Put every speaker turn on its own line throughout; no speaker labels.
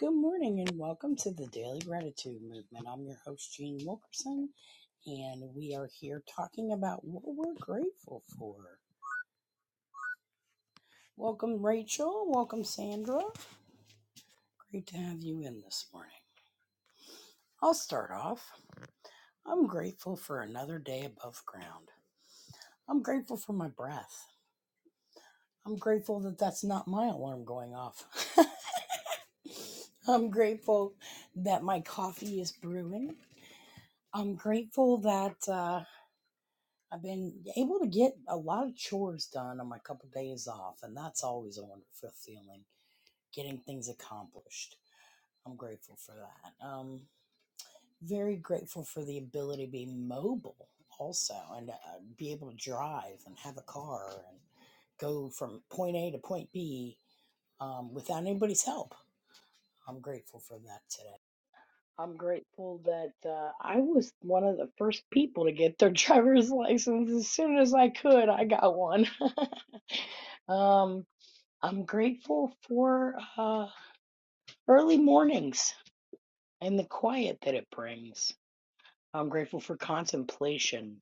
Good morning and welcome to the Daily Gratitude Movement. I'm your host, Jean Wilkerson, and we are here talking about what we're grateful for. Welcome, Rachel. Welcome, Sandra. Great to have you in this morning. I'll start off. I'm grateful for another day above ground. I'm grateful for my breath. I'm grateful that that's not my alarm going off. I'm grateful that my coffee is brewing. I'm grateful that. uh, I've been able to get a lot of chores done on my couple days off, and that's always a wonderful feeling, getting things accomplished. I'm grateful for that. Um, very grateful for the ability to be mobile also and uh, be able to drive and have a car and go from point A to point B um, without anybody's help. I'm grateful for that today. I'm grateful that uh, I was one of the first people to get their driver's license as soon as I could. I got one. um, I'm grateful for uh, early mornings and the quiet that it brings. I'm grateful for contemplation.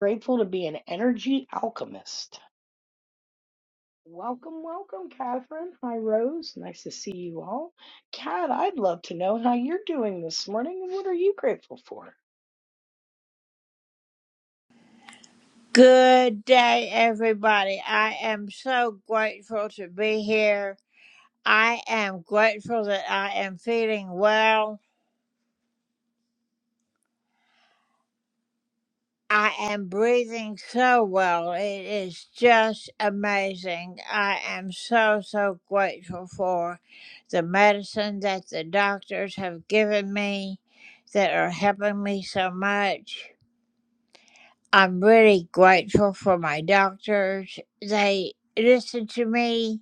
Grateful to be an energy alchemist. Welcome, welcome, Catherine. Hi, Rose. Nice to see you all. Kat, I'd love to know how you're doing this morning and what are you grateful for?
Good day, everybody. I am so grateful to be here. I am grateful that I am feeling well. I am breathing so well. It is just amazing. I am so, so grateful for the medicine that the doctors have given me that are helping me so much. I'm really grateful for my doctors. They listen to me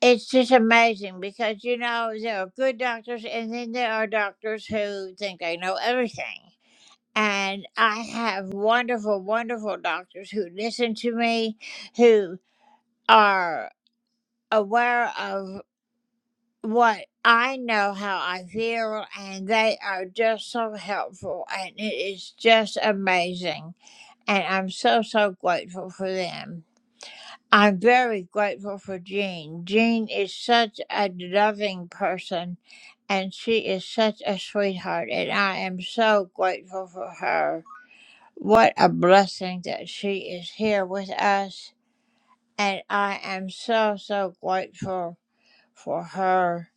It's just amazing because, you know, there are good doctors and then there are doctors who think they know everything. And I have wonderful, wonderful doctors who listen to me, who are aware of what I know, how I feel, and they are just so helpful. And it is just amazing. And I'm so, so grateful for them. I'm very grateful for Jean. Jean is such a loving person and she is such a sweetheart, and I am so grateful for her. What a blessing that she is here with us, and I am so, so grateful for her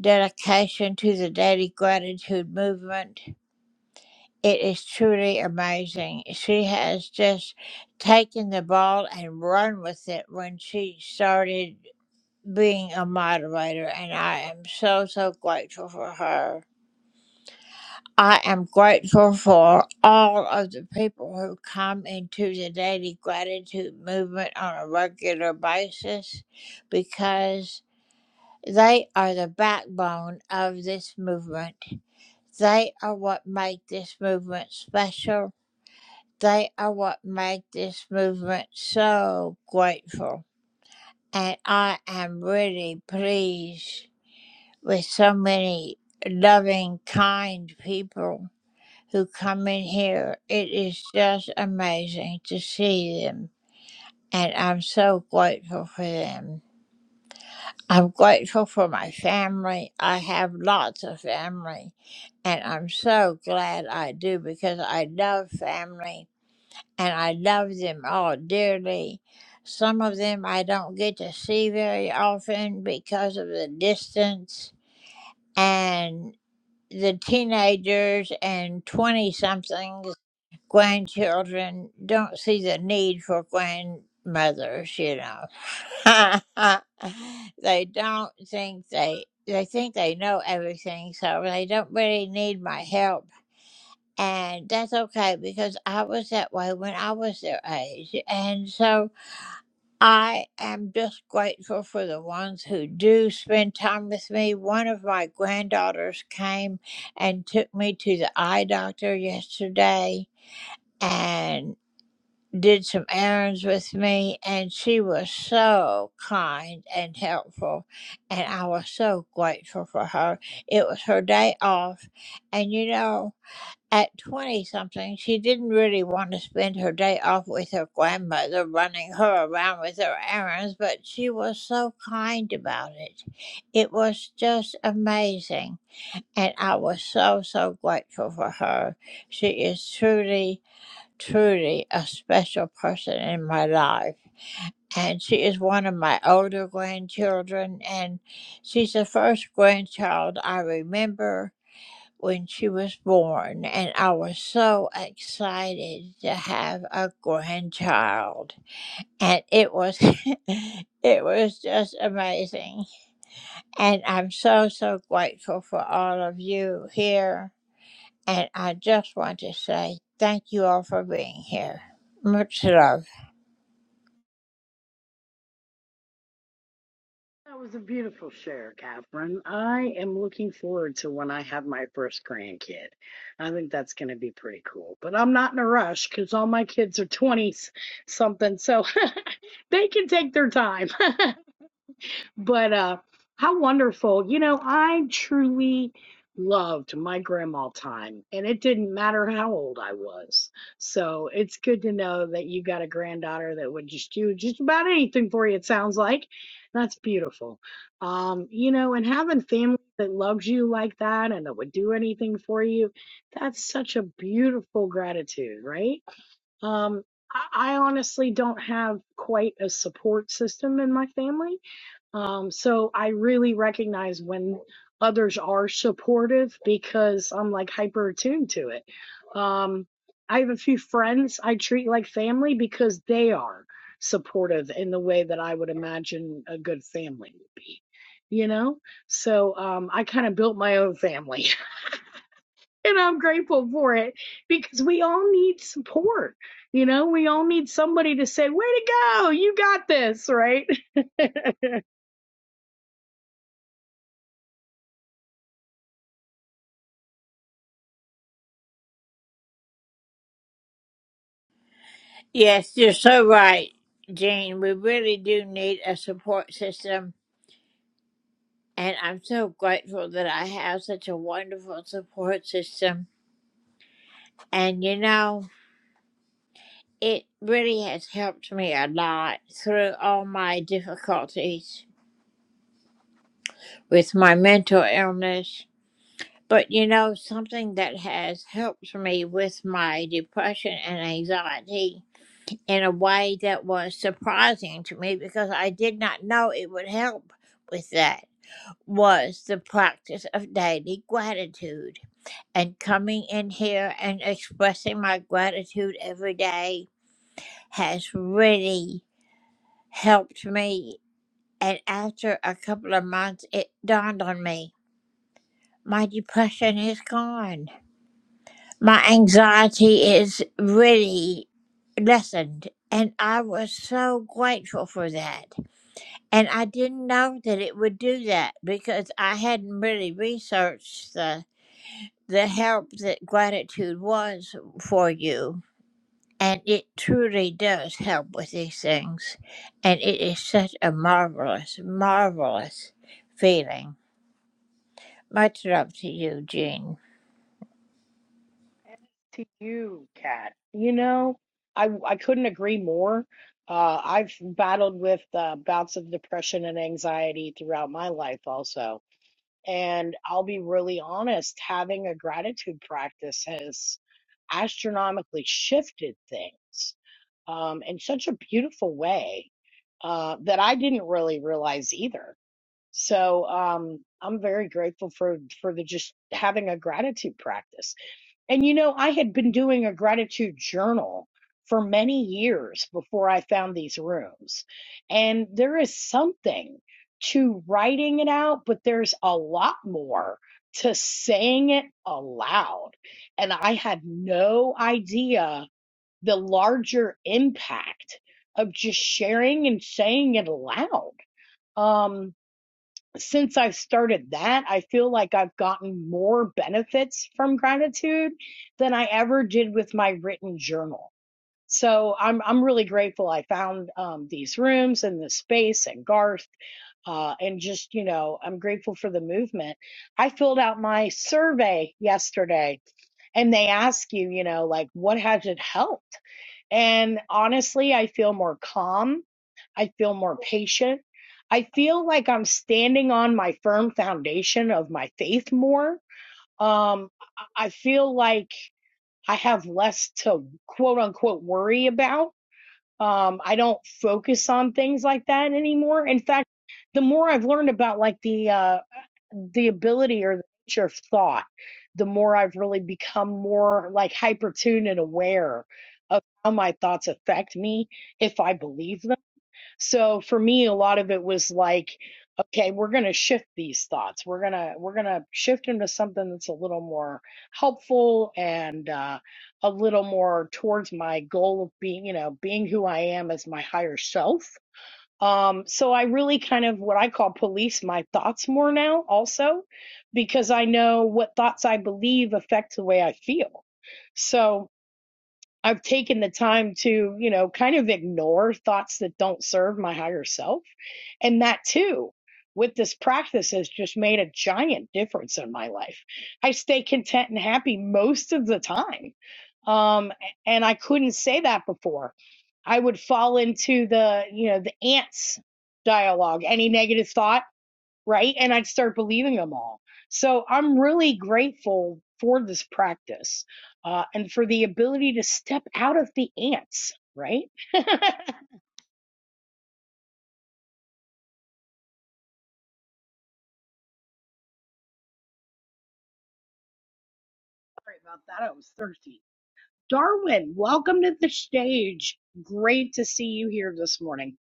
dedication to the Daily Gratitude Movement. It is truly amazing. She has just taken the ball and run with it when she started being a moderator, and I am so, so grateful for her. I am grateful for all of the people who come into the daily gratitude movement on a regular basis because they are the backbone of this movement. They are what make this movement special. They are what make this movement so grateful. And I am really pleased with so many loving, kind people who come in here. It is just amazing to see them, and I'm so grateful for them. I'm grateful for my family. I have lots of family, and I'm so glad I do because I love family and I love them all dearly. Some of them I don't get to see very often because of the distance and the teenagers and 20 somethings grandchildren don't see the need for grandmothers, you know. they don't think they they think they know everything, so they don't really need my help. And that's okay because I was that way when I was their age. And so I am just grateful for the ones who do spend time with me. One of my granddaughters came and took me to the eye doctor yesterday. and did some errands with me, and she was so kind and helpful, and I was so grateful for her. It was her day off, and you know, at 20 something, she didn't really want to spend her day off with her grandmother running her around with her errands, but she was so kind about it. It was just amazing. And I was so, so grateful for her. She is truly truly a special person in my life. And she is one of my older grandchildren, and she's the first grandchild I remember when she was born. And I was so excited to have a grandchild. And it was, it was just amazing. And I'm so, so grateful for all of you here. And I just want to say thank you all for being here. Much love.
That was a beautiful share, Catherine. I am looking forward to when I have my first grandkid. I think that's going to be pretty cool. But I'm not in a rush because all my kids are 20 something, so they can take their time. But uh, how wonderful. You know, I truly loved my grandma time, and it didn't matter how old I was. So it's good to know that you got a granddaughter that would just do just about anything for you, it sounds like. That's beautiful. Um, you know, and having family that loves you like that and that would do anything for you, that's such a beautiful gratitude, right? Um, I I honestly don't have quite a support system in my family um, so I really recognize when others are supportive because I'm like hyper attuned to it. Um, I have a few friends I treat like family because they are supportive in the way that I would imagine a good family would be, you know? So um, I kind of built my own family and I'm grateful for it because we all need support. You know, we all need somebody to say, way to go, you got this, right?
Yes, you're so right, Jane. We really do need a support system. And I'm so grateful that I have such a wonderful support system. And you know, it really has helped me a lot through all my difficulties with my mental illness. But you know, something that has helped me with my depression and anxiety in a way that was surprising to me because I did not know it would help with that. was the practice of daily gratitude. And coming in here and expressing my gratitude every day has really helped me. And after a couple of months, it dawned on me my depression is gone. My anxiety is really lessened. And I was so grateful for that. And I didn't know that it would do that because I hadn't really researched the the help that gratitude was for you. And it truly does help with these things. And it is such a marvelous, marvelous feeling. Much love to you, Jean.
As to you, Kat, you know, I I couldn't agree more. Uh, I've battled with uh, bouts of depression and anxiety throughout my life also. And I'll be really honest, having a gratitude practice has astronomically shifted things um, in such a beautiful way uh, that I didn't really realize either. So um, I'm very grateful for for the just having a gratitude practice. And you know, I had been doing a gratitude journal for many years before I found these rooms. And there is something to writing it out, but there's a lot more to saying it aloud. And I had no idea the larger impact of just sharing and saying it aloud. Um, since I've started that, I feel like I've gotten more benefits from gratitude than I ever did with my written journal. So I'm I'm really grateful I found um, these rooms and this space and Garth uh, and just you know I'm grateful for the movement. I filled out my survey yesterday, and they ask you you know like what has it helped? And honestly, I feel more calm. I feel more patient. I feel like I'm standing on my firm foundation of my faith more. Um, I feel like I have less to quote unquote worry about. Um, I don't focus on things like that anymore. In fact, the more I've learned about like the uh, the ability or the nature of thought, the more I've really become more like hyper tuned and aware of how my thoughts affect me if I believe so for me, a lot of it was like, okay, we're going to shift these thoughts. We're going to, we're going to shift them to something that's a little more helpful and uh, a little more towards my goal of being, you know, being who I am as my higher self. Um, so I really kind of what I call police my thoughts more now also, because I know what thoughts I believe affect the way I feel. So I've taken the time to, you know, kind of ignore thoughts that don't serve my higher self. And that too, with this practice, has just made a giant difference in my life. I stay content and happy most of the time. Um, and I couldn't say that before. I would fall into the, you know, the ants dialogue, any negative thought right? And I'd start believing them all. So I'm really grateful for this practice uh, and for the ability to step out of the ants, right? Sorry about that. I was thirsty. Darwin, welcome to the stage. Great to see you here this morning.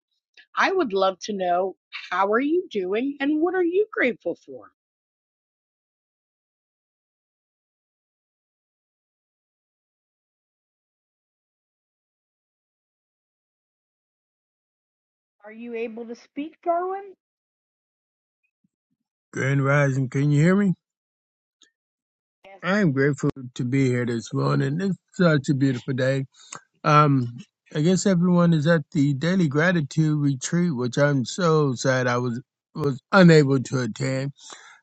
I would love to know how are you doing and what are you grateful for? Are you able to speak, Darwin?
Grand Rising, can you hear me?
Yes,
I'm grateful to be here this morning. It's such a beautiful day. Um, I guess everyone is at the Daily Gratitude Retreat, which I'm so sad I was was unable to attend,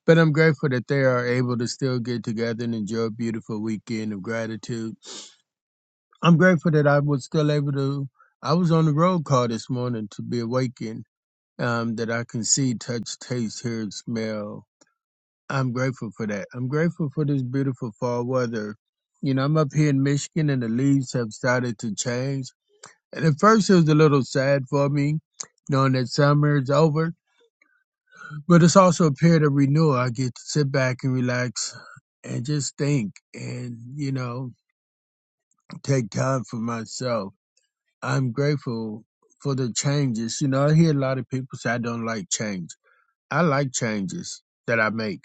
but I'm grateful that they are able to still get together and enjoy a beautiful weekend of gratitude. I'm grateful that I was still able to. I was on the road call this morning to be awakened. Um, that I can see, touch, taste, hear, and smell I'm grateful for that. I'm grateful for this beautiful fall weather. You know, I'm up here in Michigan and the leaves have started to change. And at first it was a little sad for me, knowing that summer is over. But it's also a period of renewal. I get to sit back and relax and just think and, you know, take time for myself. I'm grateful for the changes. You know, I hear a lot of people say I don't like change. I like changes that I make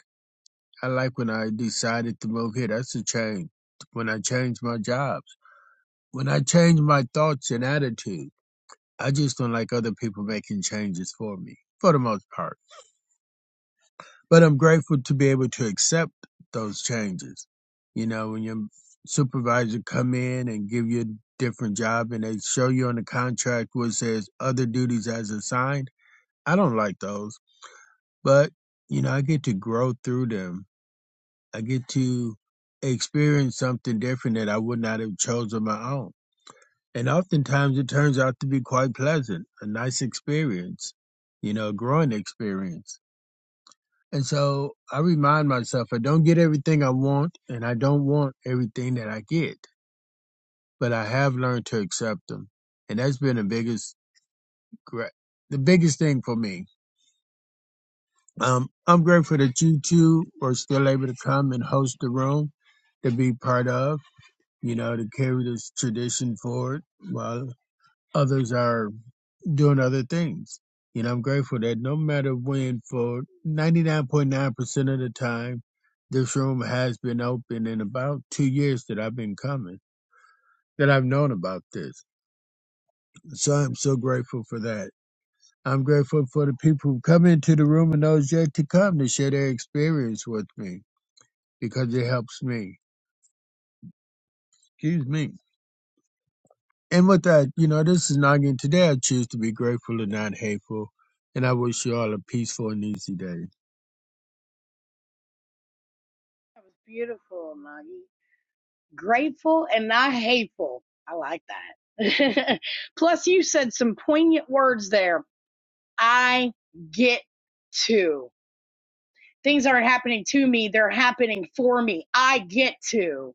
I like when I decided to move here. That's a change. When I changed my jobs, when I changed my thoughts and attitude, I just don't like other people making changes for me, for the most part. But I'm grateful to be able to accept those changes. You know, when your supervisor come in and give you a different job and they show you on the contract where it says other duties as assigned, I don't like those. But, you know, I get to grow through them I get to experience something different that I would not have chosen my own. And oftentimes it turns out to be quite pleasant, a nice experience, you know, a growing experience. And so I remind myself I don't get everything I want and I don't want everything that I get, but I have learned to accept them. And that's been the biggest, gra- the biggest thing for me. Um, I'm grateful that you two were still able to come and host the room to be part of. you know, to carry this tradition forward while others are doing other things. You know, I'm grateful that no matter when, for 99.9% of the time, this room has been open in about two years that I've been coming, that I've known about this. So I'm so grateful for that. I'm grateful for the people who come into the room and those yet to come to share their experience with me because it helps me. Excuse me. And with that, you know, this is Nagin. Today I choose to be grateful and not hateful. And I wish you all a peaceful and easy day.
that was beautiful, Maggie. grateful and not hateful. I like that. Plus, you said some poignant words there. I get to. Things aren't happening to me, they're happening for me. I get to.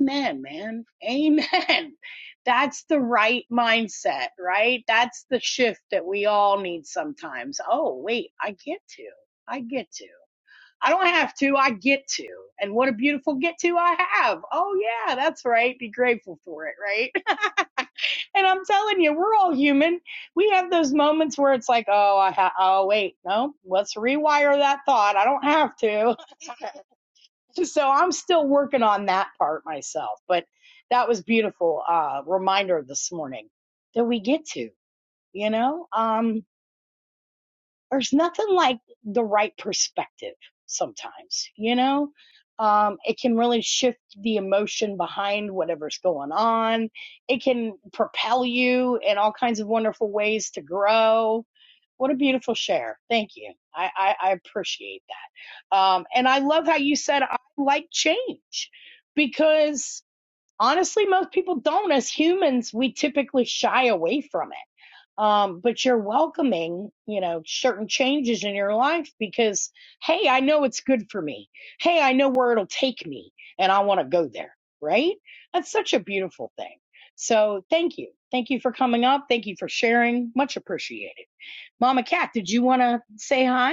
Amen, man. Amen. That's the right mindset, right? That's the shift that we all need sometimes. Oh, wait, I get to. I get to. I don't have to, I get to. And what a beautiful get to I have. Oh, yeah, that's right. Be grateful for it, right? And I'm telling you, we're all human. We have those moments where it's like, oh, I ha- oh, wait, no, let's rewire that thought. I don't have to. So I'm still working on that part myself. But that was beautiful uh, reminder this morning that we get to, you know? um, there's nothing like the right perspective sometimes, you know? Um, it can really shift the emotion behind whatever's going on. It can propel you in all kinds of wonderful ways to grow. What a beautiful share. Thank you. I, I, I appreciate that. Um, and I love how you said, I like change because honestly, most people don't. As humans, we typically shy away from it um, but you're welcoming, you know, certain changes in your life because, hey, I know it's good for me. Hey, I know where it'll take me and I want to go there, right? That's such a beautiful thing. So thank you. Thank you for coming up. Thank you for sharing. Much appreciated. Mama Cat, did you want to say hi?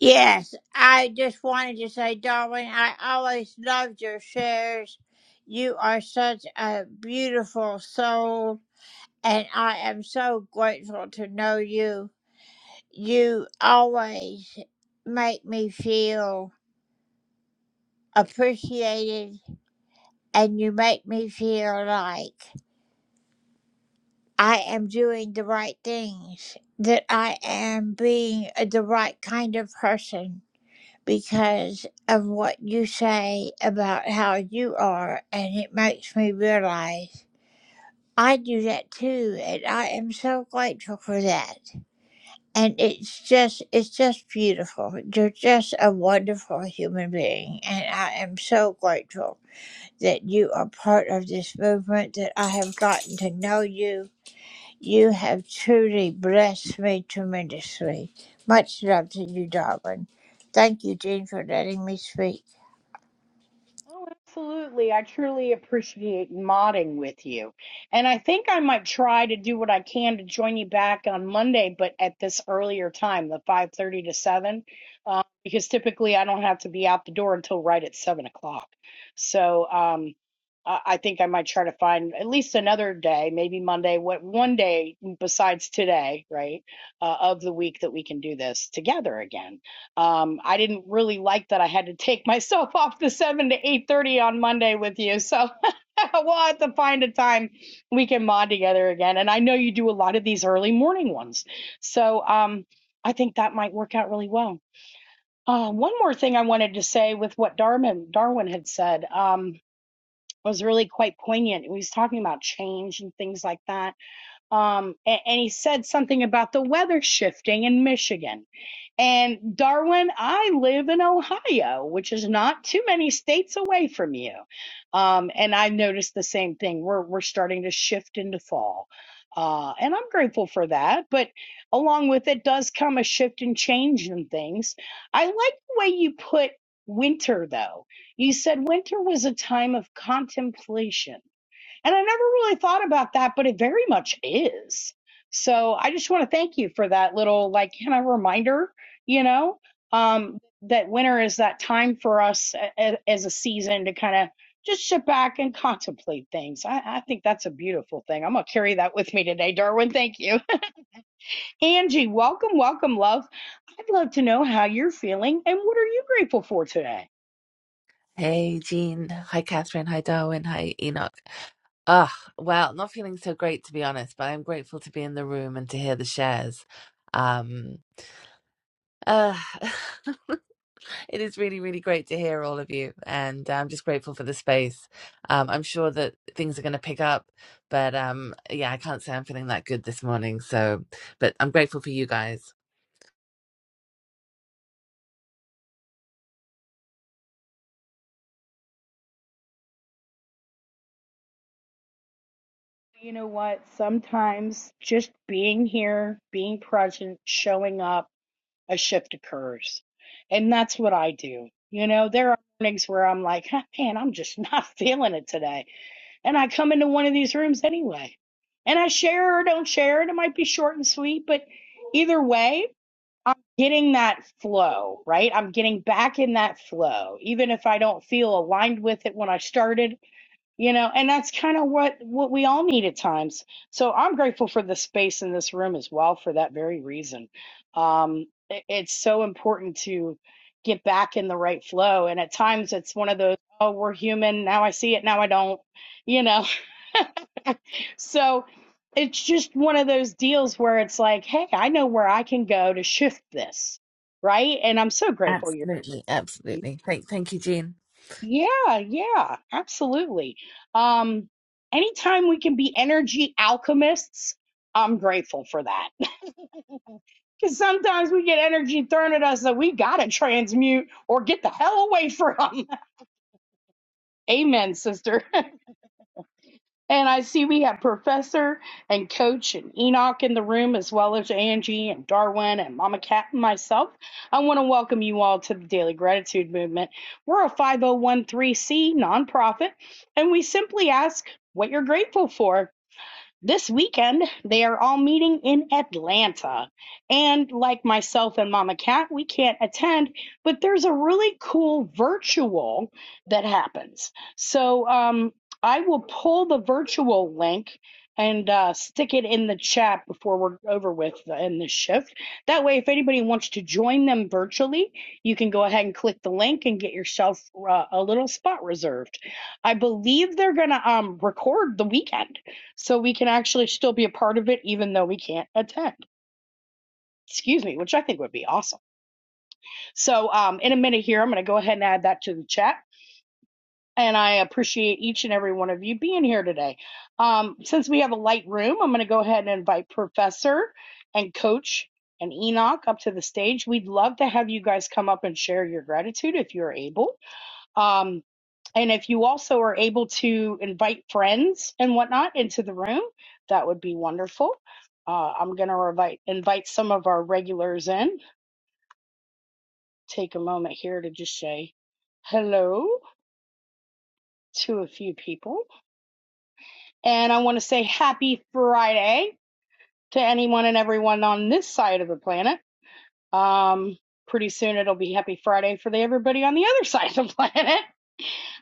Yes, I just wanted to say, Darwin, I always loved your shares. You are such a beautiful soul, and I am so grateful to know you. You always make me feel appreciated, and you make me feel like I am doing the right things, that I am being the right kind of person because of what you say about how you are, and it makes me realize. I do that too, and I am so grateful for that. And it's just, it's just beautiful. You're just a wonderful human being, and I am so grateful. that you are part of this movement, that I have gotten to know you. You have truly blessed me tremendously. Much love to you, darling. Thank you, Jean, for letting me speak.
Oh, absolutely. I truly appreciate modding with you. And I think I might try to do what I can to join you back on Monday, but at this earlier time, the 5:30 to 7, uh, because typically I don't have to be out the door until right at 7 o'clock. So um, I I think I might try to find at least another day, maybe Monday, what one day besides today, right, uh, of the week that we can do this together again um, I didn't really like that I had to take myself off the seven to eight thirty on Monday with you. So we'll have to find a time we can mod together again. And I know you do a lot of these early morning ones, so um, I think that might work out really well. Uh, one more thing I wanted to say with what Darwin Darwin had said um, was really quite poignant. He was talking about change and things like that, um, a- and he said something about the weather shifting in Michigan and Darwin, I live in Ohio, which is not too many states away from you. Um, and I noticed the same thing. We're we're starting to shift into fall. Uh, and I'm grateful for that. But along with it does come a shift and change in things. I like the way you put winter though. You said winter was a time of contemplation and I never really thought about that, but it very much is. So I just want to thank you for that little, like, kind of reminder, you know, um, that winter is that time for us a- a- as a season to kind of just sit back and contemplate things. I, I think that's a beautiful thing. I'm going to carry that with me today, Darwin. Thank you. Angie, welcome, welcome, love. I'd love to know how you're feeling and what are you grateful for today?
Hey, Jean. Hi, Catherine. Hi, Darwin. Hi, Enoch. Ah, well, not feeling so great to be honest, but I'm grateful to be in the room and to hear the shares. Um, uh, it is really, really great to hear all of you, and I'm just grateful for the space. Um, I'm sure that things are going to pick up, but um, yeah, I can't say I'm feeling that good this morning. So, but I'm grateful for you guys.
You know what? Sometimes just being here, being present, showing up, a shift occurs. And that's what I do. You know, there are mornings where I'm like, "Huh, man, I'm just not feeling it today. And I come into one of these rooms anyway. And I share or don't share it. It might be short and sweet, but either way, I'm getting that flow, right? I'm getting back in that flow. Even if I don't feel aligned with it when I started, you know and that's kind of what what we all need at times so i'm grateful for the space in this room as well for that very reason um i- it's so important to get back in the right flow and at times it's one of those oh we're human now i see it now i don't you know so it's just one of those deals where it's like hey i know where i can go to shift this right and i'm so grateful you're
Absolutely,
here
absolutely. Thank, thank you, Jean.
Yeah, yeah, absolutely. Um, anytime we can be energy alchemists, I'm grateful for that. Because sometimes we get energy thrown at us that we got to transmute or get the hell away from. Amen, sister. And I see we have Professor and Coach and Enoch in the room, as well as Angie and Darwin and Mama Cat and myself. I want to welcome you all to the Daily Gratitude Movement. We're a 501c nonprofit, and we simply ask what you're grateful for this weekend they are all meeting in Atlanta. And like myself and Mama Cat, we can't attend, but there's a really cool virtual that happens. So um, I will pull the virtual link and uh, stick it in the chat before we're over with the, in this shift. That way, if anybody wants to join them virtually, you can go ahead and click the link and get yourself uh, a little spot reserved. I believe they're gonna um, record the weekend. So we can actually still be a part of it even though we can't attend. Excuse me, which I think would be awesome. So um, in a minute here, I'm going to go ahead and add that to the chat. And I appreciate each and every one of you being here today. Um, since we have a light room, I'm going to go ahead and invite Professor and Coach and Enoch up to the stage. We'd love to have you guys come up and share your gratitude if you're able. Um, And if you also are able to invite friends and whatnot into the room, that would be wonderful. Uh, I'm going to invite, invite some of our regulars in. Take a moment here to just say hello to a few people. And I want to say happy Friday to anyone and everyone on this side of the planet. Um, pretty soon it'll be happy Friday for the, everybody on the other side of the planet.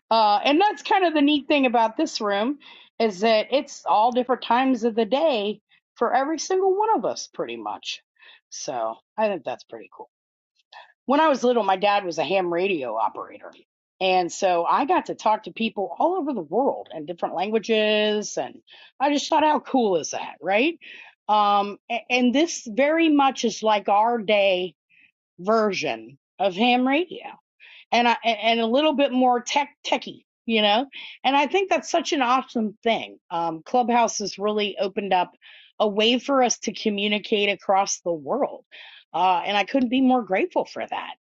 Uh, and that's kind of the neat thing about this room is that it's all different times of the day for every single one of us, pretty much. So I think that's pretty cool. When I was little, my dad was a ham radio operator. And so I got to talk to people all over the world in different languages. And I just thought, how cool is that? Right. Um, a- and this very much is like our day version of ham radio and I, and a little bit more tech techy, you know. And I think that's such an awesome thing. Um, Clubhouse has really opened up a way for us to communicate across the world, uh, and I couldn't be more grateful for that.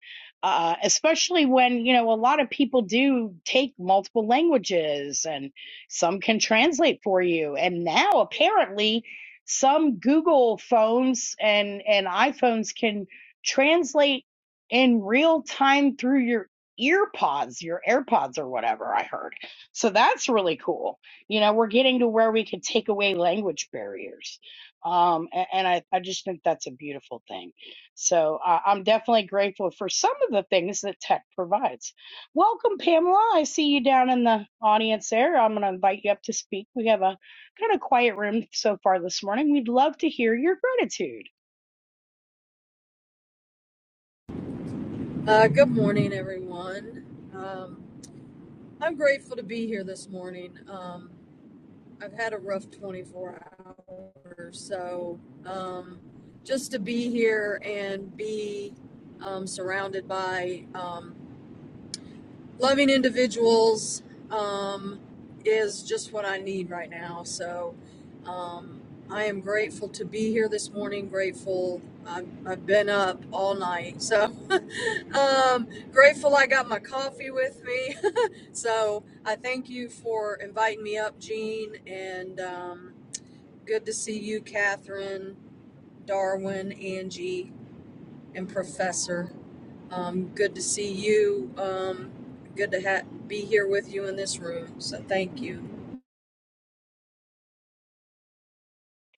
Uh, especially when you know a lot of people do take multiple languages, and some can translate for you. And now apparently, some Google phones and and iPhones can translate in real time through your ear pods, your AirPods or whatever I heard. So that's really cool. You know, we're getting to where we can take away language barriers. Um, a- and, I, I just think that's a beautiful thing. So I I'm definitely grateful for some of the things that tech provides. Welcome, Pamela. I see you down in the audience there. I'm going to invite you up to speak. We have a kind of quiet room so far this morning. We'd love to hear your gratitude.
Uh, good morning, everyone. Um, I'm grateful to be here this morning. Um, I've had a rough 24 hours, so um, just to be here and be um, surrounded by um, loving individuals um, is just what I need right now. So um, I am grateful to be here this morning. Grateful I've, I've been up all night. So um, grateful I got my coffee with me. so I thank you for inviting me up, Jean, and um, good to see you, Catherine, Darwin, Angie, and Professor. Um, good to see you. Um, good to ha- be here with you in this room. So thank you.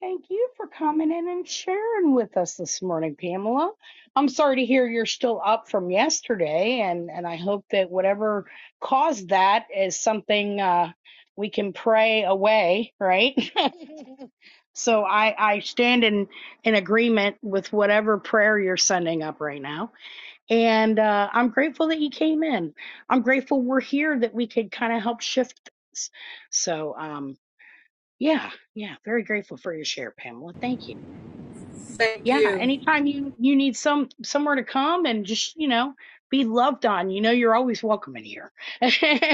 Thank you for coming in and sharing with us this morning, Pamela. I'm sorry to hear you're still up from yesterday, and, and I hope that whatever caused that is something uh, we can pray away, right? so I, I stand in, in agreement with whatever prayer you're sending up right now. And uh, I'm grateful that you came in. I'm grateful we're here that we could kind of help shift things. So, um, yeah, yeah, very grateful for your share, Pamela. Thank you.
Thank
Yeah,
you.
anytime you you need some somewhere to come and just, you know, be loved on, you know you're always welcome in here.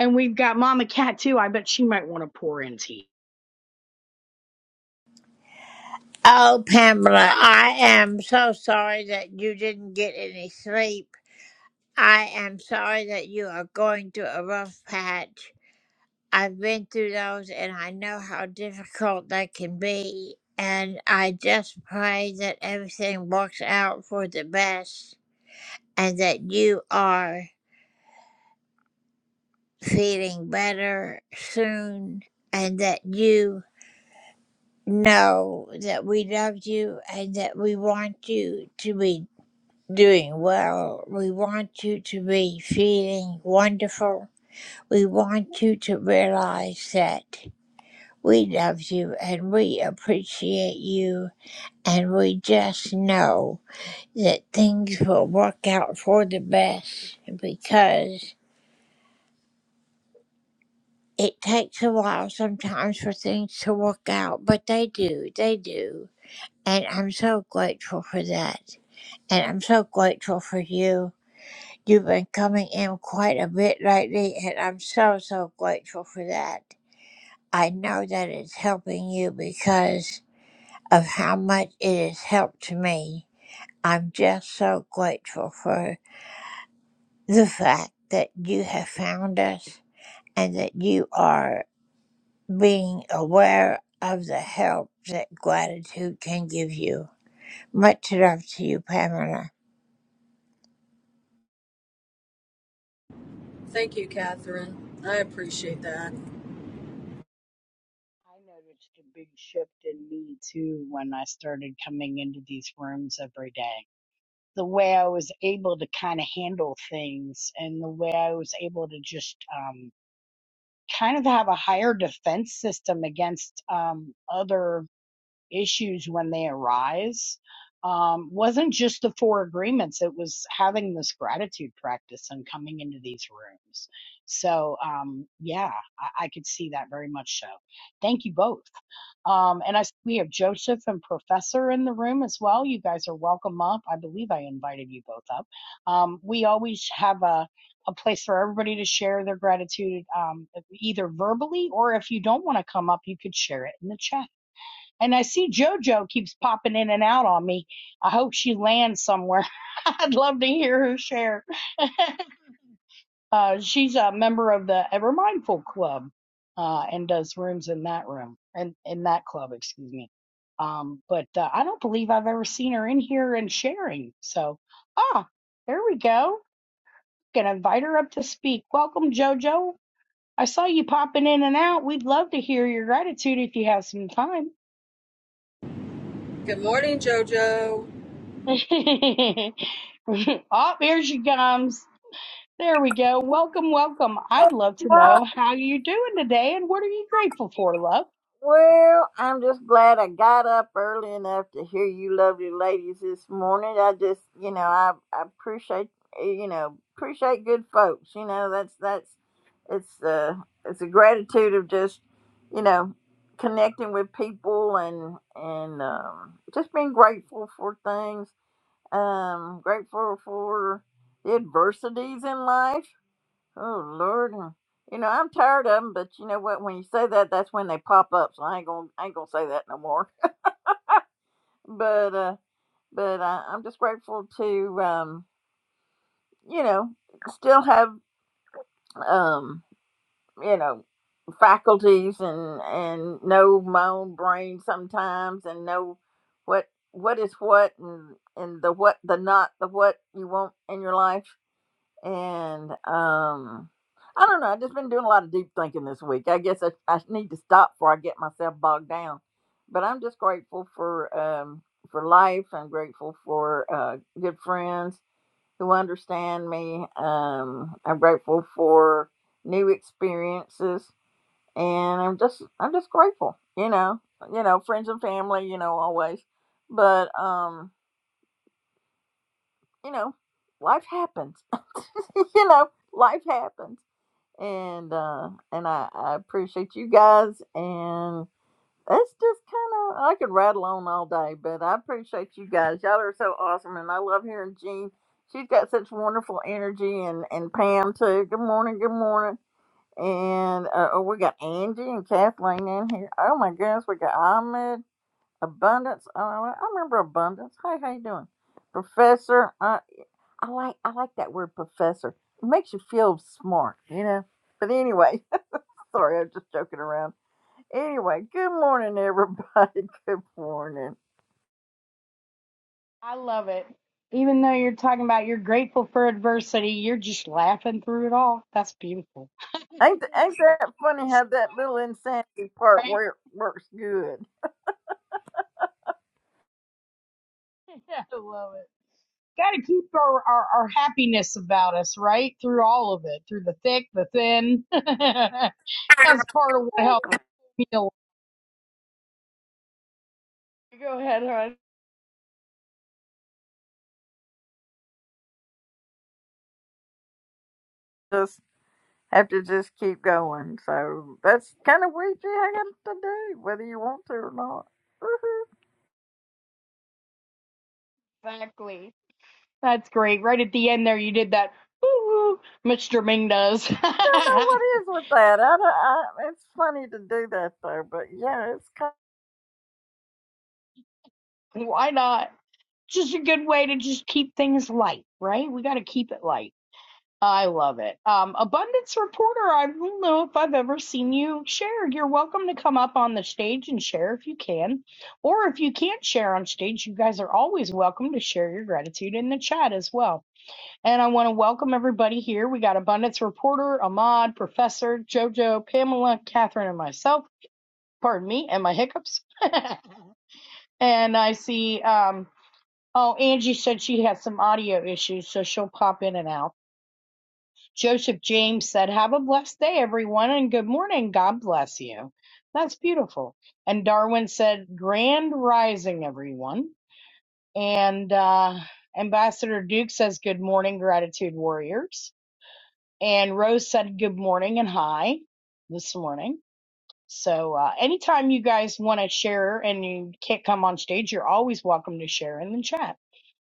And we've got Mama Cat too. I bet she might want to pour in tea.
Oh, Pamela, I am so sorry that you didn't get any sleep. I am sorry that you are going through a rough patch. I've been through those and I know how difficult they can be. And I just pray that everything works out for the best and that you are feeling better soon and that you know that we love you and that we want you to be doing well. We want you to be feeling wonderful. We want you to realize that. We love you and we appreciate you, and we just know that things will work out for the best because it takes a while sometimes for things to work out, but they do, they do. And I'm so grateful for that. And I'm so grateful for you. You've been coming in quite a bit lately, and I'm so, so grateful for that. I know that it's helping you because of how much it has helped me. I'm just so grateful for the fact that you have found us and that you are being aware of the help that gratitude can give you. Much love to you, Pamela.
Thank you, Catherine. I appreciate that.
I noticed a big shift in me too when I started coming into these rooms every day. The way I was able to kind of handle things and the way I was able to just um, kind of have a higher defense system against um, other issues when they arise um, wasn't just the four agreements, it was having this gratitude practice and coming into these rooms. So, um, yeah, I, I could see that very much so. Thank you both. Um, and I, s- we have Joseph and Professor in the room as well. You guys are welcome up. I believe I invited you both up. Um, we always have a, a place for everybody to share their gratitude, um, either verbally or if you don't want to come up, you could share it in the chat and I see JoJo keeps popping in and out on me. I hope she lands somewhere. I'd love to hear her share. Uh, she's a member of the Ever Mindful Club uh, and does rooms in that room and in, in that club, excuse me. Um, but uh, I don't believe I've ever seen her in here and sharing. So, ah, there we go. Gonna invite her up to speak. Welcome, JoJo. I saw you popping in and out. We'd love to hear your gratitude if you have some time.
Good morning, JoJo.
oh, here she comes. There we go. Welcome, welcome. I'd love to know how you're doing today and what are you grateful for, love?
Well, I'm just glad I got up early enough to hear you lovely ladies this morning. I just, you know, I, I appreciate, eh, you know, appreciate good folks. You know, that's, that's, it's, uh, it's a gratitude of just, you know, connecting with people and, and, um, just being grateful for things. Um, grateful for the adversities in life Oh Lord, and, you know I'm tired of them, but you know what? When you say that, that's when they pop up. So I ain't gonna I ain't gonna say that no more. But uh, but I, I'm just grateful to um, you know still have um, you know faculties and and know my own brain sometimes and know what what is what and and the what the not the what you want in your life and um i don't know i've just been doing a lot of deep thinking this week i guess i, I need to stop before i get myself bogged down but i'm just grateful for um for life i'm grateful for uh good friends who understand me um i'm grateful for new experiences and i'm just i'm just grateful you know you know friends and family you know always but um you know life happens you know life happens and uh and I, I appreciate you guys and that's just kind of I could rattle on all day, but I appreciate you guys. Y'all are so awesome, and I love hearing Jean. She's got such wonderful energy, and and Pam too. Good morning, good morning, and uh, oh, we got Angie and Kathleen in here. Oh my goodness, we got Ahmed Abundance. Oh, I like, I remember Abundance. Hey, how you doing, Professor? I I like I like that word, Professor. It makes you feel smart, you know. But anyway. Sorry, I'm just joking around. Anyway, good morning, everybody. Good morning.
I love it. Even though you're talking about you're grateful for adversity, you're just laughing through it all. That's beautiful.
Ain't th- ain't that funny how that little insanity part
Right?
wor- works good?
I love it. Got to keep our, our, our happiness about us, right? Through all of it, through the thick, the thin. That's part of what helps me. a lot. Go ahead, hon.
Just have to just keep going. So that's kind of what you have to do, whether you want to or not. Woohoo.
Exactly. That's great. Right at the end there, you did that. Woo, Mr. Ming does.
I don't know what is with that. I, don't, I It's funny to do that though, but yeah, it's kind.
Why not? Just a good way to just keep things light, right? We got to keep it light. I love it. Um, Abundance Reporter, I don't know if I've ever seen you share. You're welcome to come up on the stage and share if you can. Or if you can't share on stage, you guys are always welcome to share your gratitude in the chat as well. And I want to welcome everybody here. We got Abundance Reporter, Ahmad, Professor, JoJo, Pamela, Catherine, and myself. Pardon me and my hiccups. and I see, um, oh, Angie said she has some audio issues, so she'll pop in and out. Joseph James said, Have a blessed day, everyone, and good morning. God bless you. That's beautiful. And Darwin said, Grand rising, everyone. And uh, Ambassador Duke says, Good morning, gratitude warriors. and Rose said good morning and hi this morning. So uh, anytime you guys want to share and you can't come on stage, you're always welcome to share in the chat.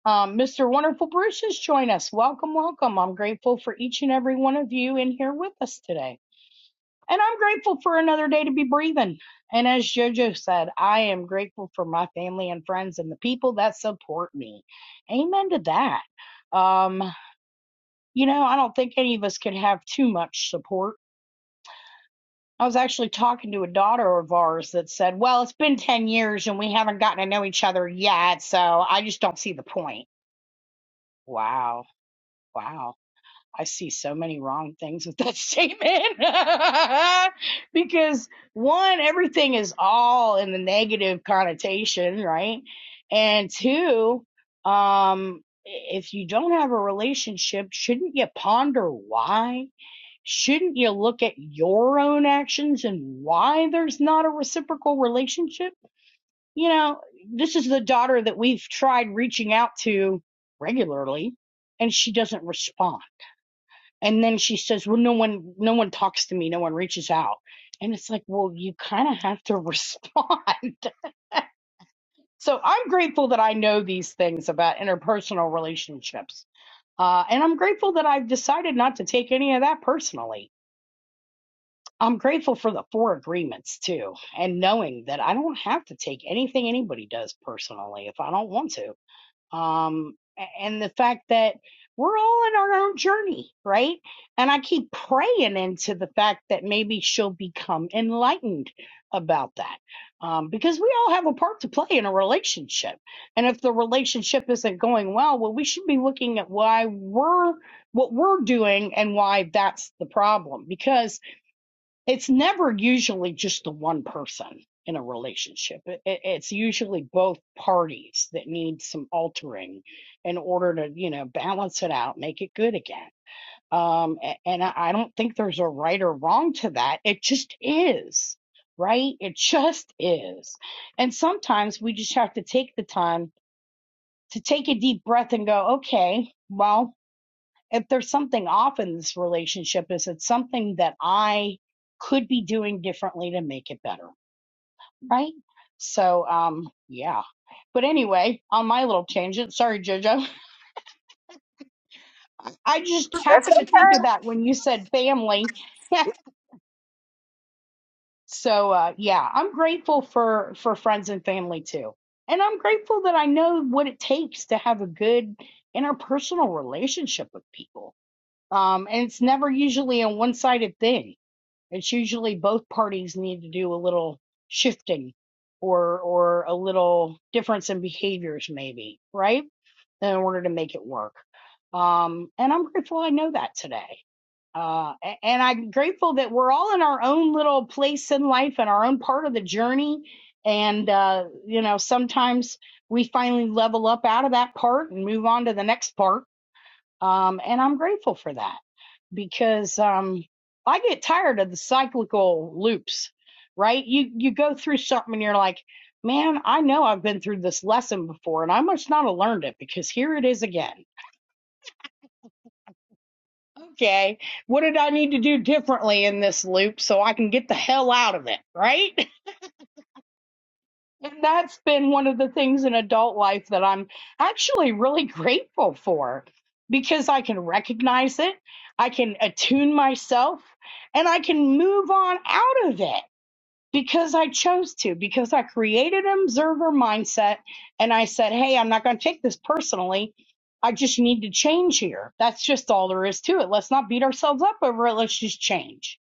Um, Mr. Wonderful Bruce has joined us. Welcome, welcome. I'm grateful for each and every one of you in here with us today. And I'm grateful for another day to be breathing. And as JoJo said, I am grateful for my family and friends and the people that support me. Amen to that. Um, you know, I don't think any of us could have too much support I was actually talking to a daughter of ours that said, Well, it's been 10 years and we haven't gotten to know each other yet, so I just don't see the point. Wow. Wow. I see so many wrong things with that statement. because one, everything is all in the negative connotation, right? And two, um, if you don't have a relationship, shouldn't you ponder why? Shouldn't you look at your own actions and why there's not a reciprocal relationship? You know, this is the daughter that we've tried reaching out to regularly and she doesn't respond. And then she says, "Well, no one no one talks to me, no one reaches out." And it's like, "Well, you kind of have to respond." so, I'm grateful that I know these things about interpersonal relationships. Uh, and I'm grateful that I've decided not to take any of that personally I'm grateful for the four agreements too, and knowing that I don't have to take anything anybody does personally if I don't want to. Um, a- and the fact that we're all in our own journey, right? And I keep praying into the fact that maybe she'll become enlightened about that. Um, because we all have a part to play in a relationship. And if the relationship isn't going well, well, we should be looking at why we're what we're doing and why that's the problem. Because it's never usually just the one person in a relationship. It, it, it's usually both parties that need some altering in order to, you know, balance it out, make it good again. Um, a- and I I don't think there's a right or wrong to that. It just is, right? It just is. And sometimes we just have to take the time to take a deep breath and go, okay, well, if there's something off in this relationship, is it something that I could be doing differently to make it better? Right. So, um, yeah. But anyway, on my little tangent, sorry, JoJo. I just
Of, that's
happened to
okay.
think of that when you said family. so, uh, yeah, I'm grateful for for friends and family too, and I'm grateful that I know what it takes to have a good interpersonal relationship with people. Um, and it's never usually a one sided thing It's usually both parties need to do a little shifting or or a little difference in behaviors maybe, right? In order to make it work. Um, and I'm grateful I know that today. Uh, and I'm grateful that we're all in our own little place in life and our own part of the journey. And, uh, you know, sometimes we finally level up out of that part and move on to the next part um, and I'm grateful for that because um, I get tired of the cyclical loops, right? You you go through something and you're like, man, I know I've been through this lesson before, and I must not have learned it because here it is again. Okay, what did I need to do differently in this loop so I can get the hell out of it, right? And that's been one of the things in adult life that I'm actually really grateful for because I can recognize it, I can attune myself, and I can move on out of it because I chose to, because I created an observer mindset and I said, hey, I'm not going to take this personally. I just need to change here. That's just all there is to it. Let's not beat ourselves up over it. Let's just change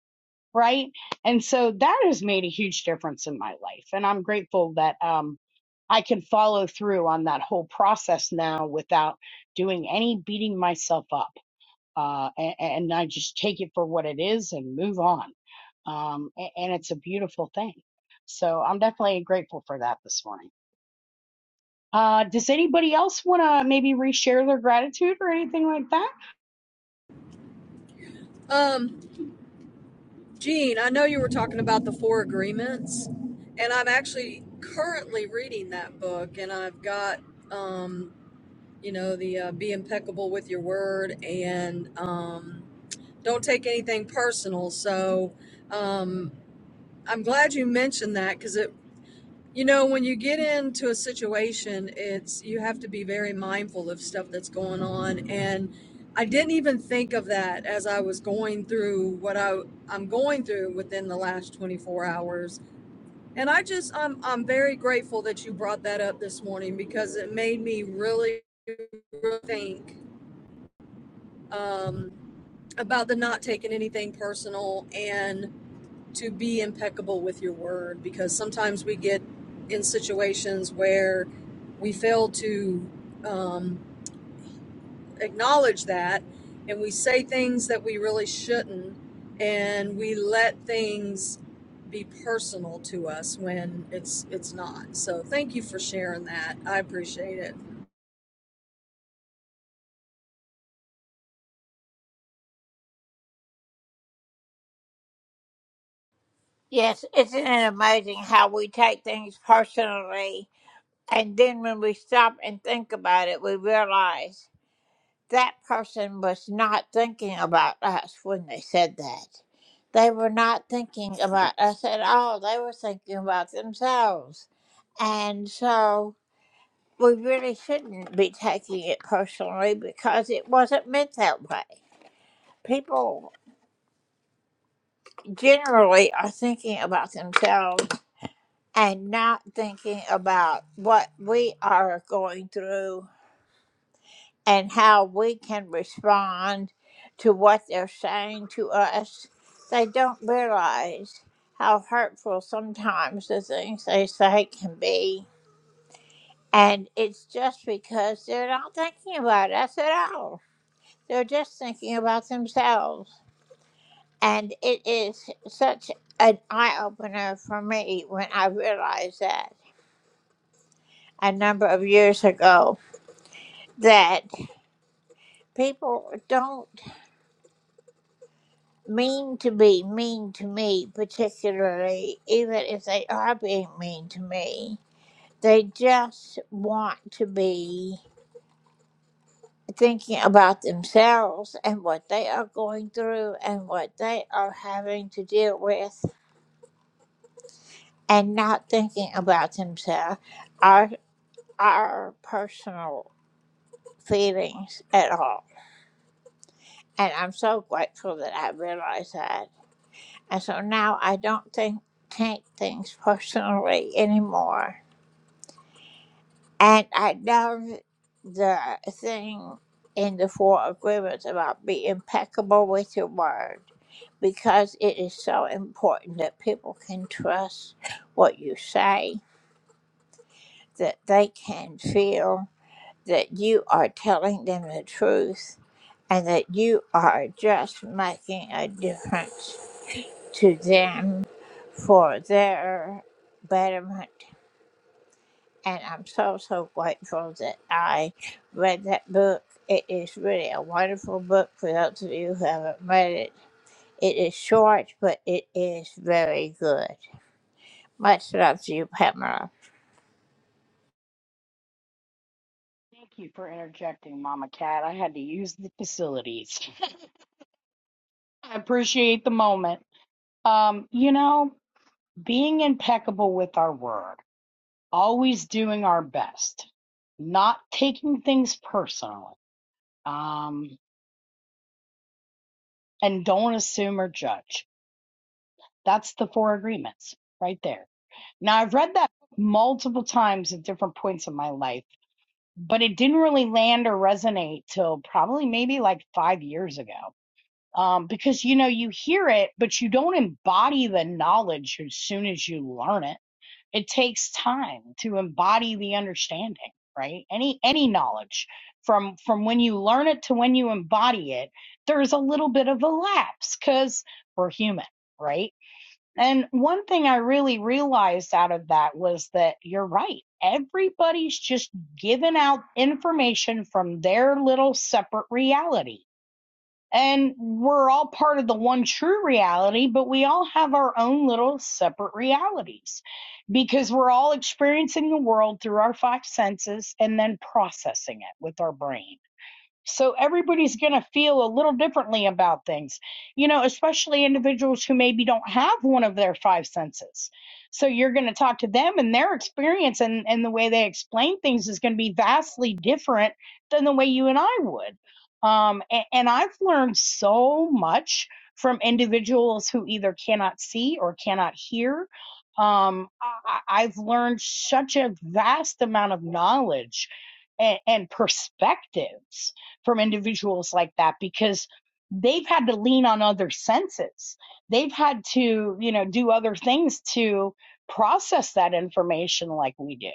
right? And so that has made a huge difference in my life. And I'm grateful that um, I can follow through on that whole process now without doing any beating myself up. Uh, and, and I just take it for what it is and move on. Um, a- and it's a beautiful thing. So I'm definitely grateful for that this morning. Uh, does anybody else want to maybe reshare their gratitude or anything like that?
Um, Jean, I know you were talking about the four agreements, and I'm actually currently reading that book, and I've got, um, you know, the uh, Be Impeccable with Your Word and um, Don't Take Anything Personal. So, um, I'm glad you mentioned that because it. You know, when you get into a situation, it's you have to be very mindful of stuff that's going on. And I didn't even think of that as I was going through what I, I'm going through within the last 24 hours. And I just, I'm, I'm very grateful that you brought that up this morning because it made me really really think um, about the not taking anything personal and to be impeccable with your word because sometimes we get in situations where we fail to um, acknowledge that and we say things that we really shouldn't and we let things be personal to us when it's it's not so thank you for sharing that i appreciate it
Yes, isn't it amazing how we take things personally? And then when we stop and think about it, we realize. that person was not thinking about us when they said that. They were not thinking about us at all. They were thinking about themselves. And so we really shouldn't be taking it personally because it wasn't meant that way. People generally are thinking about themselves and not thinking about what we are going through and how we can respond to what they're saying to us, they don't realize how hurtful sometimes the things they say can be. And it's just because they're not thinking about us at all. They're just thinking about themselves. And it is such an eye opener for me when I realized that a number of years ago that people don't. mean to be mean to me, particularly, even if they are being mean to me. They just want to be thinking about themselves and what they are going through and what they are having to deal with and not thinking about themselves, our, our personal feelings at all. And I'm so grateful that I realized that. And so now I don't think, take things personally anymore And I love the thing in the Four Agreements about be impeccable with your word because it is so important that people can trust what you say, that they can feel that you are telling them the truth and that you are just making a difference to them for their betterment And I'm so, so grateful that I read that book. It is really a wonderful book for those of you who haven't read it. It is short, but it is very good. Much love to you, Pamela.
Thank you for interjecting, Mama Cat. I had to use the facilities. I appreciate the moment. Um, you know, being impeccable with our word, always doing our best, not taking things personally, um, and don't assume or judge. That's the four agreements right there. Now, I've read that multiple times at different points in my life, but it didn't really land or resonate till probably maybe like five years ago. Um, because you know, you hear it, but you don't embody the knowledge as soon as you learn it it takes time to embody the understanding right any any knowledge from from when you learn it to when you embody it there's a little bit of a lapse because we're human right and one thing i really realized out of that was that you're right everybody's just giving out information from their little separate reality and we're all part of the one true reality, but we all have our own little separate realities because we're all experiencing the world through our five senses and then processing it with our brain. So everybody's going to feel a little differently about things, you know, especially individuals who maybe don't have one of their five senses. So you're going to talk to them and their experience and, and the way they explain things is going to be vastly different than the way you and I would. Um, a- and, I've learned so much from individuals who either cannot see or cannot hear. Um, I, I- I've learned such a vast amount of knowledge and, and perspectives from individuals like that because they've had to lean on other senses. They've had to, you know, do other things to process that information like we do.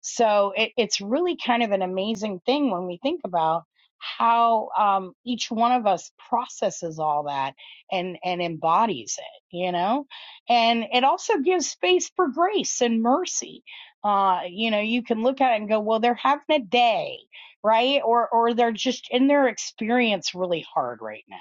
So it, it's really kind of an amazing thing when we think about how um, each one of us processes all that and and embodies it, you know, and it also gives space for grace and mercy. Uh, you know, you can look at it and go, well, they're having a day right or or they're just in their experience really hard right now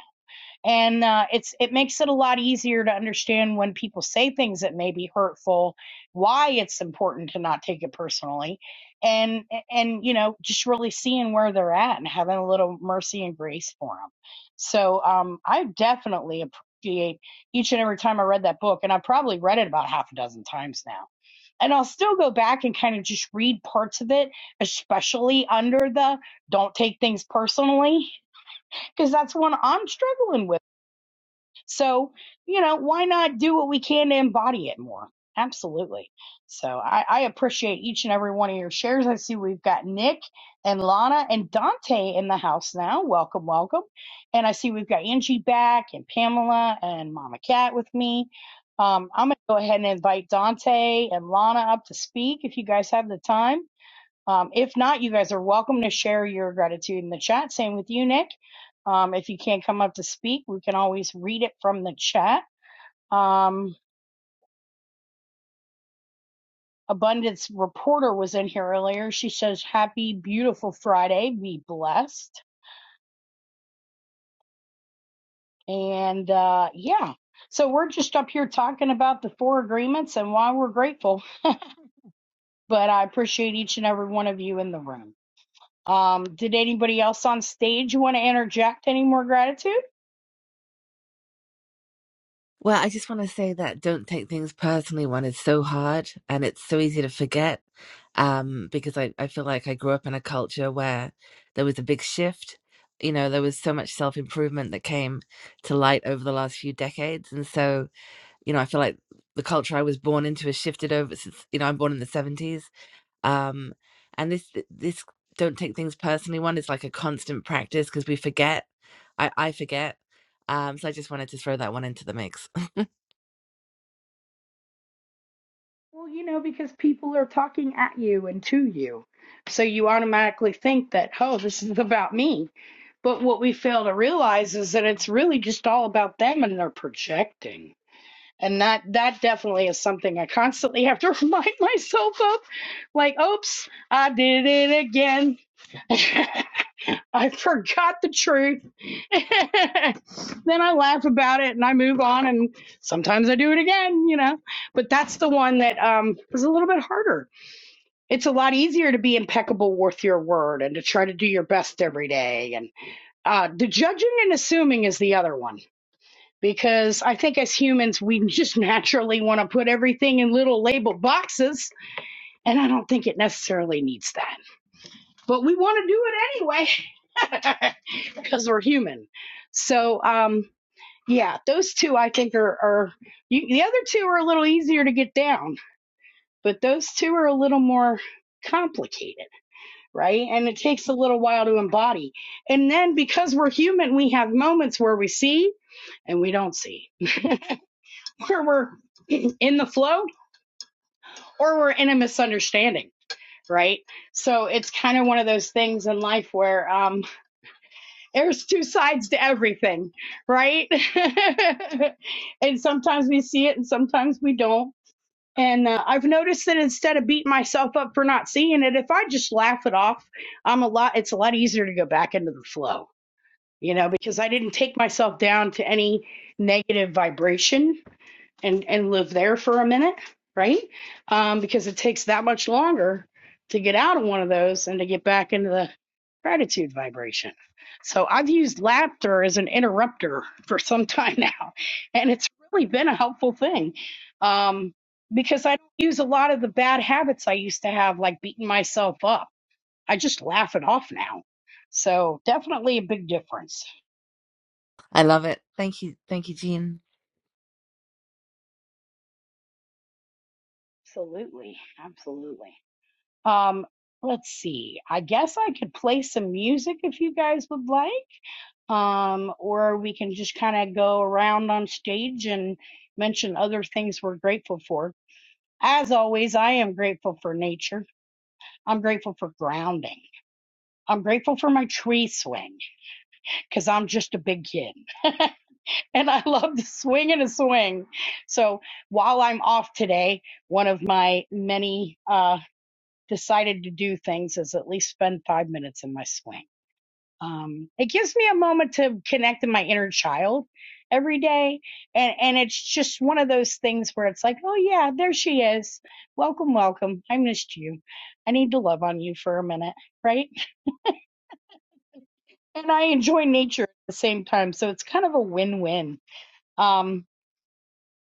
and uh, it's it makes it a lot easier to understand when people say things that may be hurtful why it's important to not take it personally and and you know just really seeing where they're at and having a little mercy and grace for them so um i definitely appreciate each and every time i read that book and i probably read it about half a dozen times now and I'll still go back and kind of just read parts of it, especially under the don't take things personally, because that's one I'm struggling with. So, you know, why not do what we can to embody it more? Absolutely. So I, I appreciate each and every one of your shares. I see we've got Nick and Lana and Dante in the house now. Welcome, welcome. And I see we've got Angie back and Pamela and Mama Cat with me. Um, I'm going to go ahead and invite Dante and Lana up to speak if you guys have the time. Um, if not, you guys are welcome to share your gratitude in the chat. Same with you, Nick. Um, if you can't come up to speak, we can always read it from the chat. Um, Abundance Reporter was in here earlier. She says, Happy, beautiful Friday. Be blessed. And uh, yeah, so we're just up here talking about the four agreements and why we're grateful. But I appreciate each and every one of you in the room. Um, did anybody else on stage want to interject any more gratitude?
Well, I just want to say that don't take things personally when it's so hard and it's so easy to forget. Um, because I, I feel like I grew up in a culture where there was a big shift. You know, there was so much self improvement that came to light over the last few decades. And so, you know, I feel like the culture I was born into has shifted over since, you know, I'm born in the 70s. Um, and this, this don't take things personally one is like a constant practice because we forget. I, I forget. Um, so I just wanted to throw that one into the mix.
Well, you know, because people are talking at you and to you. So you automatically think that, oh, this is about me. But what we fail to realize is that it's really just all about them and they're projecting. And that that definitely is something I constantly have to remind myself of. Like, oops, I did it again. I forgot the truth. then I laugh about it and I move on and sometimes I do it again, you know. But that's the one that um is a little bit harder. It's a lot easier to be impeccable with your word and to try to do your best every day and uh the judging and assuming is the other one because I think as humans, we just naturally want to put everything in little labeled boxes. And I don't think it necessarily needs that, but we want to do it anyway because we're human. So, um, yeah, those two I think are, are you, the other two are a little easier to get down, but those two are a little more complicated, right? And it takes a little while to embody. And then because we're human, we have moments where we see and we don't see, where we're in the flow or we're in a misunderstanding right so it's kind of one of those things in life where um there's two sides to everything right and sometimes we see it and sometimes we don't and uh, i've noticed that instead of beating myself up for not seeing it if i just laugh it off i'm a lot it's a lot easier to go back into the flow you know because i didn't take myself down to any negative vibration and and live there for a minute, right? Um, because it takes that much longer to get out of one of those and to get back into the gratitude vibration. So I've used laughter as an interrupter for some time now, and it's really been a helpful thing um, because I don't use a lot of the bad habits I used to have, like beating myself up. I just laugh it off now. So definitely a big difference.
I love it. Thank you. Thank you, Jean.
Absolutely, absolutely. Um, let's see. I guess I could play some music if you guys would like. Um, or we can just kind of go around on stage and mention other things we're grateful for. As always, I am grateful for nature. I'm grateful for grounding. I'm grateful for my tree swing because I'm just a big kid and I love to swing and a swing. So while I'm off today, one of my many uh, decided to do things is at least spend five minutes in my swing. um, it gives me a moment to connect to my inner child every day and and it's just one of those things where it's like oh yeah there she is welcome welcome i missed you i need to love on you for a minute right and i enjoy nature at the same time so it's kind of a win-win um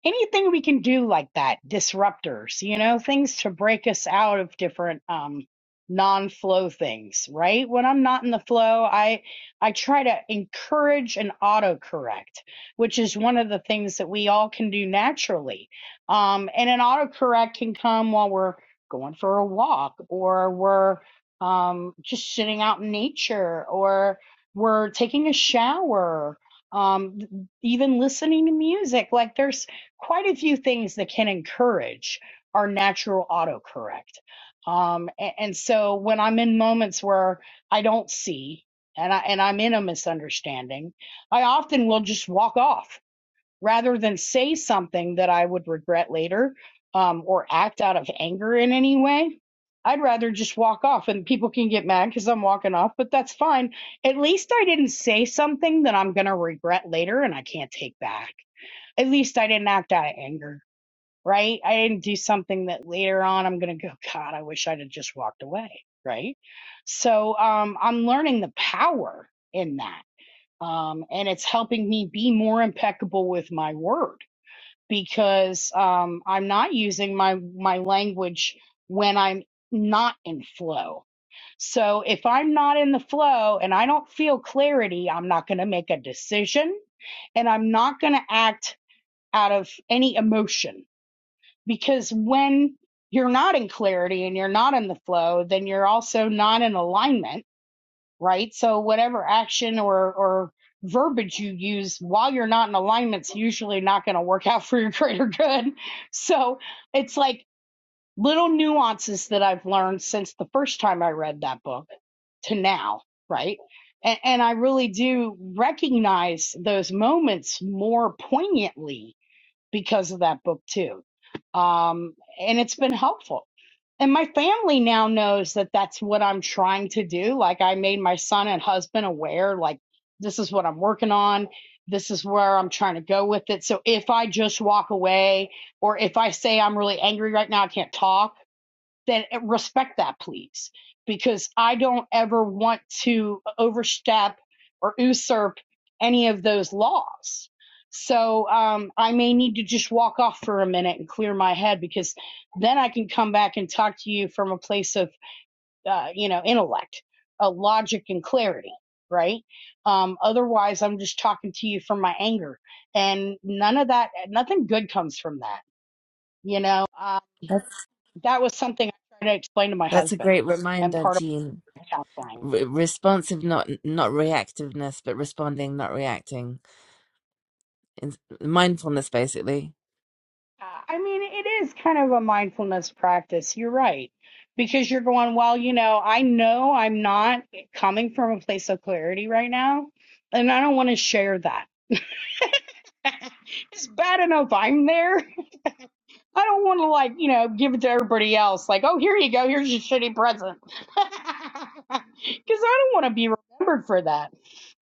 anything we can do like that, disruptors, you know, things to break us out of different um non-flow things, right? When I'm not in the flow, I I try to encourage an autocorrect, which is one of the things that we all can do naturally. Um and an autocorrect can come while we're going for a walk or we're um just sitting out in nature or we're taking a shower um even listening to music like there's quite a few things that can encourage our natural autocorrect. Um, a- and, so when I'm in moments where I don't see and I and I'm in a misunderstanding, I often will just walk off rather than say something that I would regret later um, or act out of anger in any way. I'd rather just walk off and people can get mad because I'm walking off, but that's fine. At least I didn't say something that I'm going to regret later and I can't take back at least I didn't act out of anger, right? I didn't do something that later on I'm going to go, God, I wish I'd have just walked away, right? So um, I'm learning the power in that. Um, and it's helping me be more impeccable with my word because um, I'm not using my, my language when I'm not in flow. So if I'm not in the flow and I don't feel clarity, I'm not going to make a decision and I'm not going to act out of any emotion because when you're not in clarity and you're not in the flow, then you're also not in alignment, right? So whatever action or or verbiage you use while you're not in alignment's usually not going to work out for your greater good. So it's like little nuances that I've learned since the first time I read that book to now, right? And, and I really do recognize those moments more poignantly because of that book too. Um, and it's been helpful. And my family now knows that that's what I'm trying to do. Like I made my son and husband aware, like this is what I'm working on. This is where I'm trying to go with it. So if I just walk away or if I say I'm really angry right now, I can't talk then eh, respect that, please, because I don't ever want to overstep or usurp any of those laws. So um, I may need to just walk off for a minute and clear my head because then I can come back and talk to you from a place of, uh, you know, intellect, uh, logic, and clarity, right? Um, otherwise, I'm just talking to you from my anger, and none of that, eh, nothing good comes from that, you know. uh,
That's
that was something I tried to explain to my
that's a
husband
great
and
reminder,
part of
Jean.
my counseling.
Re- responsive, not not reactiveness, but responding, not reacting. In mindfulness, basically.
Uh, I mean, it is kind of a mindfulness practice. You're right. Because you're going, well, you know, I know I'm not coming from a place of clarity right now, and I don't want to share that. it's bad enough I'm there. I don't want to like you know give it to everybody else. Like, oh, here you go, here's your shitty present, because I don't want to be remembered for that.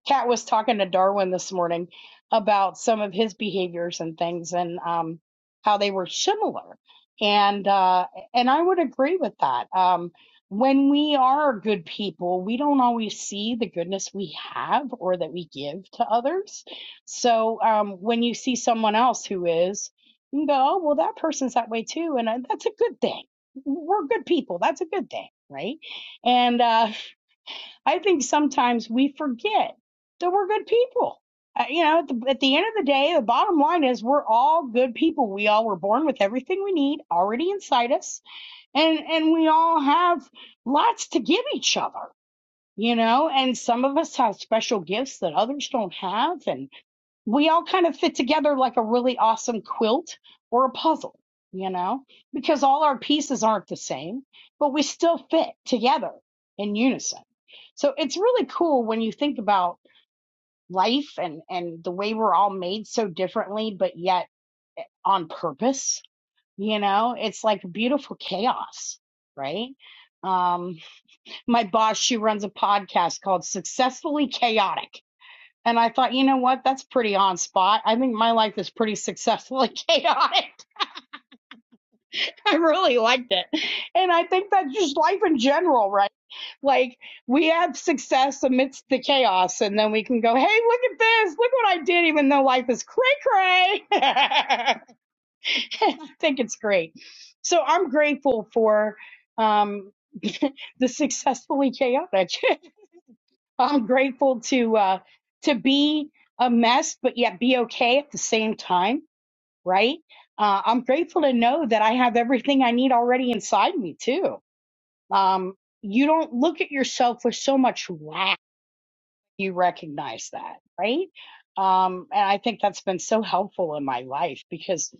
Kat was talking to Darwin this morning about some of his behaviors and things, and um, how they were similar, and uh, and I would agree with that. Um, when we are good people, we don't always see the goodness we have or that we give to others. So um, when you see someone else who is you can go, oh, well, that person's that way too. And I, that's a good thing. We're good people. That's a good thing. Right. And uh, I think sometimes we forget that we're good people. Uh, you know, at the, at the end of the day, the bottom line is we're all good people. We all were born with everything we need already inside us. And, and we all have lots to give each other, you know, and some of us have special gifts that others don't have. and we all kind of fit together like a really awesome quilt or a puzzle, you know, because all our pieces aren't the same, but we still fit together in unison. So it's really cool when you think about life and, and the way we're all made so differently, but yet eh, on purpose, you know, it's like beautiful chaos, right? Um, my boss, she runs a podcast called Successfully Chaotic and I thought, you know what? That's pretty on spot. I think my life is pretty successfully chaotic. I really liked it. And I think that's just life in general, right? Like we have success amidst the chaos and then we can go, hey, look at this. Look what I did, even though life is cray cray. I think it's great. So I'm grateful for um, the successfully chaotic. I'm grateful to uh, to be a mess, but yet be okay at the same time, right? Uh, I'm grateful to know that I have everything I need already inside me too. Um, you don't look at yourself with so much lack. You recognize that, right? Um, and I think that's been so helpful in my life because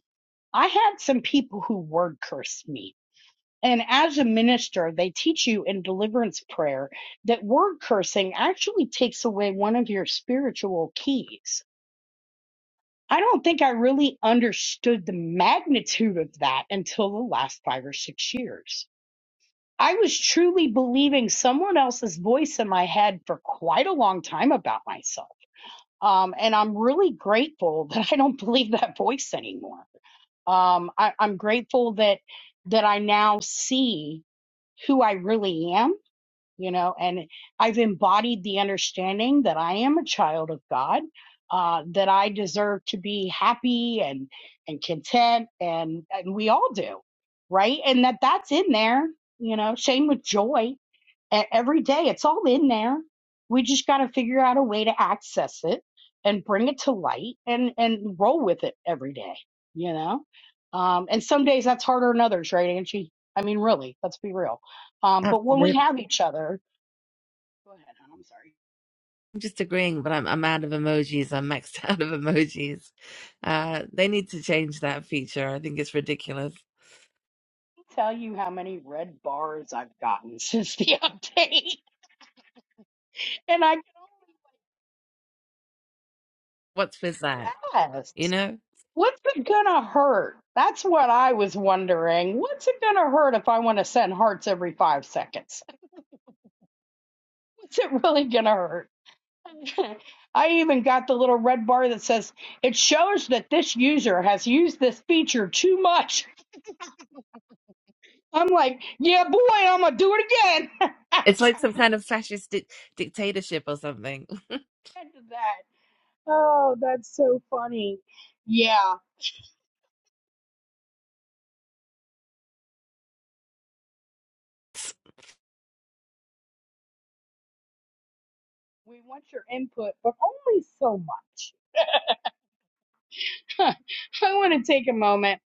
I had some people who word cursed me and as a minister, they teach you in deliverance prayer that word cursing actually takes away one of your spiritual keys. I don't think I really understood the magnitude of that until the last five or six years. I was truly believing someone else's voice in my head for quite a long time about myself. Um, and I'm really grateful that I don't believe that voice anymore. Um, I, I'm grateful that that I now see who I really am you know and i've embodied the understanding that i am a child of god uh, that i deserve to be happy and and content and and we all do right and that that's in there you know same with joy e- every day it's all in there we just got to figure out a way to access it and bring it to light and and roll with it every day you know um and some days that's harder than others right angie i mean really let's be real um, but when we
Absolutely.
have each other, Go ahead, hon, I'm sorry.
I'm just agreeing, but I'm I'm out of emojis. I'm maxed out of emojis. Uh, they need to change that feature. I think it's ridiculous.
I'll tell you how many red bars I've gotten since the update. And I,
What's with that?
yes,
You know,
what's it gonna hurt? That's what I was wondering. What's it gonna hurt if I want to send hearts every five seconds? What's it really gonna hurt? I even got the little red bar that says it shows that this user has used this feature too much. I'm like, yeah, boy, I'm gonna do it again. I
it's like some kind of fascist di- dictatorship or something.
did that. Oh, that's so funny. Yeah. We want your input, but only so much. I want to take a moment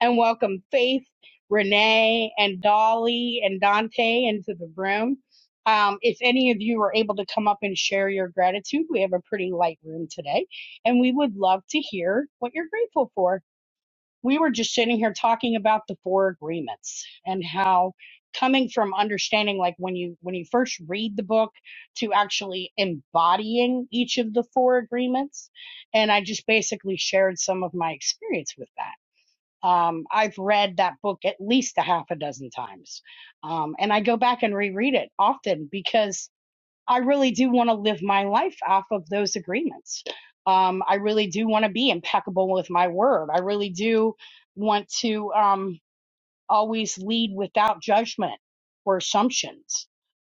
and welcome Faith, Renee, and Dolly and Dante into the room. Um, if any of you are able to come up and share your gratitude, we have a pretty light room today, and we would love to hear what you're grateful for we were just sitting here talking about the four agreements and how coming from understanding like when you when you first read the book to actually embodying each of the four agreements and i just basically shared some of my experience with that um, i've read that book at least a half a dozen times um, and i go back and reread it often because I really do want to live my life off of those agreements. Um, I really do want to be impeccable with my word. I really do want to um, always lead without judgment or assumptions.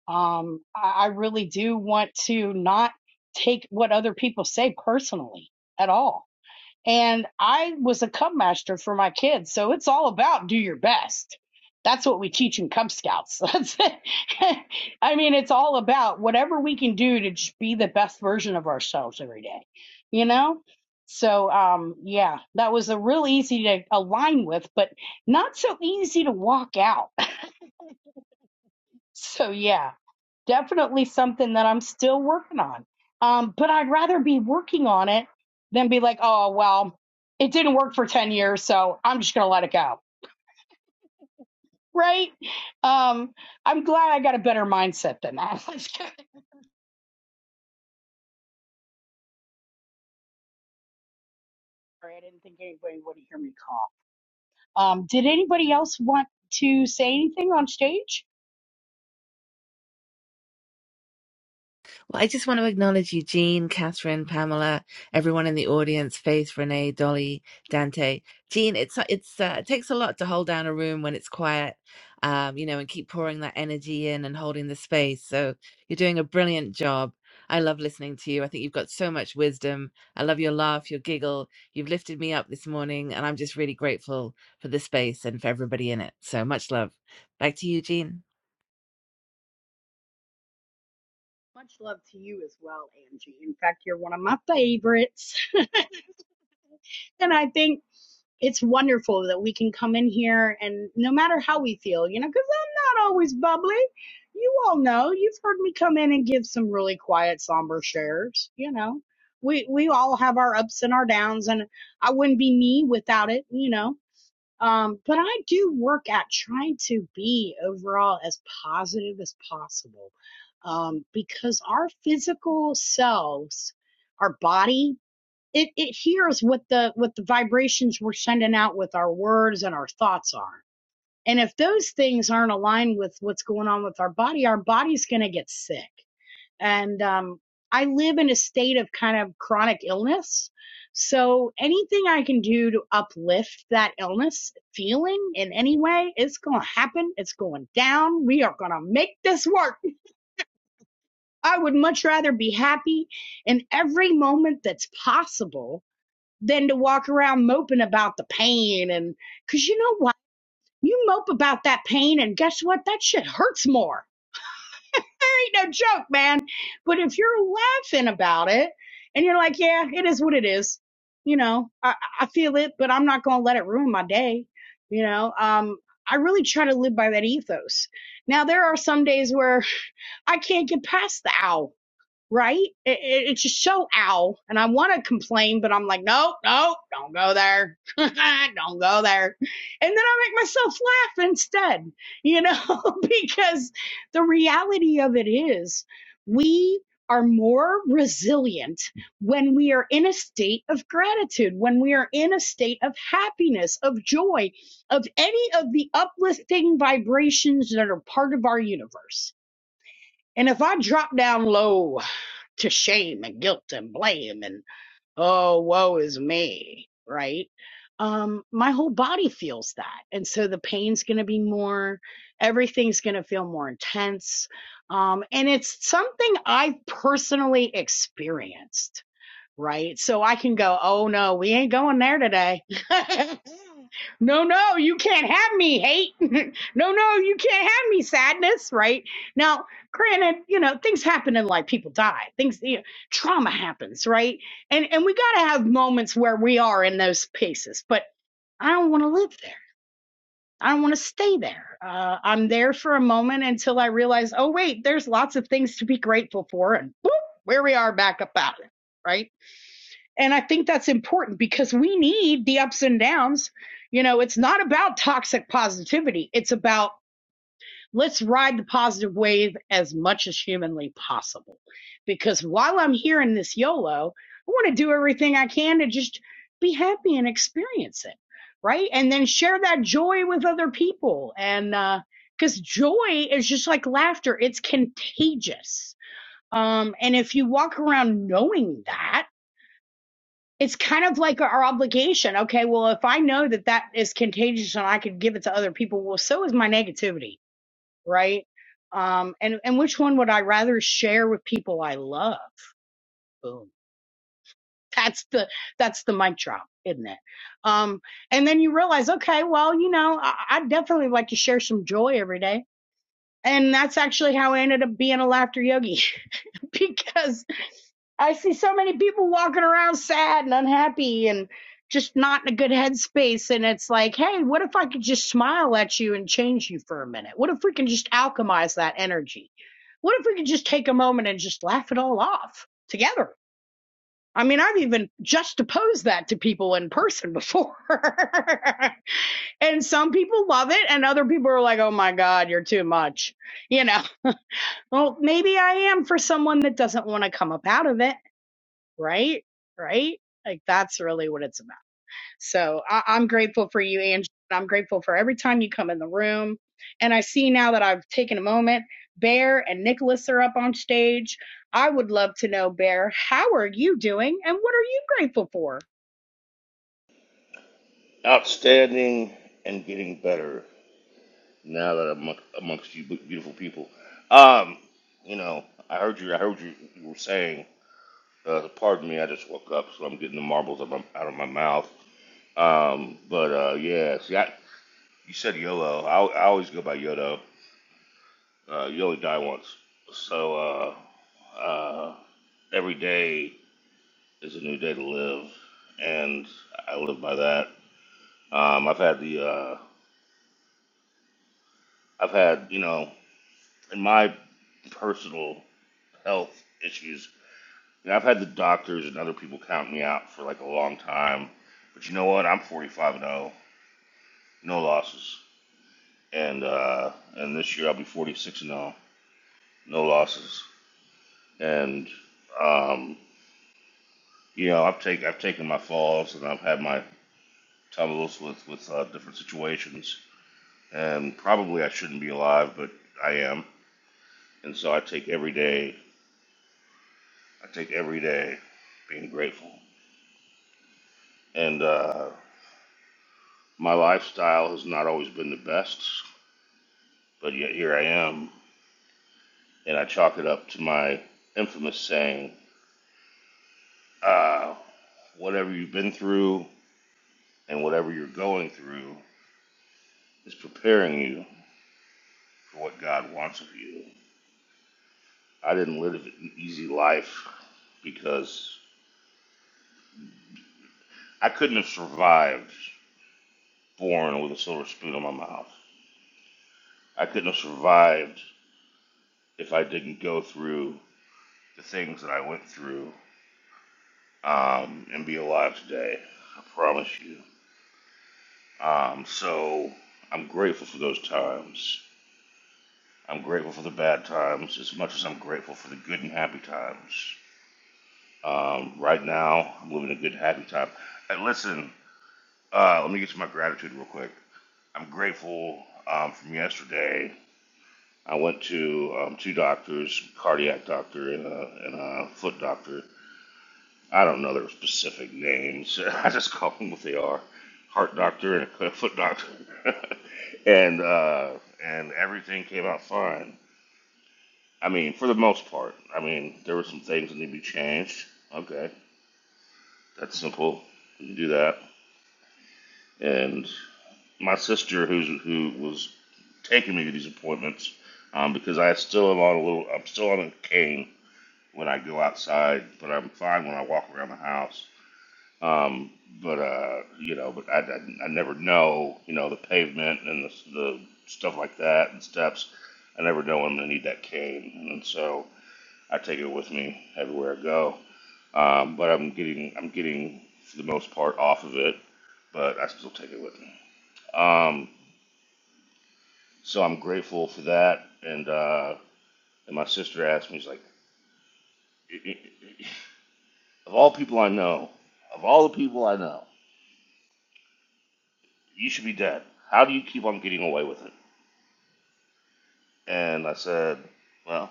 Um, I, I really do want to not take what other people say personally at all and I was a cub master for my kids. So it's all about do your best. That's what we teach in Cub Scouts. That's it. I mean, it's all about whatever we can do to just be the best version of ourselves every day, you know? So, um, yeah, that was a real easy to align with, but not so easy to walk out. So, yeah definitely something that I'm still working on. Um, but I'd rather be working on it than be like, oh, well, it didn't work for 10 years, so I'm just going to let it go. Right? Um, I'm glad I got a better mindset than that. Sorry, I didn't think anybody would hear me call. Um, did anybody else want to say anything on stage?
Well, I just want to acknowledge Eugene, Catherine, Pamela, everyone in the audience, Faith, Renee, Dolly, Dante. Jean, it's it's uh, it takes a lot to hold down a room when it's quiet, um, you know, and keep pouring that energy in and holding the space. So you're doing a brilliant job. I love listening to you. I think you've got so much wisdom. I love your laugh, your giggle. You've lifted me up this morning, and I'm just really grateful for the space and for everybody in it. So much love. Back to you, Jean.
Much love to you as well, Angie. In fact, you're one of my favorites. And I think it's wonderful that we can come in here and no matter how we feel, you know, because I'm not always bubbly. You all know, you've heard me come in and give some really quiet, somber shares, you know. We we all have our ups and our downs and I wouldn't be me without it, you know. Um, but I do work at trying to be overall as positive as possible. Um, because our physical selves, our body it it hears what the what the vibrations we're sending out with our words and our thoughts are and if those things aren't aligned with what's going on with our body our body's going to get sick and um i live in a state of kind of chronic illness so anything i can do to uplift that illness feeling in any way it's going to happen it's going down we are going to make this work i would much rather be happy in every moment that's possible than to walk around moping about the pain and because you know what you mope about that pain and guess what that shit hurts more there ain't no joke man but if you're laughing about it and you're like yeah it is what it is you know i, I feel it but i'm not gonna let it ruin my day you know um i really try to live by that ethos now there are some days where i can't get past the ow right? It, it, it's just so ow. And I want to complain, but I'm like, nope, nope, don't go there. don't go there. And then I make myself laugh instead, you know, because the reality of it is we are more resilient when we are in a state of gratitude, when we are in a state of happiness, of joy, of any of the uplifting vibrations that are part of our universe and if I drop down low to shame and guilt and blame and oh woe is me, right? Um, my whole body feels that. And so the pain's gonna be more, everything's gonna feel more intense. Um, and it's something I've personally experienced, right? So I can go, oh no, we ain't going there today. no, no, you can't have me hate. no, no, you can't have me sadness, right? Now, granted, you know, things happen in life. People die. Things, you know, trauma happens, right? And and we got to have moments where we are in those places. But I don't want to live there. I don't want to stay there. Uh, I'm there for a moment until I realize, oh wait, there's lots of things to be grateful for, and boop, where we are back up out of it, right? And I think that's important because we need the ups and downs. You know, it's not about toxic positivity. It's about let's ride the positive wave as much as humanly possible. Because while I'm here in this YOLO, I want to do everything I can to just be happy and experience it. Right. And then share that joy with other people. And, uh, because joy is just like laughter, it's contagious. Um, and if you walk around knowing that, it's kind of like our obligation. Okay, well, if I know that that is contagious and I could give it to other people, well, so is my negativity, right? Um, and and which one would I rather share with people I love? Boom. That's the that's the mic drop, isn't it? Um, and then you realize, okay, well, you know, I, I definitely like to share some joy every day. And that's actually how I ended up being a laughter yogi because I see so many people walking around sad and unhappy and just not in a good headspace. And it's like, hey, what if I could just smile at you and change you for a minute? What if we can just alchemize that energy? What if we could just take a moment and just laugh it all off together? I mean, I've even juxtaposed that to people in person before. and some people love it, and other people are like, oh my God, you're too much. You know, well, maybe I am for someone that doesn't want to come up out of it right? Right? Like that's really what it's about. So I- I'm grateful for you, Angie. I'm grateful for every time you come in the room. And I see now that I've taken a moment. Bear and Nicholas are up on stage. I would love to know, Bear, how are you doing and what are you grateful for?
outstanding and getting better now that I'm among- amongst you beautiful people. Um, you know, I heard you. I heard you. You were saying, uh, "Pardon me, I just woke up, so I'm getting the marbles out of my, out of my mouth." Um, but uh, yeah, see, I, you said YOLO. I, I always go by YOLO. Uh, you only die once, so uh, uh, every day is a new day to live, and I live by that. Um, I've had the uh, I've had you know in my personal health issues. And I've had the doctors and other people count me out for like a long time. But you know what? I'm 45 and 0, no losses. And uh, and this year I'll be 46 and 0, no losses. And um, you know I've taken I've taken my falls and I've had my tumbles with with uh, different situations. And probably I shouldn't be alive, but I am. And so I take every day. I take every day being grateful. And uh, My lifestyle has not always been the best, but yet here I am, and I chalk it up to my infamous saying, "Ah, whatever you've been through and whatever you're going through is preparing you for what God wants of you. I didn't live an easy life because I couldn't have survived born with a silver spoon in my mouth. I couldn't have survived if I didn't go through the things that I went through um, and be alive today. I promise you. Um, so I'm grateful for those times. I'm grateful for the bad times as much as I'm grateful for the good and happy times. Um, right now, I'm living a good, happy time. And listen, uh, let me get to my gratitude real quick. I'm grateful um, from yesterday. I went to um, two doctors, cardiac doctor and a, and a foot doctor, I don't know their specific names. I just call them what they are: heart doctor and a foot doctor. and uh, and everything came out fine. I mean, for the most part. I mean, there were some things that need to be changed. Okay, that's simple. We can do that. And my sister, who's who was taking me to these appointments, um, because I still am on a little. I'm still on a cane when I go outside, but I'm fine when I walk around the house Um, but uh, you know, but I, I, I never know, you know, the pavement and the, the stuff like that and steps. I never know when I'm gonna need that cane, and so I take it with me everywhere I go. Um, but I'm getting, I'm getting for the most part off of it, but I still take it with me. Um, so I'm grateful for that. And uh, and my sister asked me, she's like, of all people I know, of all the people I know, you should be dead. How do you keep on getting away with it? And I said, Well,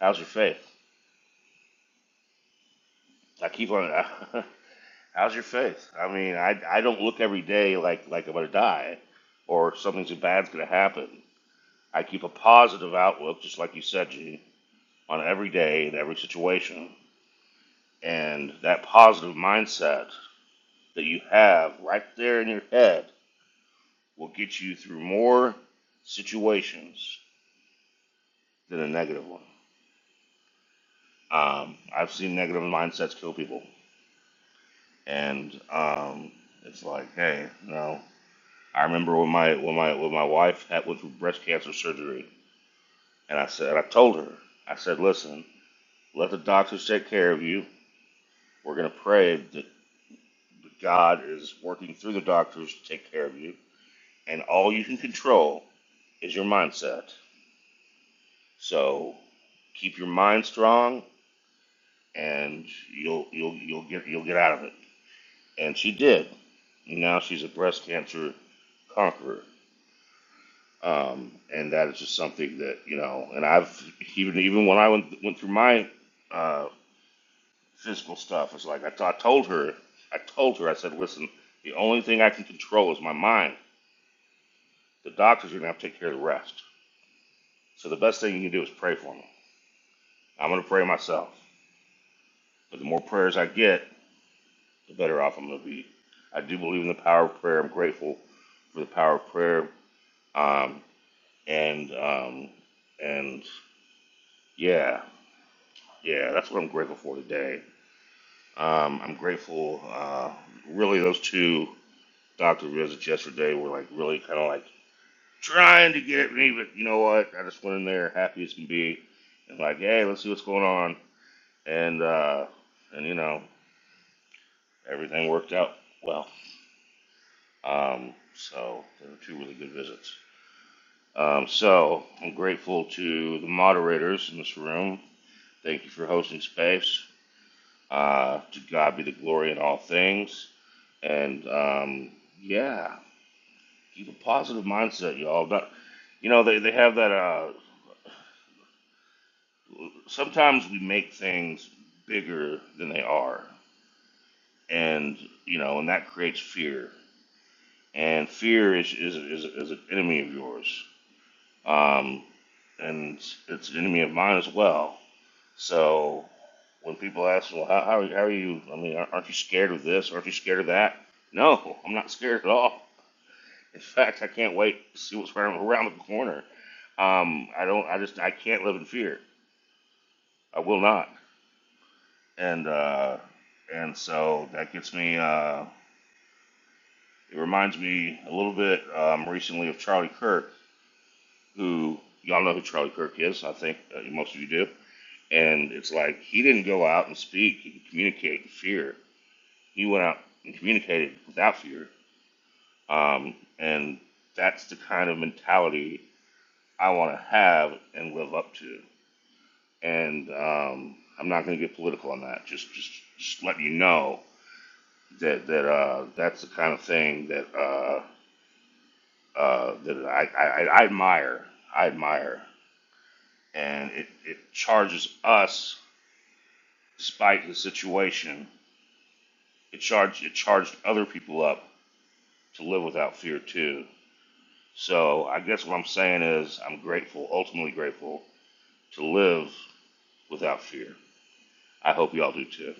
how's your faith? I keep on, how's your faith? I mean, I, I don't look every day like, like I'm going to die or something too bad's going to happen. I keep a positive outlook, just like you said, G, on every day and every situation. And that positive mindset that you have right there in your head will get you through more situations than a negative one. Um, I've seen negative mindsets kill people. and um, it's like, hey, you know, I remember when my when my when my wife had went through breast cancer surgery, and I said, I told her, I said, listen, let the doctors take care of you. We're gonna pray that God is working through the doctors to take care of you, and all you can control is your mindset. So keep your mind strong, and you'll you'll you'll get you'll get out of it. And she did. Now she's a breast cancer conqueror. Um, and that is just something that you know. And I've even even when I went went through my uh, physical stuff, it's like I t- I told her, I told her, I said, listen, the only thing I can control is my mind. The doctors are gonna have to take care of the rest. So the best thing you can do is pray for me. I'm gonna pray myself, but the more prayers I get, the better off I'm gonna be. I do believe in the power of prayer. I'm grateful for the power of prayer. Um, and um, and yeah, yeah, that's what I'm grateful for today. Um, I'm grateful. Uh, really, those two doctor visits yesterday were like really kind of like trying to get at me, but you know what? I just went in there happy as can be, and like, hey, let's see what's going on, and uh, and you know everything worked out well. Um, so they were two really good visits. Um, so I'm grateful to the moderators in this room. Thank you for hosting space. Uh, to God be the glory in all things. And um, yeah, keep a positive mindset, y'all. Not, you know, they, they have that. Uh, sometimes we make things bigger than they are, and you know, and that creates fear. And fear is is is, is an enemy of yours, um, and it's, it's an enemy of mine as well. So when people ask, well, how, how, are- you, how are you? I mean, aren't you scared of this? Aren't you scared of that? No, I'm not scared at all. In fact, I can't wait to see what's around around the corner. Um, I don't. I just. I can't live in fear. I will not. And uh, and so that gets me. Uh, it reminds me a little bit um, recently of Charlie Kirk, who y'all know who Charlie Kirk is. I think uh, most of you do. And it's like he didn't go out and speak and communicate in fear. He went out and communicated without fear. Um, and that's the kind of mentality I want to have and live up to. and um, I'm not going to get political on that. Just, just, just letting you know that that uh, that's the kind of thing that uh, uh, that I, I, I admire. I admire, and it, it charges us, despite the situation, it charged it charged other people up to live without fear too. So I guess what I'm saying is I'm grateful, ultimately grateful, to live without fear. I hope you all do too.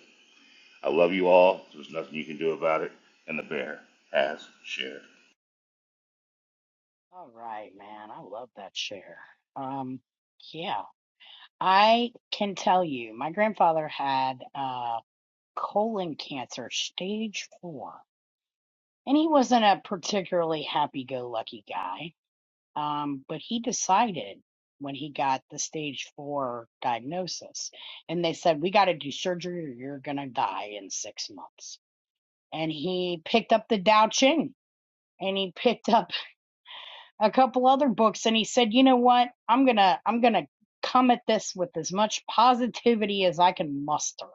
I love you all. There's nothing you can do about it. And the bear has shared.
All right, man. I love that share. Um, yeah, I can tell you, my grandfather had uh colon cancer, stage four. and he wasn't a particularly happy-go-lucky guy. Um, but he decided when he got the stage four diagnosis, and they said, "We got to do surgery, or you're gonna die in six months." And he picked up the Tao Ching, and he picked up a couple other books, and he said, "You know what? I'm gonna, I'm gonna come at this with as much positivity as I can muster."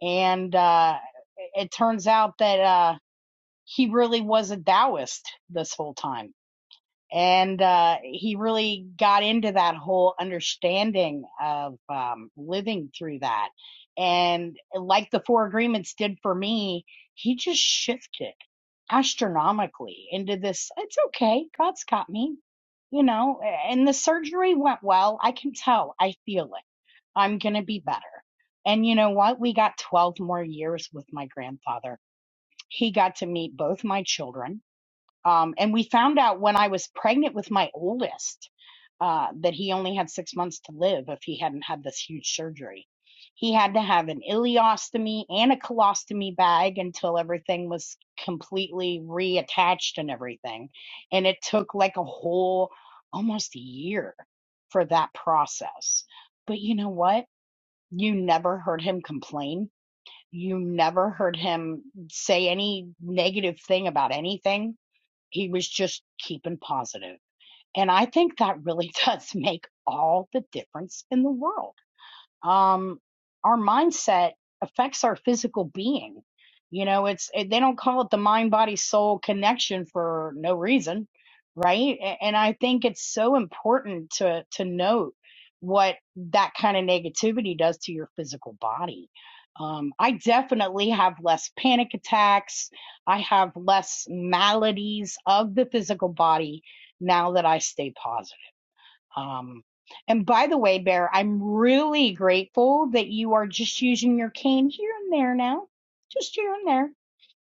And uh, it turns out that uh, he really was a Taoist this whole time and uh, he really got into that whole understanding of um, living through that and like the four agreements did for me he just shifted astronomically into this it's okay god's got me you know and the surgery went well i can tell i feel it i'm going to be better and you know what we got 12 more years with my grandfather he got to meet both my children um, and we found out when I was pregnant with my oldest uh, that he only had six months to live if he hadn't had this huge surgery. He had to have an ileostomy and a colostomy bag until everything was completely reattached and everything. And it took like a whole almost a year for that process. But you know what? You never heard him complain. You never heard him say any negative thing about anything he was just keeping positive. And I think that really does make all the difference in the world um, our mindset affects our physical being. You know, it's it, they don't call it the mind body soul connection for no reason, right? A- And I think it's so important to to note what that kind of negativity does to your physical body. Um, I definitely have less panic attacks. I have less maladies of the physical body now that I stay positive um, and by the way, Bear, I'm really grateful that you are just using your cane here and there now, just here and there.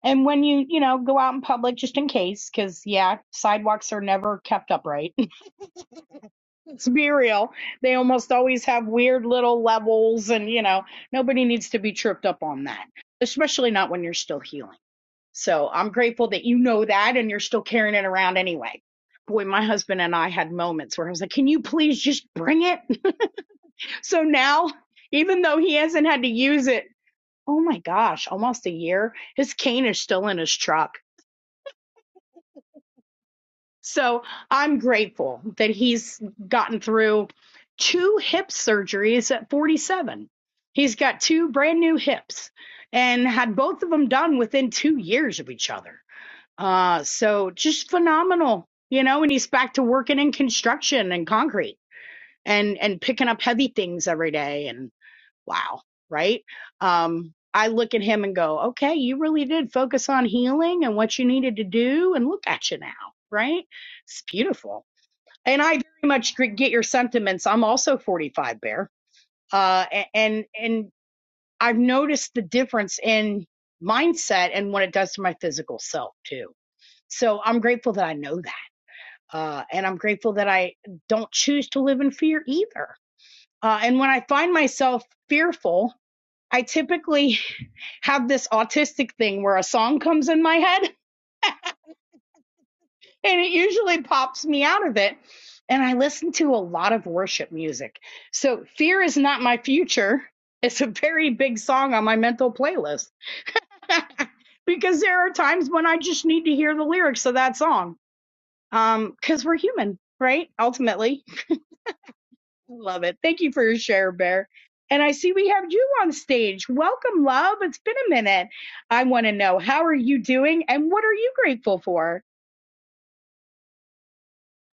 And when you, you know, go out in public, just in case, because yeah, sidewalks are never kept upright. Let's be real; they almost always have weird little levels, and you know, nobody needs to be tripped up on that, especially not when you're still healing. So I'm grateful that you know that and you're still carrying it around anyway boy, my husband and I had moments where I was like, "Can you please just bring it? So now, even though he hasn't had to use it, oh my gosh, almost a year, his cane is still in his truck. So I'm grateful that he's gotten through two hip surgeries at 47. He's got two brand new hips and had both of them done within two years of each other. Uh, so just phenomenal, you know, and he's back to working in construction and concrete and, and picking up heavy things every day. wow, right? Um, I look at him and go, okay, you really did focus on healing and what you needed to do, and look at you now, right? It's beautiful. And I very much get your sentiments. I'm also 45 bear, uh, and and I've noticed the difference in mindset and what it does to my physical self too. So I'm grateful that I know that, uh, and I'm grateful that I don't choose to live in fear either. Uh, and when I find myself fearful, I typically have this autistic thing where a song comes in my head and it usually pops me out of it. And I listen to a lot of worship music. So Fear is Not My Future is a very big song on my mental playlist because there are times when I just need to hear the lyrics of that song because we're human, right? Ultimately. Love it. Thank you for your share, Bear. And I see we have you on stage. Welcome, love. It's been a minute. I want to know how are you doing and what are you grateful for?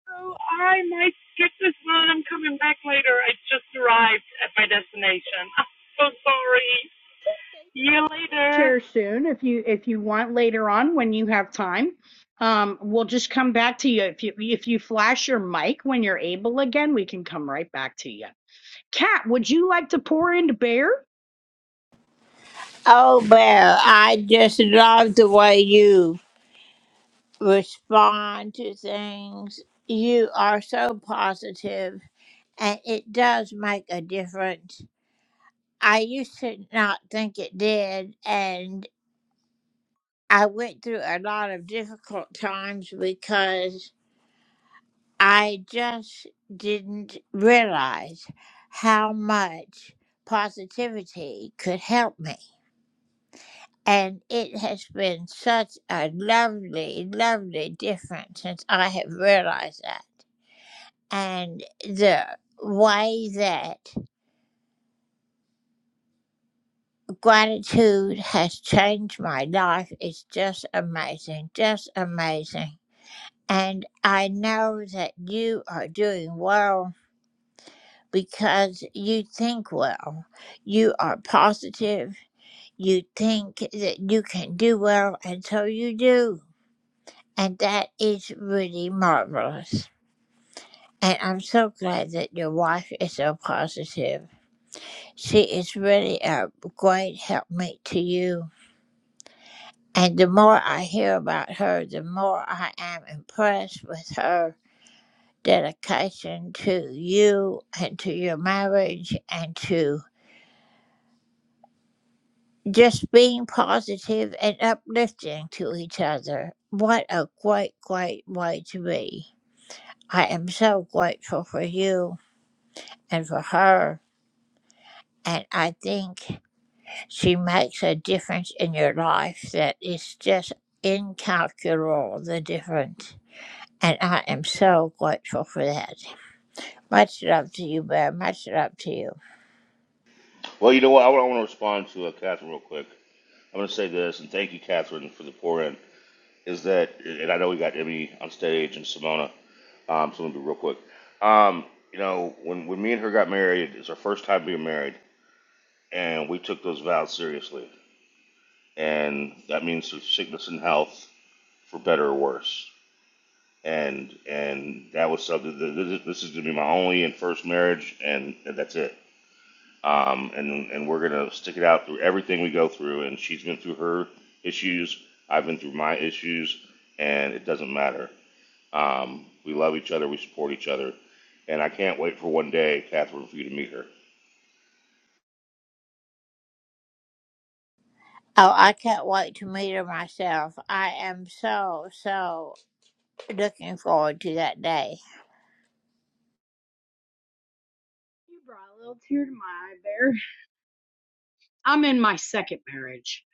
So I might skip this one. I'm coming back later. I just arrived at my destination. I'm so sorry.
Okay, you
See you
can
later.
always share soon if you if you want later on when you have time. Um, we'll just come back to you if you if you flash your mic when you're able again. We can come right back to you. Kat, would you like to pour into Bear?
Oh, Bear, I just love the way you respond to things. You are so positive, and it does make a difference. I used to not think it did, and I went through a lot of difficult times because I just didn't realize how much positivity could help me. And it has been such a lovely, lovely difference since I have realized that. And the way that gratitude has changed my life is just amazing, just amazing. And I know that you are doing well because you think well. You are positive. You think that you can do well, and so you do. And that is really marvelous. And I'm so glad that your wife is so positive. She is really a great helpmate to you. And the more I hear about her, the more I am impressed with her dedication to you and to your marriage and to just being positive and uplifting to each other. What a great, great way to be. I am so grateful for you and for her. And I think she makes a difference in your life that is just incalculable, the difference. And I am so grateful for that. Much love to you, Bear. Much love to you.
Well, you know what? I want, I want to respond to uh, Catherine real quick. I'm going to say this, and thank you, Catherine, for the pour in. Is that, and I know we got Emmy on stage and Simona, um, so I'm going to be real quick. Um, you know, when, when me and her got married, it's our first time being married, and we took those vows seriously. And that means through sickness and health, for better or worse. And and that was something. th- th- This is gonna be my only and first marriage, and, and that's it um, and and we're gonna stick it out through everything we go through. And she's been through her issues. I've been through my issues, and it doesn't matter. Um, we love each other. We support each other, and I can't wait for one day, Catherine, for you to meet her.
Oh, I can't wait to meet her myself. I am so, so looking forward to that day.
You brought a little tear to my eye, I'm in my second marriage.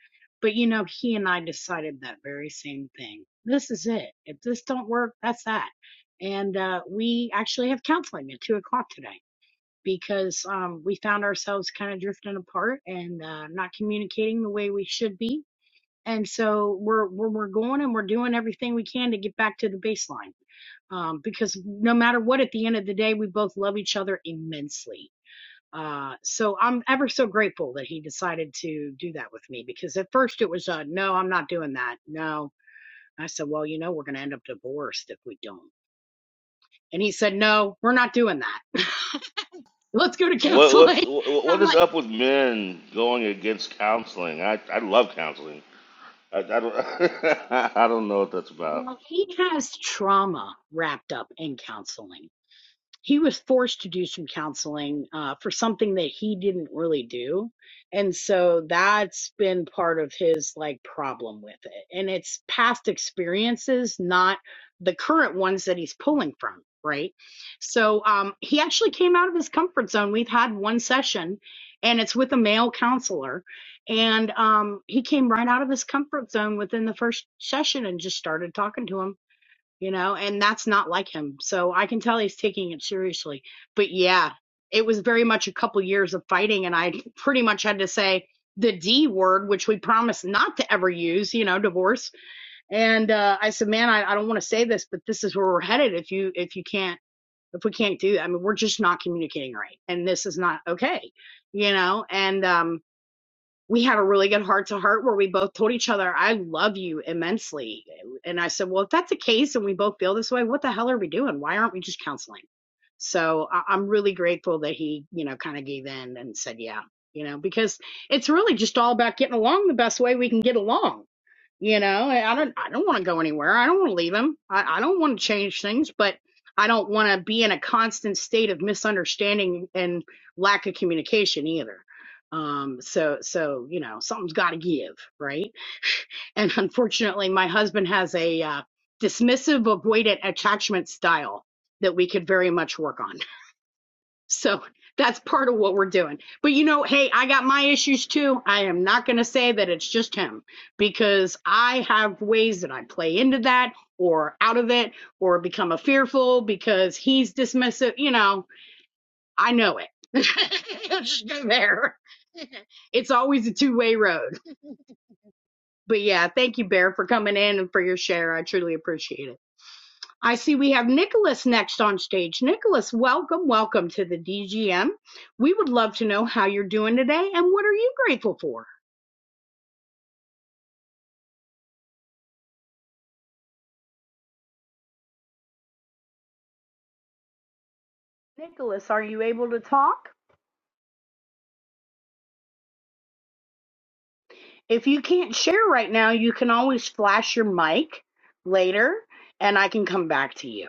But you know, he and I decided that very same thing. This is it. If this don't work, that's that. And uh, we actually have counseling at two o'clock today because um, we found ourselves kind of drifting apart and uh, not communicating the way we should be. And so we're we're we're going and we're doing everything we can to get back to the baseline um, because no matter what, at the end of the day, we both love each other immensely uh, so I'm ever so grateful that he decided to do that with me because at first it was, uh, no, I'm not doing that. No. And I said, well, you know, we're going to end up divorced if we don't. And he said, no, we're not doing that. Let's go to
What
counseling.
what's
And
what
I'm
is
like,
up with men going against counseling? I I love counseling. I, I don't I don't know what that's about.
well, he has trauma wrapped up in counseling. he was forced to do some counseling uh, for something that he didn't really do and so that's been part of his like problem with it and it's past experiences not the current ones that he's pulling from right so um, he actually came out of his comfort zone we've had one session and it's with a male counselor and um, he came right out of his comfort zone within the first session and just started talking to him you know, and that's not like him. So I can tell he's taking it seriously. But yeah, it was very much a couple years of fighting, and I pretty much had to say the D word, which we promised not to ever use, you know, divorce. And uh, I said, man, I, I don't want to say this, but this is where we're headed. If you if you can't if we can't do that, I mean, we're just not communicating right, and this is not okay, you know. And um, we had a really good heart to heart where we both told each other, I love you immensely. And I said, Well, if that's the case and we both feel this way, what the hell are we doing? Why aren't we just counseling? So I- I'm really grateful that he, you know, kind of gave in and said, Yeah, you know, because it's really just all about getting along the best way we can get along you know, I don't I don't want to go anywhere. I don't want to leave him. I, I don't want to change things, but I don't want to be in a constant state of misunderstanding and lack of communication either. Um so so you know, something's got to give, right? And unfortunately, my husband has a uh, dismissive avoidant attachment style that we could very much work on. So that's part of what we're doing. But you know, hey, I got my issues too. I am not going to say that it's just him because I have ways that I play into that or out of it or become a fearful because he's dismissive. You know, I know it. Just go there. It's always a two way road. But yeah, thank you, Bear, for coming in and for your share. I truly appreciate it. I see we have Nicholas next on stage. Nicholas, welcome, welcome to the DGM. We would love to know how you're doing today and what are you grateful for? Nicholas, are you able to talk? If you can't share right now, you can always flash your mic later and I can come back to you.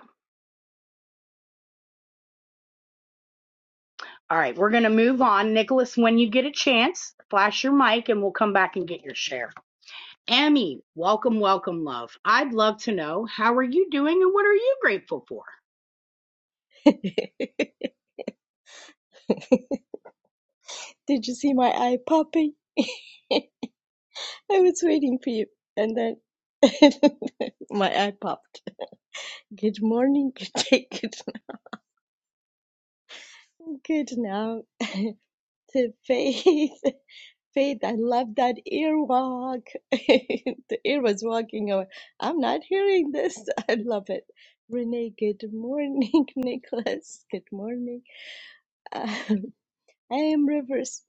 All right, we're going to move on. Nicholas, when you get a chance, flash your mic and we'll come back and get your share. Emmy, welcome, welcome, love. I'd love to know how are you doing and what are you grateful for?
Did you see my eye popping? I was waiting for you, and then my eye popped. Good morning, good day, good good now to Faith. Faith, I love that earwalk. the ear was walking away. I'm not hearing this. I love it. Renee, good morning. Nicholas, good morning. Uh, I am reverse.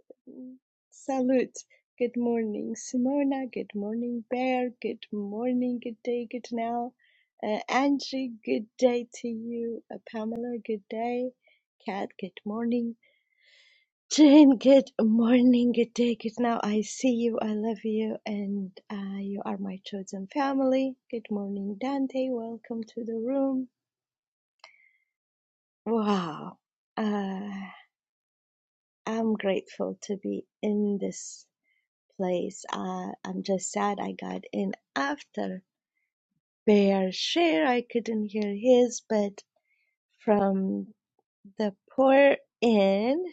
Salute. Good morning, Simona. Good morning, Bear. Good morning, good day, good now. Uh, Angie, good day to you. Uh, Pamela, good day. Kat, good morning. Jane, good morning, good day, good now. I see you, I love you, and uh, you are my chosen family. Good morning, Dante. Welcome to the room. Wow. Uh, I'm grateful to be in this place. Uh, I'm just sad I got in after Bear Share. I couldn't hear his, but from the poor in,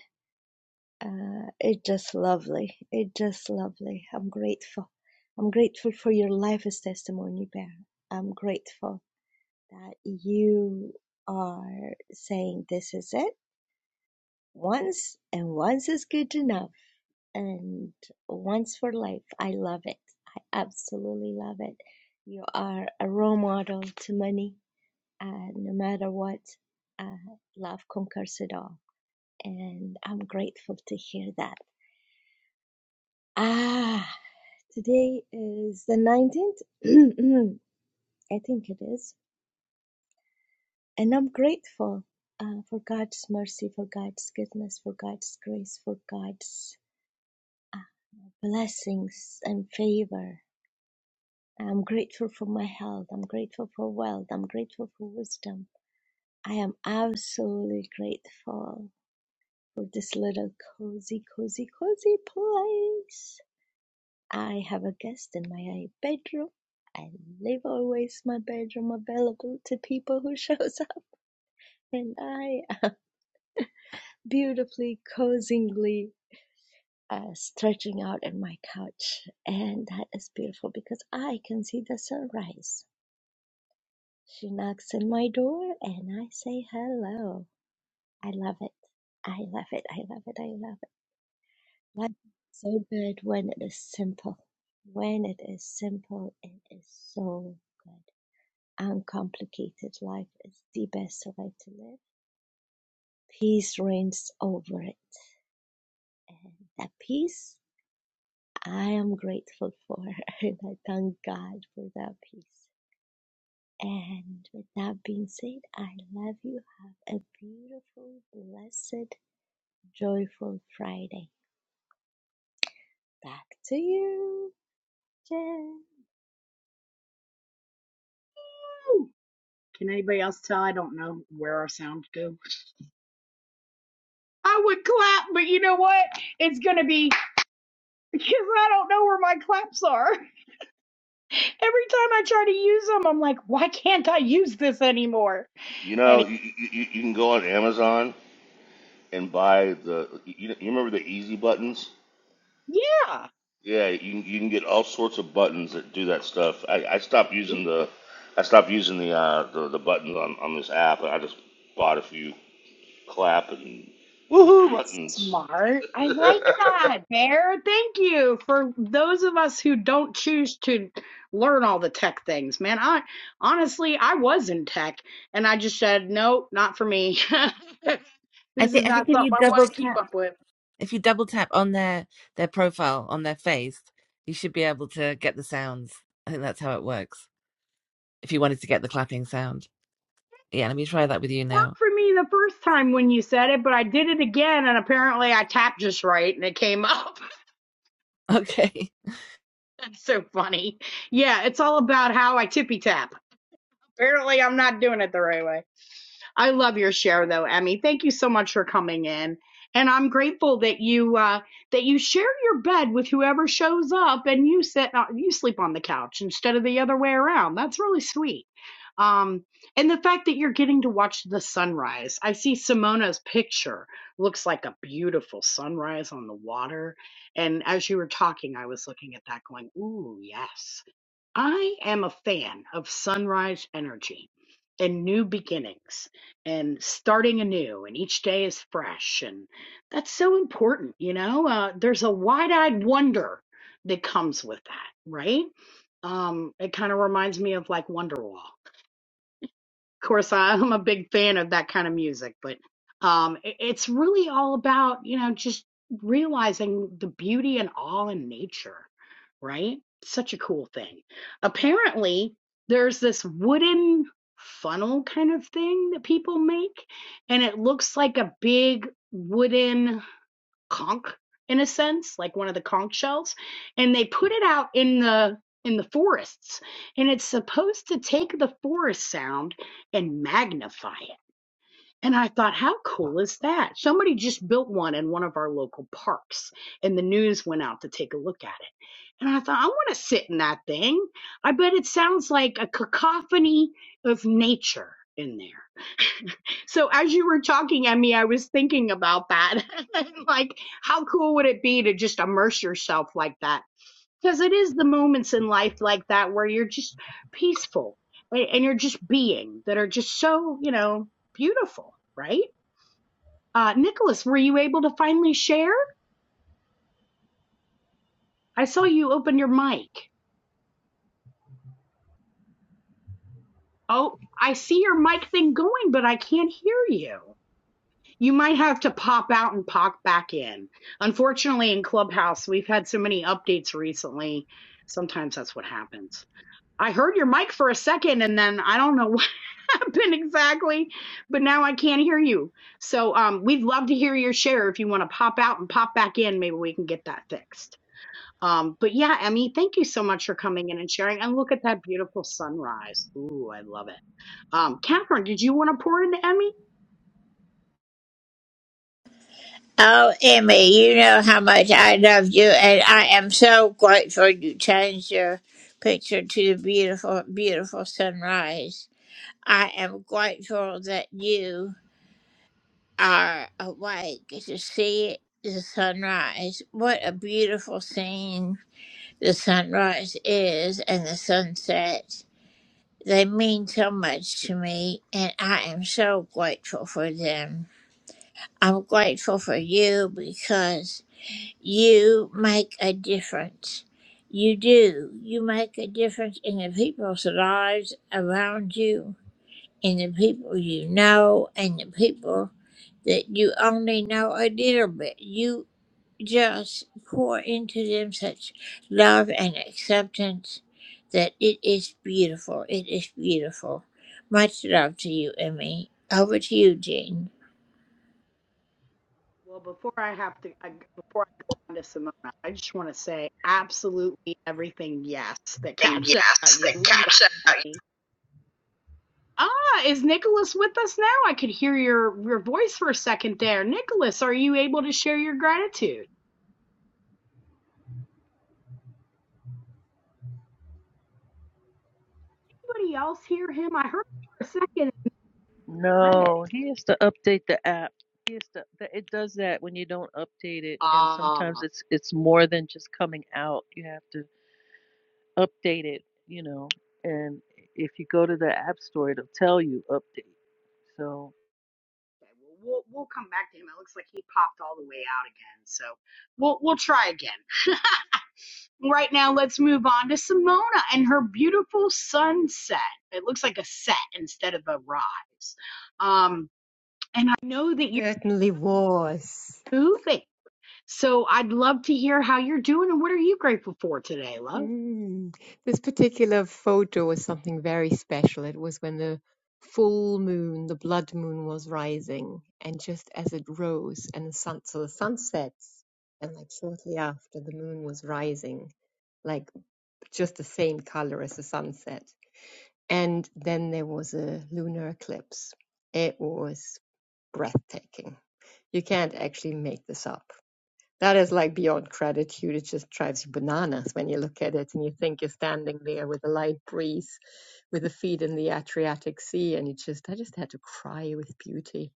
uh, it just lovely. It just lovely. I'm grateful. I'm grateful for your life as testimony, Bear. I'm grateful that you are saying this is it once, and once is good enough and Once for Life. I love it. I absolutely love it. You are a role model to many, uh, no matter what. Uh, love conquers it all, and I'm grateful to hear that. Ah, today is the 19th. I think it is, and I'm grateful. Uh, for God's mercy, for God's goodness, for God's grace, for God's blessings and favor I'm grateful for my health. I'm grateful for wealth. I'm grateful for wisdom. I am absolutely grateful for this little cozy, cozy, cozy place. I have a guest in my bedroom. I leave always my bedroom available to people who shows up, and I am beautifully, cozingly uh, stretching out on my couch, and that is beautiful because I can see the sunrise She knocks on my door and I say hello. I love it. I love it. I love it. I love it. Life is so good when it is simple. When it is simple, it is so good. Uncomplicated life is the best way to live. Peace reigns over it. And that peace, I am grateful for. And I thank God for that peace. And with that being said, I love you. Have a beautiful, blessed Joyful Friday, back to you, Jen.
Can anybody else tell? I don't know where our sounds go. I would clap, but you know what? It's going to be because I don't know where my claps are. Every time I try to use them, I'm like, why can't I use this anymore?
You
And
know,
it-
you, you, you can go on Amazon and buy the you, you remember the easy buttons
yeah.
Yeah, you you can get all sorts of buttons that do that stuff. I, I stopped using the I stopped using the uh the, the buttons on, on this app and I just bought a few clap and woohoo
That's
buttons.
smart. I like that, Bear. Thank you for those of us who don't choose to learn all the tech things, man. I honestly, I was in tech and I just said, nope, not for me.
I
this is
think I
not
think if
something
you
I want
double
to
tap.
keep up with.
If you double tap on their their profile on their face, you should be able to get the sounds. I think that's how it works. If you wanted to get the clapping sound, yeah. Let me try that with you now.
Worked for me the first time when you said it, but I did it again and apparently I tapped just right and it came up.
Okay.
That's so funny. Yeah, it's all about how I tippy tap. Apparently, I'm not doing it the right way. I love your share though, Emmy. Thank you so much for coming in. And I'm grateful that you uh, that you share your bed with whoever shows up, and you sit on, you sleep on the couch instead of the other way around. That's really sweet. Um, and the fact that you're getting to watch the sunrise. I see Simona's picture looks like a beautiful sunrise on the water. And as you were talking, I was looking at that, going, "Ooh, yes." I am a fan of sunrise energy and new beginnings and starting anew, and each day is fresh. And that's so important, you know? Uh, there's a wide eyed wonder that comes with that, right? Um, it kind of reminds me of like Wonderwall. Of course, I'm a big fan of that kind of music, but um, i- it's really all about, you know, just realizing the beauty and awe in nature, right? Such a cool thing. Apparently, there's this wooden funnel kind of thing that people make, and it looks like a big wooden conch in a sense, like one of the conch shells, and they put it out in the in the forests. And it's supposed to take the forest sound and magnify it. And I thought, how cool is that? Somebody just built one in one of our local parks, and the news went out to take a look at it. And I thought, I want to sit in that thing. I bet it sounds like a cacophony of nature in there. So as you were talking at me, I was thinking about that. like, how cool would it be to just immerse yourself like that? Because it is the moments in life like that where you're just peaceful and and you're just being that are just so, you know, beautiful, right? Uh, Nicholas, were you able to finally share? I saw you open your mic. Oh, I see your mic thing going, but I can't hear you. You might have to pop out and pop back in. Unfortunately, in Clubhouse, we've had so many updates recently. Sometimes that's what happens. I heard your mic for a second and then I don't know what happened exactly, but now I can't hear you. So um, we'd love to hear your share. If you want to pop out and pop back in, maybe we can get that fixed. Um, but yeah, Emmy, thank you so much for coming in and sharing. And look at that beautiful sunrise. Ooh, I love it. Um, Catherine, did you want to pour into Emmy?
Oh, Emmy, you know how much I love you, and I am so grateful you changed your picture to the beautiful, beautiful sunrise. I am grateful that you are awake to see the sunrise. What a beautiful scene the sunrise is and the sunset. They mean so much to me, and I am so grateful for them. I'm grateful for you because you make a difference. You do. You make a difference in the people's lives around you and the people you know and the people that you only know a little bit. You just pour into them such love and acceptance that it is beautiful. It is beautiful. Much love to you, Emmy. Over to you, Jean.
Well, before I have to, I, before I go on to Simona, I just want to say absolutely everything yes that
And
Kat said
yes,
about you.
the
We love
catch.
you, Eddie. Ah, is Nicholas with us now? I could hear your your voice for a second there. Nicholas, are you able to share your gratitude? Anybody else hear him? I heard him for a second away.
No, he has to update the app. He has to, th- it does that when you don't update it, and
Ah,
sometimes it's it's more than just coming out. You have to update it, you know. And if you go to the app store, it'll tell you update. So
okay. Well, we'll we'll come back to him. It looks like he popped all the way out again, so we'll we'll try again. Right now, let's move on to Simona and her beautiful sunset. It looks like a set instead of a rise. Um, and I know that you're
Certainly was.
moving, so I'd love to hear how you're doing and what are you grateful for today, love?
Mm. This particular photo was something very special. It was when the full moon, the blood moon, was rising, and just as it rose, and the sun, so the sun sets, and like shortly after, the moon was rising, like just the same color as the sunset. And then there was a lunar eclipse. It was breathtaking. You can't actually make this up. That is like beyond gratitude. It just drives you bananas when you look at it and you think you're standing there with a light breeze, with the feet in the Adriatic Sea, and you just, I just had to cry with beauty.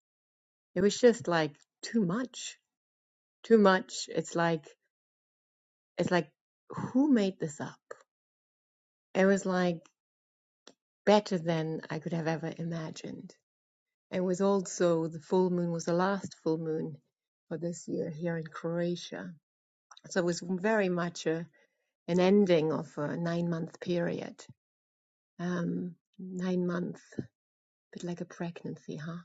It was just like too much, too much. It's like, it's like, who made this up? It was like better than I could have ever imagined. It was also the full moon was the last full moon for this year here in Croatia. So it was very much a an ending of a nine month period. Um, nine months, a bit like a pregnancy, huh?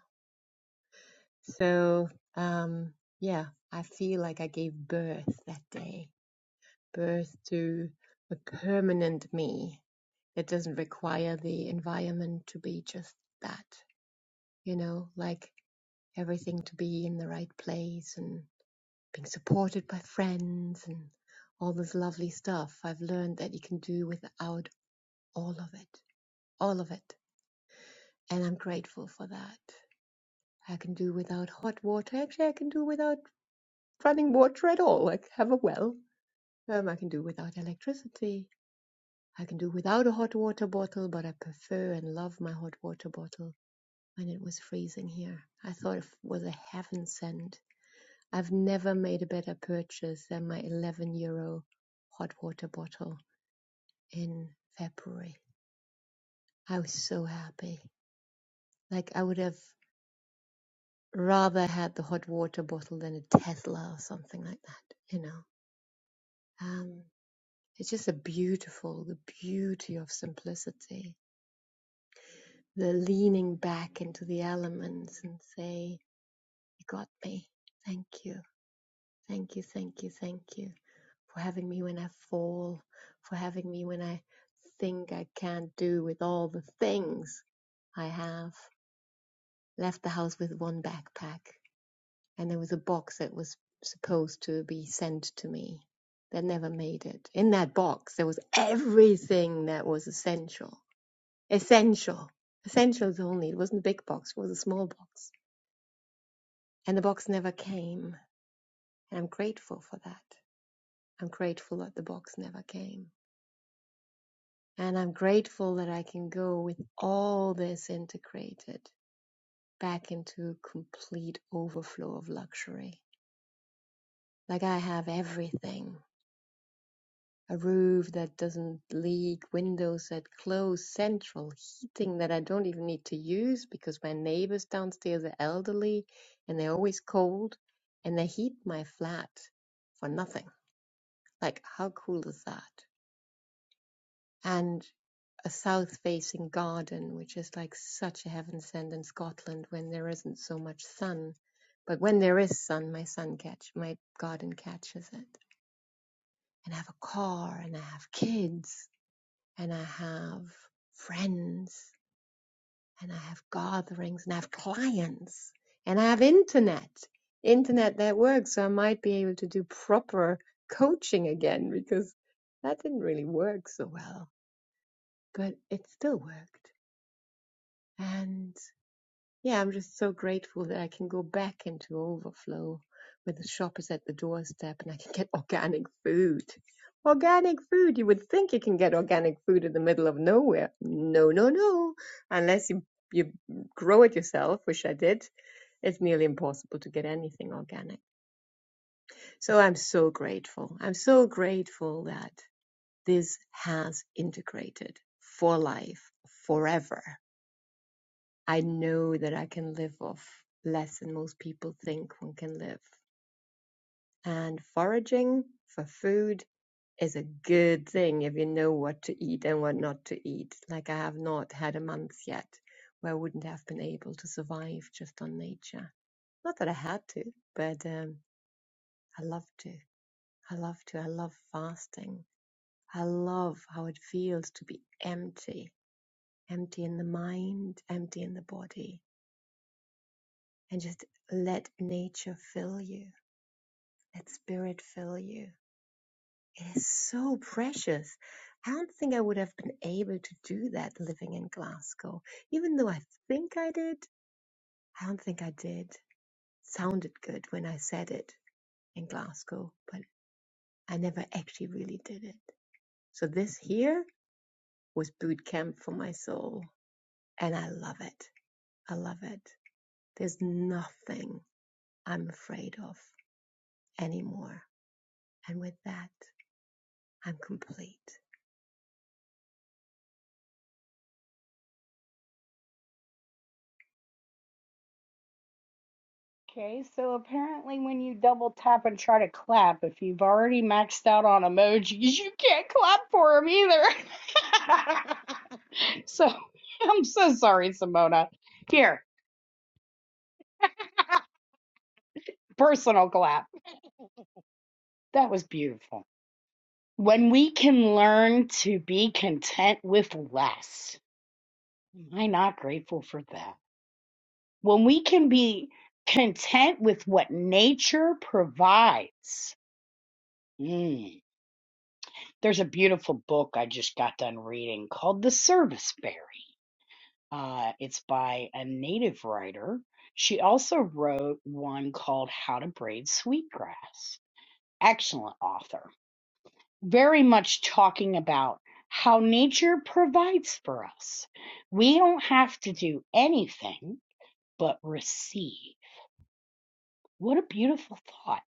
So, um, yeah, I feel like I gave birth that day, birth to a permanent me that doesn't require the environment to be just that, you know, like everything to be in the right place and being supported by friends and all this lovely stuff. I've learned that you can do without all of it, all of it and I'm grateful for that. I can do without hot water. Actually, I can do without running water at all. I have a well. Um, I can do without electricity. I can do without a hot water bottle, but I prefer and love my hot water bottle when it was freezing here. I thought it was a heaven sent. I've never made a better purchase than my 11 euro hot water bottle in February. I was so happy. Like I would have rather had the hot water bottle than a Tesla or something like that, you know. Um, it's just a beautiful, the beauty of simplicity, the leaning back into the elements and say, You got me. Thank you. Thank you. Thank you. Thank you for having me when I fall, for having me when I think I can't do with all the things I have. Left the house with one backpack and there was a box that was supposed to be sent to me that never made it. In that box, there was everything that was essential. Essential. Essentials only. It wasn't a big box, it was a small box. And the box never came. And I'm grateful for that. I'm grateful that the box never came. And I'm grateful that I can go with all this integrated back into complete overflow of luxury. Like I have everything a roof that doesn't leak, windows that close, central heating that I don't even need to use because my neighbors downstairs are elderly and they're always cold and they heat my flat for nothing. Like, how cool is that? And a south facing garden, which is like such a heaven sent in Scotland when there isn't so much sun. But when there is sun, my sun catch, my garden catches it. And I have a car and I have kids and I have friends and I have gatherings and I have clients and I have internet, internet that works. So I might be able to do proper coaching again because that didn't really work so well, but it still worked. and. Yeah, I'm just so grateful that I can go back into overflow where the shop is at the doorstep and I can get organic food. Organic food! You would think you can get organic food in the middle of nowhere. No, no, no. Unless you, you grow it yourself, which I did, it's nearly impossible to get anything organic. So I'm so grateful. I'm so grateful that this has integrated for life forever I know that I can live off less than most people think one can live. And foraging for food is a good thing if you know what to eat and what not to eat. Like I have not had a month yet where I wouldn't have been able to survive just on nature. Not that I had to, but um, I love to. I love to. I love fasting. I love how it feels to be empty, empty in the mind, empty in the body and just let nature fill you, let spirit fill you. It is so precious. I don't think I would have been able to do that living in Glasgow. Even though I think I did, I don't think I did. Sounded good when I said it in Glasgow, but I never actually really did it. So this here was boot camp for my soul, and I love it. I love it. There's nothing I'm afraid of anymore. And with that, I'm complete.
Okay, so apparently when you double tap and try to clap, if you've already maxed out on emojis, you can't clap for them either. so I'm so sorry, Simona. Here, personal clap. That was beautiful. When we can learn to be content with less, am I not grateful for that? When we can be content with what nature provides. Mm. There's a beautiful book I just got done reading called The Service Berry. Uh, it's by a native writer. She also wrote one called How to Braid Sweetgrass. Excellent author very much talking about how nature provides for us. We don't have to do anything but receive. What a beautiful thought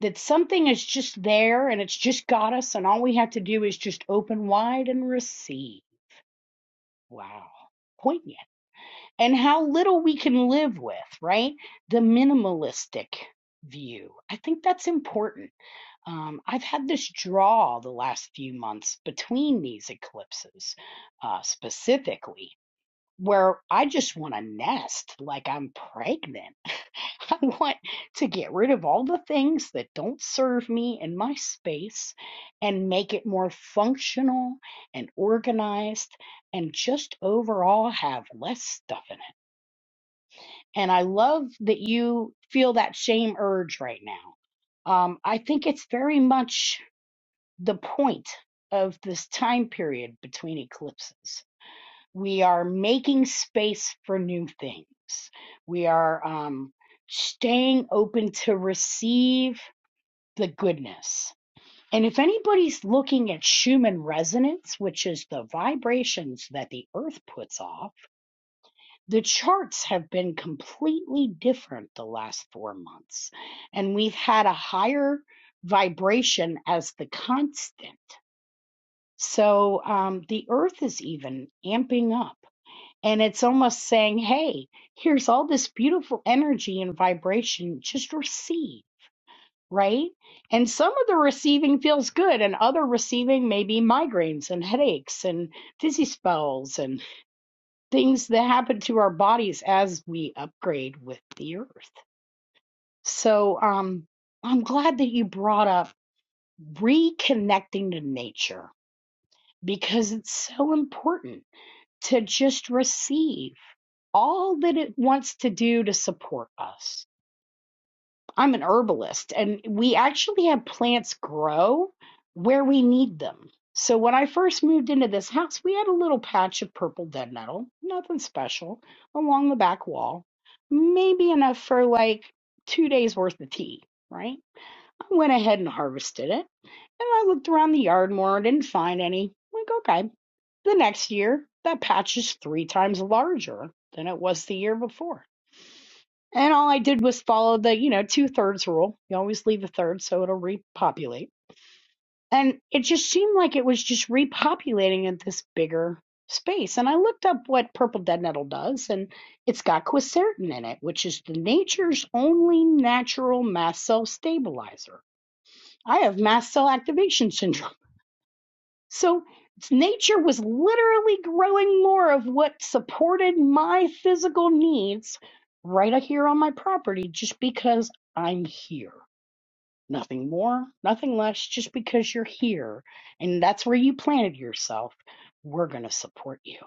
that something is just there and it's just got us, and all we have to do is just open wide and receive. Wow. Poignant. And how little we can live with, right? The minimalistic view. I think that's important Um, I've had this draw the last few months between these eclipses, uh, specifically, where I just want to nest like I'm pregnant. I want to get rid of all the things that don't serve me in my space and make it more functional and organized and just overall have less stuff in it. And I love that you feel that same urge right now. Um, I think it's very much the point of this time period between eclipses. We are making space for new things. We are um, staying open to receive the goodness. And if anybody's looking at Schumann resonance, which is the vibrations that the earth puts off, the charts have been completely different the last four months. And we've had a higher vibration as the constant so um, the earth is even amping up. And it's almost saying, hey, here's all this beautiful energy and vibration. Just receive, right? And some of the receiving feels good, and other receiving may be migraines and headaches and dizzy spells and things that happen to our bodies as we upgrade with the earth. So um, I'm glad that you brought up reconnecting to nature because it's so important to just receive all that it wants to do to support us. I'm an herbalist and we actually have plants grow where we need them. So when I first moved into this house, we had a little patch of purple dead nettle, nothing special, along the back wall, maybe enough for like two days worth of tea, right? I went ahead and harvested it and I looked around the yard more, didn't find any. Like, okay. The next year, that patch is three times larger than it was the year before. And all I did was follow the, you know, two thirds rule. You always leave a third so it'll repopulate. And it just seemed like it was just repopulating in this bigger space. And I looked up what purple dead nettle does, and it's got quercetin in it, which is the nature's only natural mast cell stabilizer. I have mast cell activation syndrome. So nature was literally growing more of what supported my physical needs right here on my property just because I'm here. Nothing more, nothing less, just because you're here and that's where you planted yourself, we're going to support you.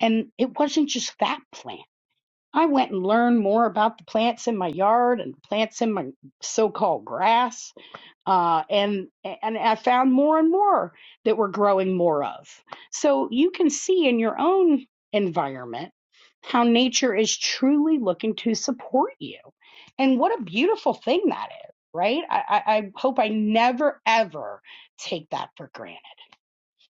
And it wasn't just that plant. I went and learned more about the plants in my yard and plants in my so called grass uh, and and I found more and more that we're growing more of. So you can see in your own environment how nature is truly looking to support you, and what a beautiful thing that is, right? I, I, I hope I never ever take that for granted.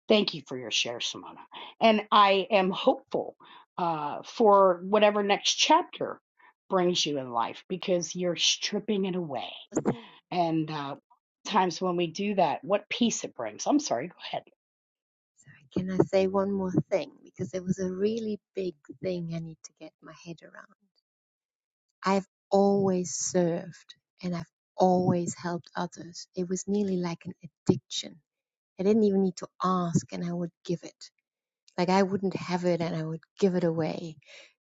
Thank you for your share, Simona, and I am hopeful uh, for whatever next chapter brings you in life because you're stripping it away
thing.
and uh, times when we do that, what peace it brings. I'm sorry, go ahead.
Sorry, can I say one more thing? Because it was a really big thing I need to get my head around. I've always served and I've always helped others. It was nearly like an addiction. I didn't even need to ask and I would give it. Like I wouldn't have it and I would give it away,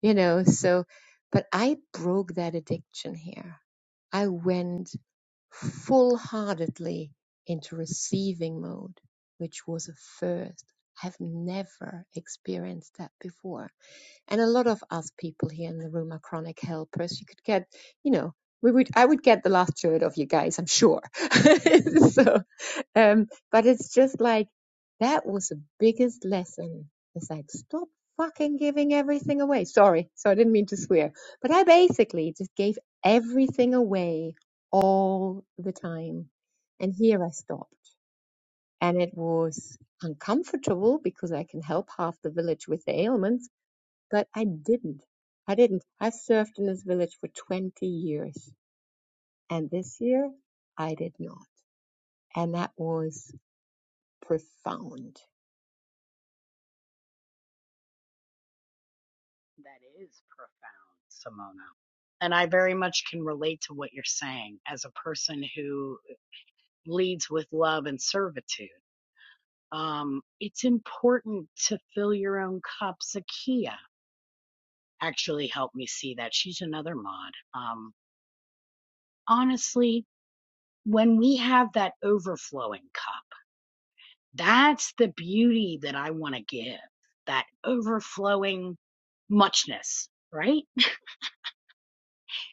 you know. So, but I broke that addiction here. I went full heartedly into receiving mode, which was a first. I've never experienced that before. And a lot of us people here in the room are chronic helpers. You could get, you know, we would I would get the last third of you guys, I'm sure. so um, but it's just like that was the biggest lesson. It's like stop fucking giving everything away. Sorry, so I didn't mean to swear, but I basically just gave everything away all the time, and here I stopped, and it was uncomfortable because I can help half the village with the ailments, but I didn't. I didn't. I served in this village for 20 years, and this year I did not, and that was profound
That is profound, Simona. And I very much can relate to what you're saying as a person who leads with love and servitude. Um, it's important to fill your own cup. Zakia actually helped me see that. She's another mod. Um, honestly, when we have that overflowing cup, That's the beauty that I want to give, that overflowing muchness, right?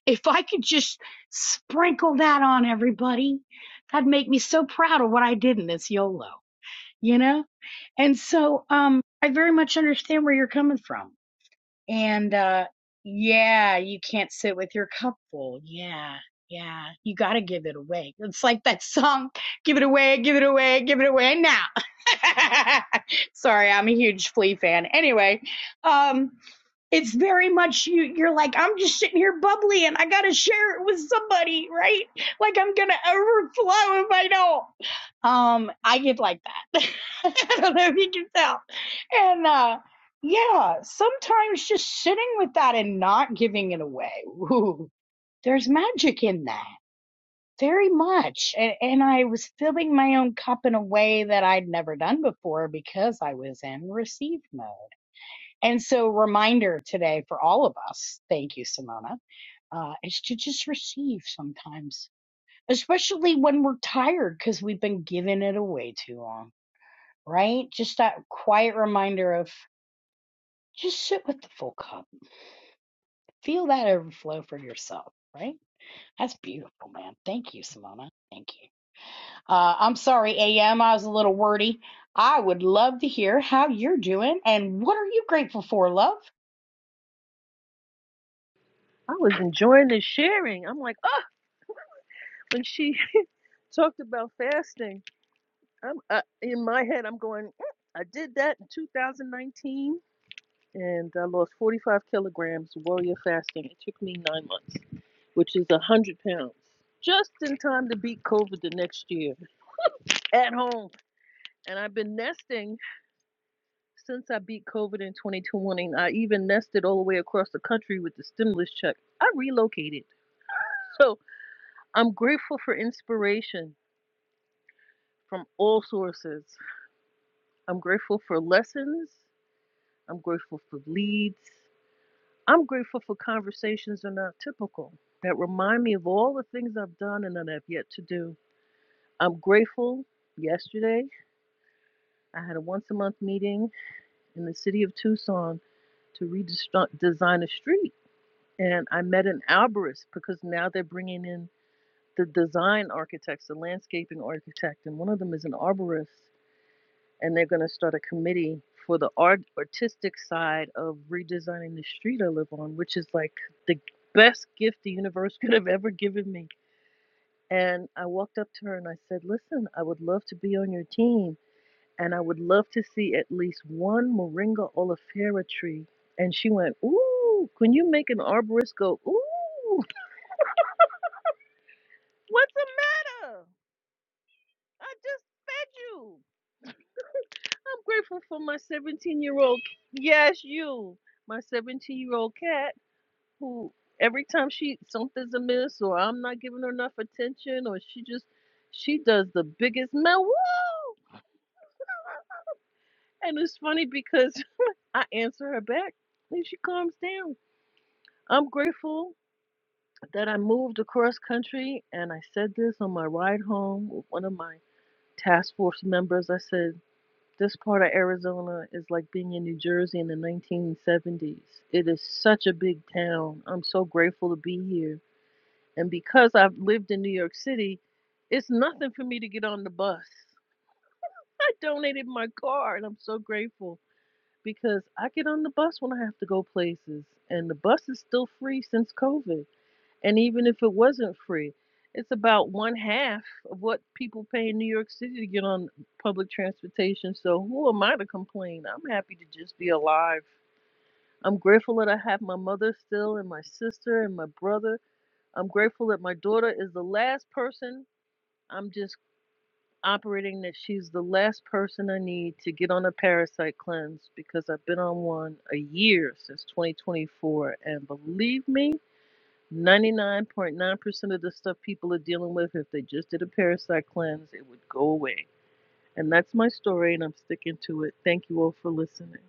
If I could just sprinkle that on everybody, that'd make me so proud of what I did in this YOLO, you know? And so um I very much understand where you're coming from. And uh yeah, you can't sit with your cup full. Yeah. Yeah, you got to give it away. It's like that song, give it away, give it away, give it away now. Sorry, I'm a huge Flea fan. Anyway, um it's very much you you're like i'm just sitting here bubbly and i gotta share it with somebody right like i'm gonna overflow if i don't um i get like that i don't know if you can tell and uh yeah sometimes just sitting with that and not giving it away ooh, there's magic in that very much and, and i was filling my own cup in a way that i'd never done before because i was in receive mode and so, reminder today for all of us, thank you, Simona, uh, is to just receive sometimes, especially when we're tired because we've been giving it away too long, right? Just that quiet reminder of just sit with the full cup, feel that overflow for yourself, right? That's beautiful, man. Thank you, Simona. Thank you. Uh, I'm sorry, AM, I was a little wordy. I would love to hear how you're doing and what are you grateful for, love?
I was enjoying this sharing. I'm like, oh, when she talked about fasting, I'm I, in my head. I'm going, "Mm, I did that in 2019. and I lost 45 kilograms warrior fasting. It took me nine months, which is 100 pounds, just in time to beat COVID the next year at home. And I've been nesting since I beat COVID in 2020. I even nested all the way across the country with the stimulus check. I relocated. So I'm grateful for inspiration from all sources. I'm grateful for lessons. I'm grateful for leads. I'm grateful for conversations that are not typical, that remind me of all the things I've done and that I've yet to do. I'm grateful. Yesterday, I had a once a month meeting in the city of Tucson to redesign a street. And I met an arborist because now they're bringing in the design architects, the landscaping architect, and one of them is an arborist. and they're going to start a committee for the art artistic side of redesigning the street I live on, which is like the best gift the universe could have ever given me. And I walked up to her and I said, "Listen, I would love to be on your team, and I would love to see at least one moringa oleifera tree." And she went, "Ooh, can you make an arborist go, ooh, what's the matter? I just fed you." I'm grateful for my 17 year old. Yes, you. My 17 year old cat, who every time she something's amiss or I'm not giving her enough attention or she just she does the biggest meow. And it's funny because I answer her back and she calms down. I'm grateful that I moved across country and I said this on my ride home with one of my task force members. I said. This part of Arizona is like being in New Jersey in the 1970s. It is such a big town. I'm so grateful to be here. And because I've lived in New York City, it's nothing for me to get on the bus. I donated my car and I'm so grateful because I get on the bus when I have to go places. And the bus is still free since COVID. And even if it wasn't free, it's about one half of what people pay in New York City to get on public transportation. So who am I to complain? I'm happy to just be alive. I'm grateful that I have my mother still and my sister and my brother. I'm grateful that my daughter is the last person. I'm just operating that she's the last person I need to get on a parasite cleanse because I've been on one a year since 2024. And believe me, 99.9% of the stuff people are dealing with, if they just did a parasite cleanse, it would go away. And that's my story, and I'm sticking to it. Thank you all for listening.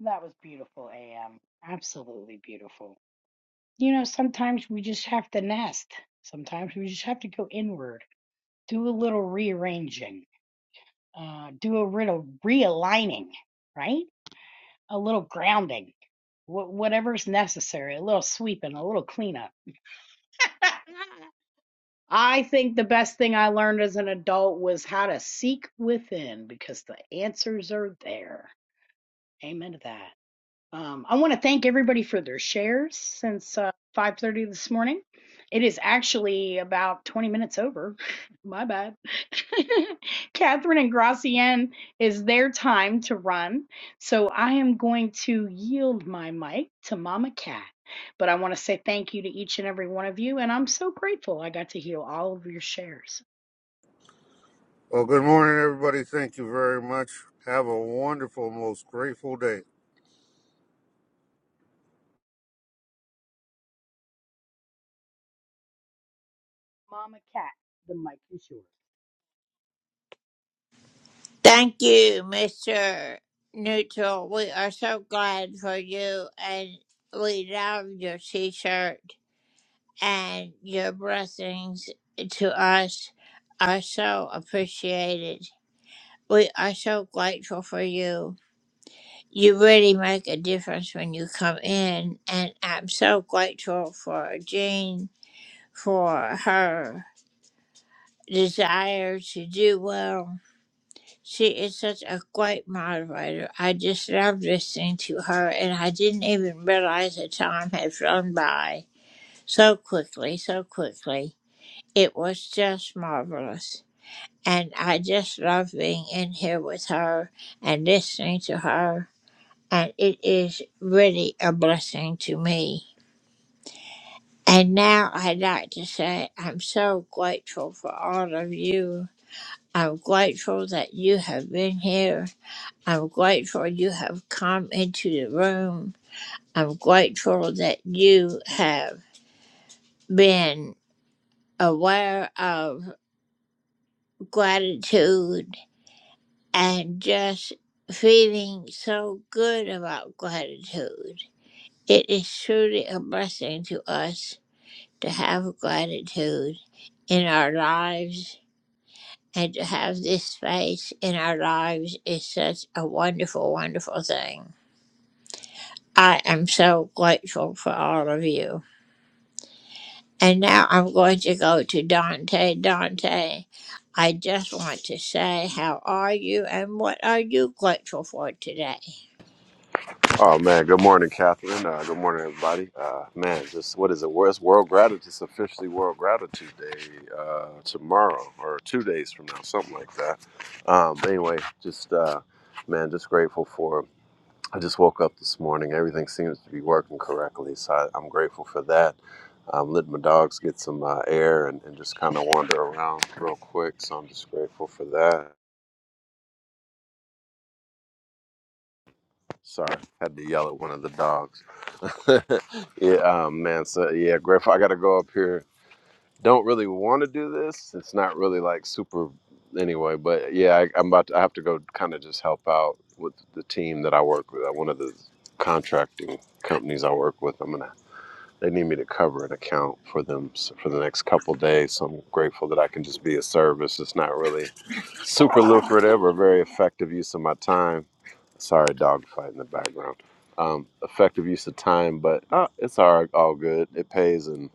That was beautiful, AM. Absolutely beautiful. You know, sometimes we just have to nest. Sometimes we just have to go inward, do a little rearranging, uh, do a little realigning, right? A little grounding, wh- whatever's necessary, a little sweeping, a little cleanup. I think the best thing I learned as an adult was how to seek within because the answers are there. Amen to that. Um, I want to thank everybody for their shares since uh, 5:30 this morning. It is actually about 20 minutes over. My bad. Catherine and Gracienne is their time to run, so I am going to yield my mic to Mama Cat. But I want to say thank you to each and every one of you, and I'm so grateful I got to hear all of your shares.
Well, good morning, everybody. Thank you very much. Have a wonderful, most grateful day.
Mama Cat, the mic is yours.
Thank you, Mr. Neutral. We are so glad for you and we love your t shirt. and your blessings to us are so appreciated. We are so grateful for you. You really make a difference when you come in, and I'm so grateful for Jean for her desire to do well. She is such a great moderator. I just love listening to her, and I didn't even realize the time had flown by so quickly, so quickly. It was just marvelous. And I just love being in here with her and listening to her. And it is really a blessing to me. And now I'd like to say I'm so grateful for all of you. I'm grateful that you have been here. I'm grateful you have come into the room. I'm grateful that you have been aware of gratitude and just feeling so good about gratitude. It is truly a blessing to us to have gratitude in our lives and to have this space in our lives is such a wonderful, wonderful thing. I am so grateful for all of you. And now I'm going to go to Dante. Dante, I just want to say, how are you and what are you grateful for today?
Oh man, good morning, Catherine. Uh, good morning, everybody. Uh, man, just what is it? Wor- It's World Gratitude. It's officially World Gratitude Day uh, tomorrow, or two days from now, something like that. Um, anyway, just uh, man, just grateful for. I just woke up this morning. Everything seems to be working correctly, so I, I'm grateful for that. Um, let my dogs get some uh, air and, and just kind of wander around real quick. So I'm just grateful for that. Sorry, had to yell at one of the dogs. yeah, um, man. So yeah, Griff, I gotta go up here. Don't really want to do this. It's not really like super anyway. But yeah, I, I'm about. To, I have to go kind of just help out with the team that I work with. uh, One of the contracting companies I work with. I'm gonna they need me to cover an account for them for the next couple of days. So I'm grateful that I can just be a service. It's not really super lucrative or very effective use of my time. Sorry, dog fight in the background. Um, effective use of time, but uh, it's all, right, all good. It pays, and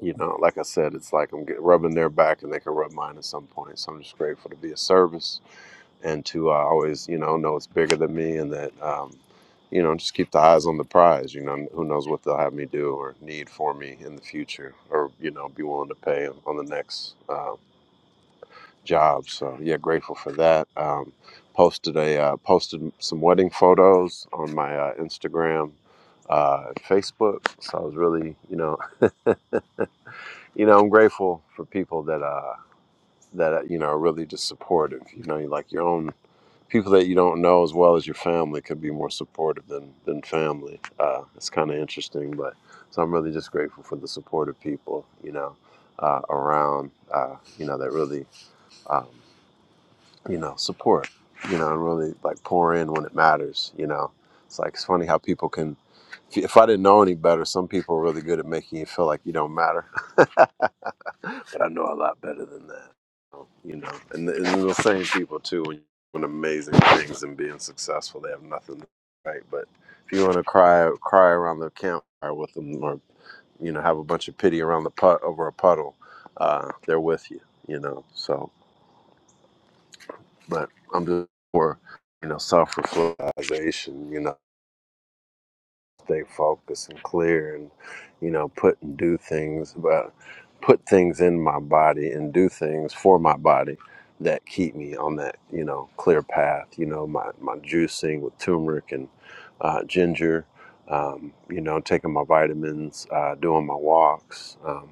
you know, like I said, it's like I'm get, rubbing their back and they can rub mine at some point. So I'm just grateful to be a service and to uh, always, you know, know it's bigger than me and that, um, you know, just keep the eyes on the prize. You know, who knows what they'll have me do or need for me in the future or, you know, be willing to pay on the next uh, job. So, yeah, grateful for that. Um, posted a uh, posted some wedding photos on my uh, Instagram. Uh, Facebook, so I was really, you know, you know, I'm grateful for people that, uh, that uh, you know, are really just supportive. You know, like your own people that you don't know as well as your family could be more supportive than than family. Uh, it's kind of interesting, but so I'm really just grateful for the support of people, you know, uh, around, uh, you know, that really, um, you know, support, you know, and really like pour in when it matters, you know. It's like it's funny how people can. If if I didn't know any better, some people are really good at making you feel like you don't matter. but I know a lot better than that. You know, and, the- and the same people too. When you're doing amazing things and being successful, they have nothing right. But if you want to cry, cry around the campfire with them, or you know, have a bunch of pity around the put over a puddle, uh, they're with you. You know, so. But I'm just for you know self-reflection. You know, stay focused and clear and you know put and do things but put things in my body and do things for my body that keep me on that you know clear path you know my, my juicing with turmeric and uh, ginger um, you know taking my vitamins uh, doing my walks um,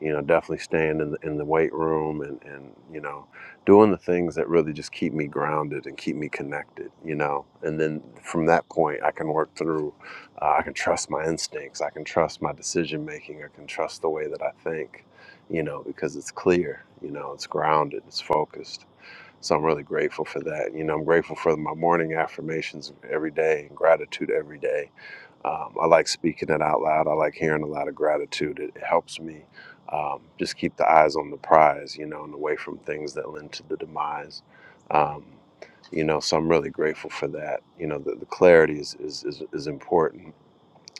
you know definitely staying in the, in the weight room and, and you know doing the things that really just keep me grounded and keep me connected you know and then from that point i can work through uh, I can trust my instincts. I can trust my decision making. I can trust the way that I think, you know, because it's clear, you know, it's grounded, it's focused. So I'm really grateful for that. You know, I'm grateful for my morning affirmations every day and gratitude every day. Um, I like speaking it out loud. I like hearing a lot of gratitude. It, it helps me um, just keep the eyes on the prize, you know, and away from things that lend to the demise. Um, you know, so I'm really grateful for that. You know, the, the clarity is, is, is, is important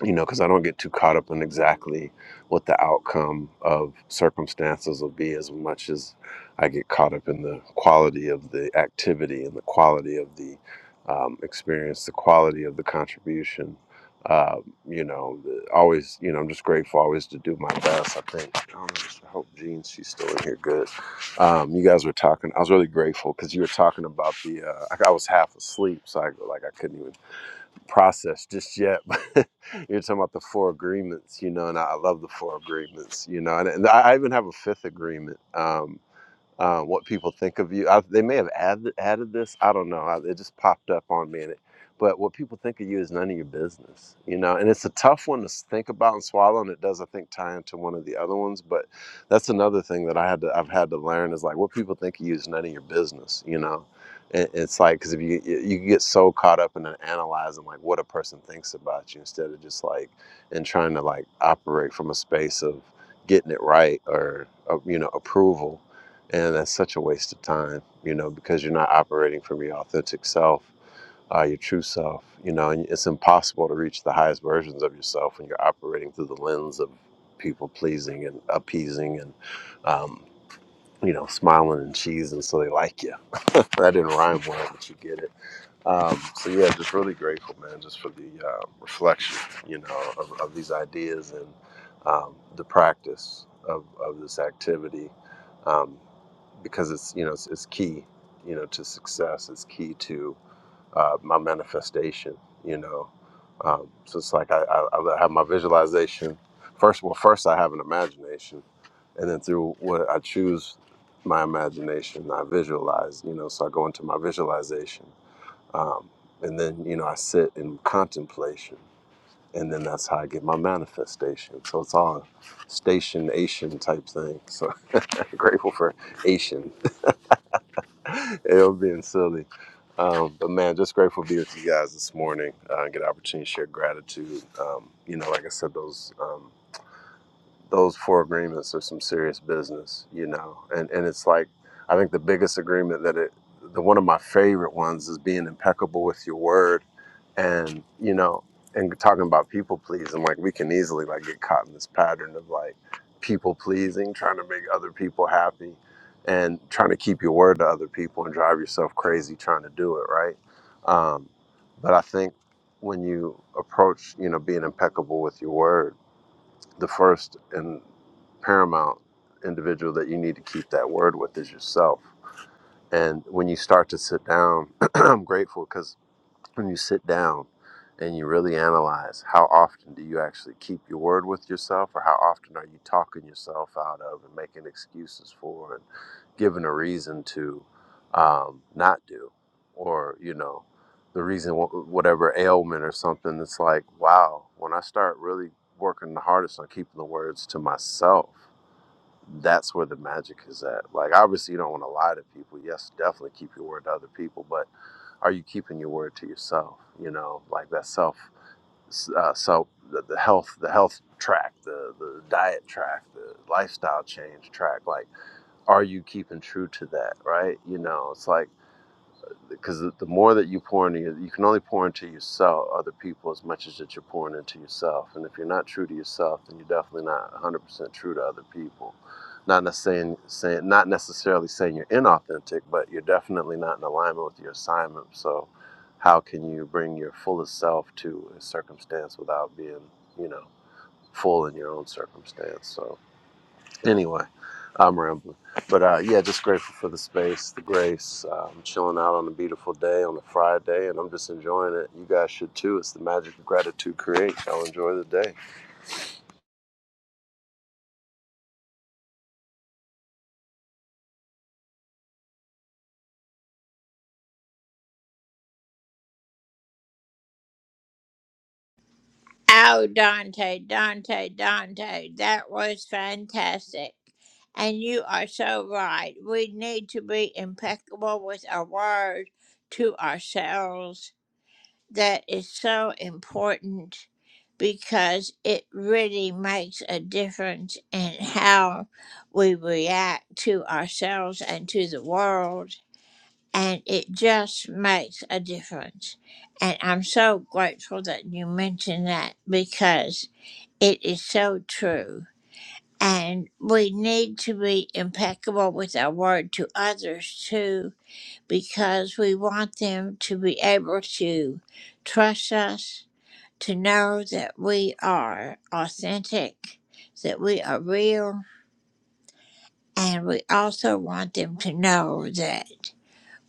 you know, because I don't get too caught up in exactly what the outcome of circumstances will be as much as I get caught up in the quality of the activity and the quality of the um, experience, the quality of the contribution. Uh, you know, the- always, you know, I'm just grateful always to do my best. I think, I, don't know, I hope Jean, she's still in here good. Um, you guys were talking, I was really grateful because you were talking about the, uh, I, I was half asleep, so I, like, I couldn't even process just yet. But you're talking about the four agreements, you know, and I I love the four agreements, you know, and, and I I even have a fifth agreement. Um, uh, what people think of you. I, they may have added added this. I don't know. I, it just popped up on me, and it, but what people think of you is none of your business, you know. And it's a tough one to s- think about and swallow, and it does, I think, tie into one of the other ones. But that's another thing that I had to I've had to learn is like what people think of you is none of your business, you know. And it's like because if you you you get so caught up in analyzing like what a person thinks about you instead of just like and trying to like operate from a space of getting it right or, or you know approval and that's such a waste of time, you know, because you're not operating from your authentic self, uh, your true self, you know, and it's impossible to reach the highest versions of yourself when you're operating through the lens of people pleasing and appeasing and, um, you know, smiling and cheesing so they like you. that didn't rhyme well, but you get it. Um, so yeah, just really grateful, man, just for the uh, reflection, you know, of, of these ideas and um, the practice of, of this activity, um, because it's you know it's, it's key, you know, to success. It's key to uh, my manifestation, you know. Um, so it's like I, I, I have my visualization first. Well, first I have an imagination, and then through what I choose my imagination, I visualize, you know. So I go into my visualization um, and then you know I sit in contemplation, and then that's how I get my manifestation. So it's all stationation type thing. So grateful for Asian, it'll being silly, um, but man, just grateful to be with you guys this morning. Uh, get an opportunity to share gratitude. Um, you know, like I said, those. Um, those four agreements are some serious business, you know. And and it's like I think the biggest agreement that it the one of my favorite ones is being impeccable with your word and you know and talking about people pleasing like we can easily like get caught in this pattern of like people pleasing trying to make other people happy and trying to keep your word to other people and drive yourself crazy trying to do it right um, but i think when you approach you know being impeccable with your word the first and paramount individual that you need to keep that word with is yourself. And when you start to sit down, I'm grateful because when you sit down and you really analyze how often do you actually keep your word with yourself or how often are you talking yourself out of and making excuses for and giving a reason to um, not do or you know the reason wh- whatever ailment or something it's like wow when i start really working the hardest on keeping the words to myself that's where the magic is at. Like, obviously, you don't want to lie to people. Yes, definitely keep your word to other people, but are you keeping your word to yourself? You know, like that self, uh, self, the, the health, the health track, the the diet track, the lifestyle change track. Like, are you keeping true to that? Right? You know, it's like because the more that you pour into your, you can only pour into yourself, other people, as much as that you're pouring into yourself. And if you're not true to yourself, then you're definitely not 100% true to other people. Not necessarily saying, not necessarily saying you're inauthentic, but you're definitely not in alignment with your assignment. So, how can you bring your fullest self to a circumstance without being, you know, full in your own circumstance? So. Anyway, I'm rambling. But uh, yeah, just grateful for the space, the grace. Uh, I'm chilling out on a beautiful day on a Friday, and I'm just enjoying it. You guys should too. It's the magic of gratitude creates. Y'all enjoy the day.
Oh, Dante, Dante, Dante, that was fantastic. And you are so right. We need to be impeccable with our word to ourselves. That is so important because it really makes a difference in how we react to ourselves and to the world. And it just makes a difference. And I'm so grateful that you mentioned that because it is so true. And we need to be impeccable with our word to others too, because we want them to be able to trust us, to know that we are authentic, that we are real. And we also want them to know that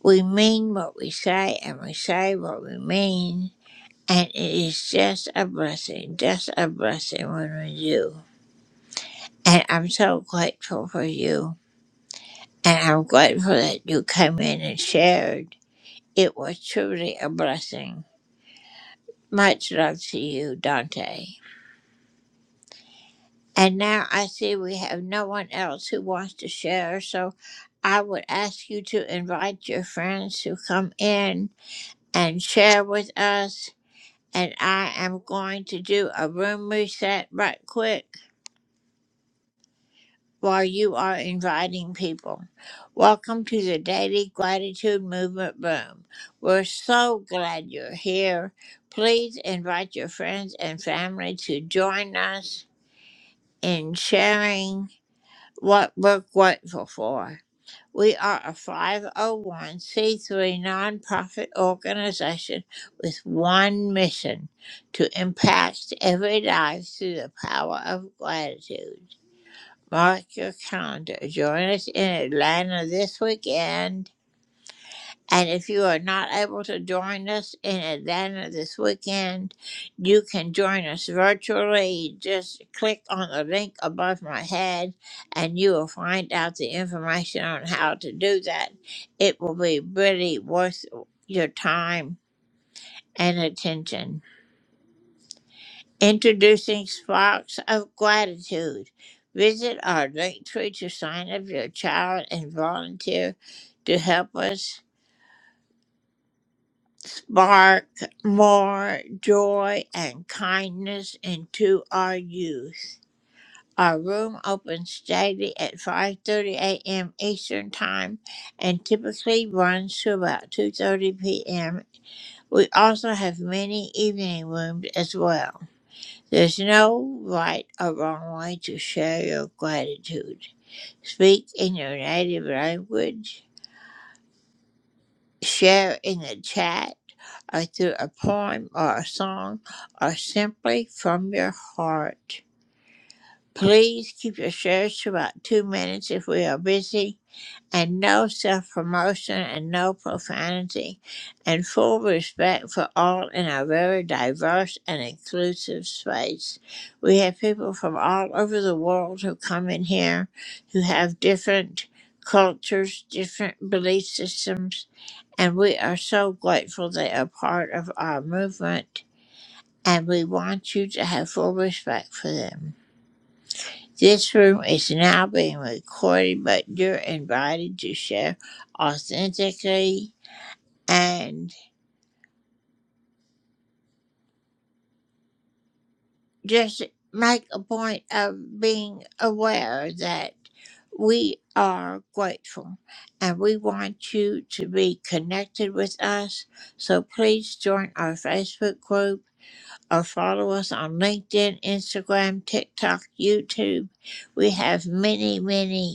we mean what we say and we say what we mean. And it is just a blessing, just a blessing when we do. And I'm so grateful for you. And I'm grateful that you came in and shared. It was truly a blessing. Much love to you, Dante. And now I see we have no one else who wants to share, so I would ask you to invite your friends to come in and share with us. And I am going to do a room reset right quick. while you are inviting people. Welcome to the Daily Gratitude Movement Room. We're so glad you're here. Please invite your friends and family to join us in sharing what we're grateful for. We are a 501c3 nonprofit organization with one mission to impact every life through the power of gratitude. Mark your calendar. Join us in Atlanta this weekend. And if you are not able to join us in Atlanta this weekend, you can join us virtually. Just click on the link above my head and you will find out the information on how to do that. It will be really worth your time and attention. Introducing Sparks of Gratitude. Visit our link tree to sign up your child and volunteer to help us spark more joy and kindness into our youth. Our room opens daily at 5:30 a.m. Eastern Time and typically runs to about 2:30 p.m. We also have many evening rooms as well. There's no right or wrong way to share your gratitude. Speak in your native language, share in the chat, or through a poem or a song, or simply from your heart. Please keep your shares to about two minutes if we are busy and no self promotion and no profanity, and full respect for all in a very diverse and inclusive space. We have people from all over the world who come in here who have different cultures, different belief systems, and we are so grateful they are part of our movement, and we want you to have full respect for them. This room is now being recorded, but you're invited to share authentically and just make a point of being aware that we are grateful and we want you to be connected with us. So please join our Facebook group or follow us on LinkedIn, Instagram, TikTok, YouTube. We have many, many.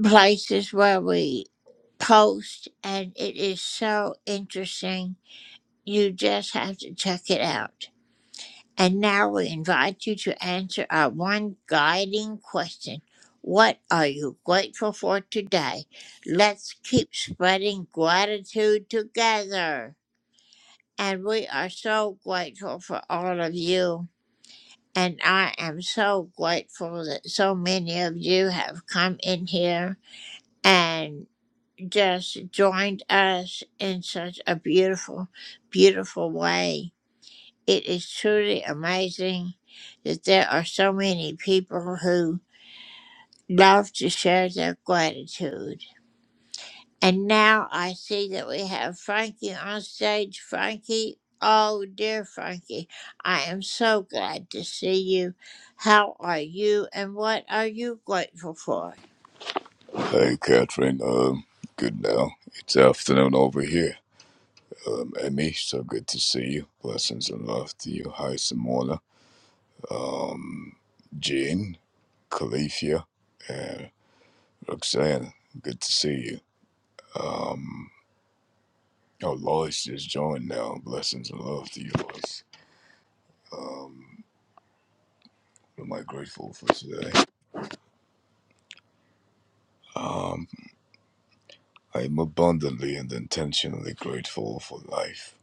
places where we post, and it is so interesting. You just have to check it out. And now we invite you to answer our one guiding question What are you grateful for today? Let's keep spreading gratitude together. And we are so grateful for all of you. And I am so grateful that so many of you have come in here and. just joined us in such a beautiful, beautiful way. It is truly amazing that there are so many people who love to share their gratitude. And now I see that we have Frankie on stage. Frankie, oh dear Frankie, I am so glad to see you. How are you and what are you grateful for?
Hey, Catherine. Um, good now. It's afternoon over here. Um, Emmy, so good to see you. Blessings and love to you. Hi, Simona. Um, Jean, Califia, and Roxanne. Good to see you. Um, oh, Lois just joined now. Blessings and love to you, Lois. Um, what am I grateful for today? Um, I'm abundantly and intentionally grateful for life,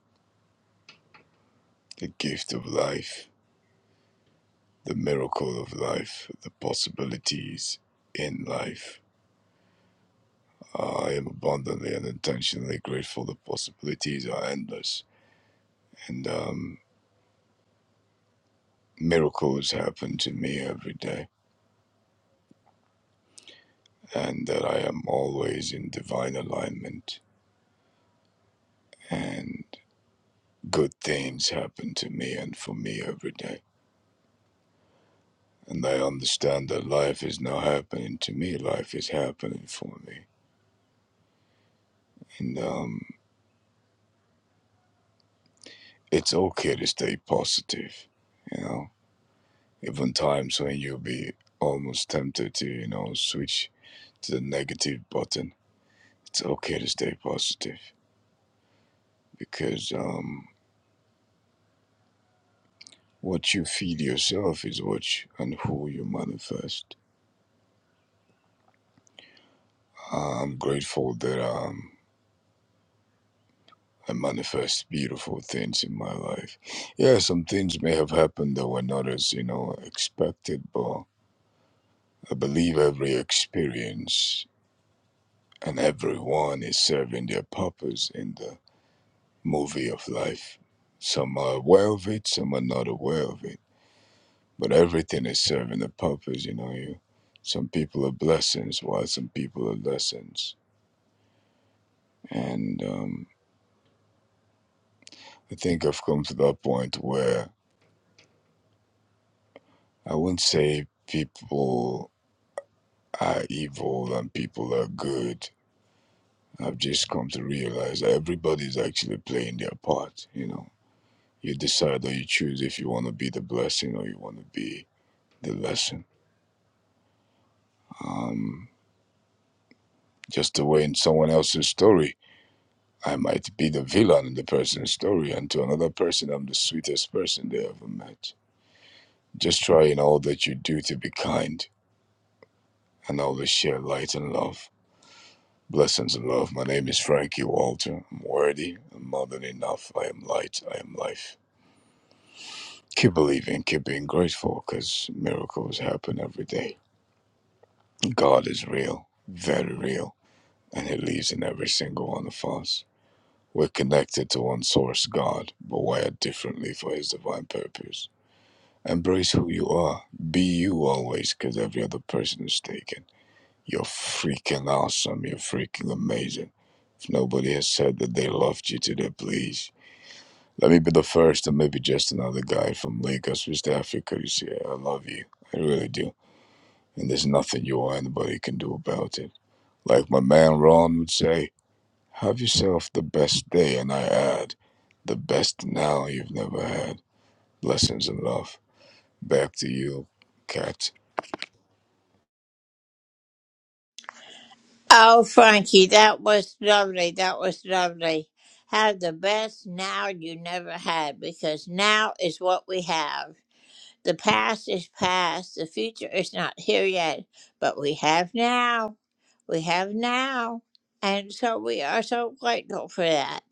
the gift of life the miracle of life, the possibilities in life. I am abundantly and intentionally grateful. The possibilities are endless, and um, miracles happen to me every day, and that I am always in divine alignment, and good things happen to me and for me every day. And I understand that life is not happening to me, life is happening for me. And um, it's okay to stay positive, you know even times when you'll be almost tempted to, you know, switch to the negative button, it's okay to stay positive because um, what you feed yourself is what you, and who you manifest. I'm grateful that um, I manifest beautiful things in my life. Yeah, some things may have happened that were not as, you know, expected, but I believe every experience and everyone is serving their purpose in the movie of life. Some are aware of it, some are not aware of it. But everything is serving a purpose, you know. You, some people are blessings, while some people are lessons. And um, I think I've come to that point where I wouldn't say people are evil and people are good. I've just come to realize that everybody's actually playing their part, you know. You decide or you choose if you want to be the blessing or you want to be the lesson. Um, just the way in someone else's story I might be the villain in the person's story, and to another person, I'm the sweetest person they ever met. Just try in all that you do to be kind and always share light and love. Blessings and love. My name is Frankie Walter. I'm worthy. I'm more than enough. I am light. I am life. Keep believing. Keep being grateful because miracles happen every day. God is real, very real, and He lives in every single one of us. We're connected to one source, God, but wired differently for His divine purpose. Embrace who you are. Be you always, because every other person is taken. You're freaking awesome. You're freaking amazing. If nobody has said that they loved you today, please. Let me be the first and maybe just another guy from Lagos, West Africa, to say, I love you. I really do. And there's nothing you or anybody can do about it. Like my man Ron would say, have yourself the best day, and I add, the best now you've never had. Blessings and love. Back to you, Cat.
Oh, Frankie, that was lovely. That was lovely. Have the best now you never had because now is what we have. The past is past. The future is not here yet, but we have now. We have now. And so we are so grateful for that.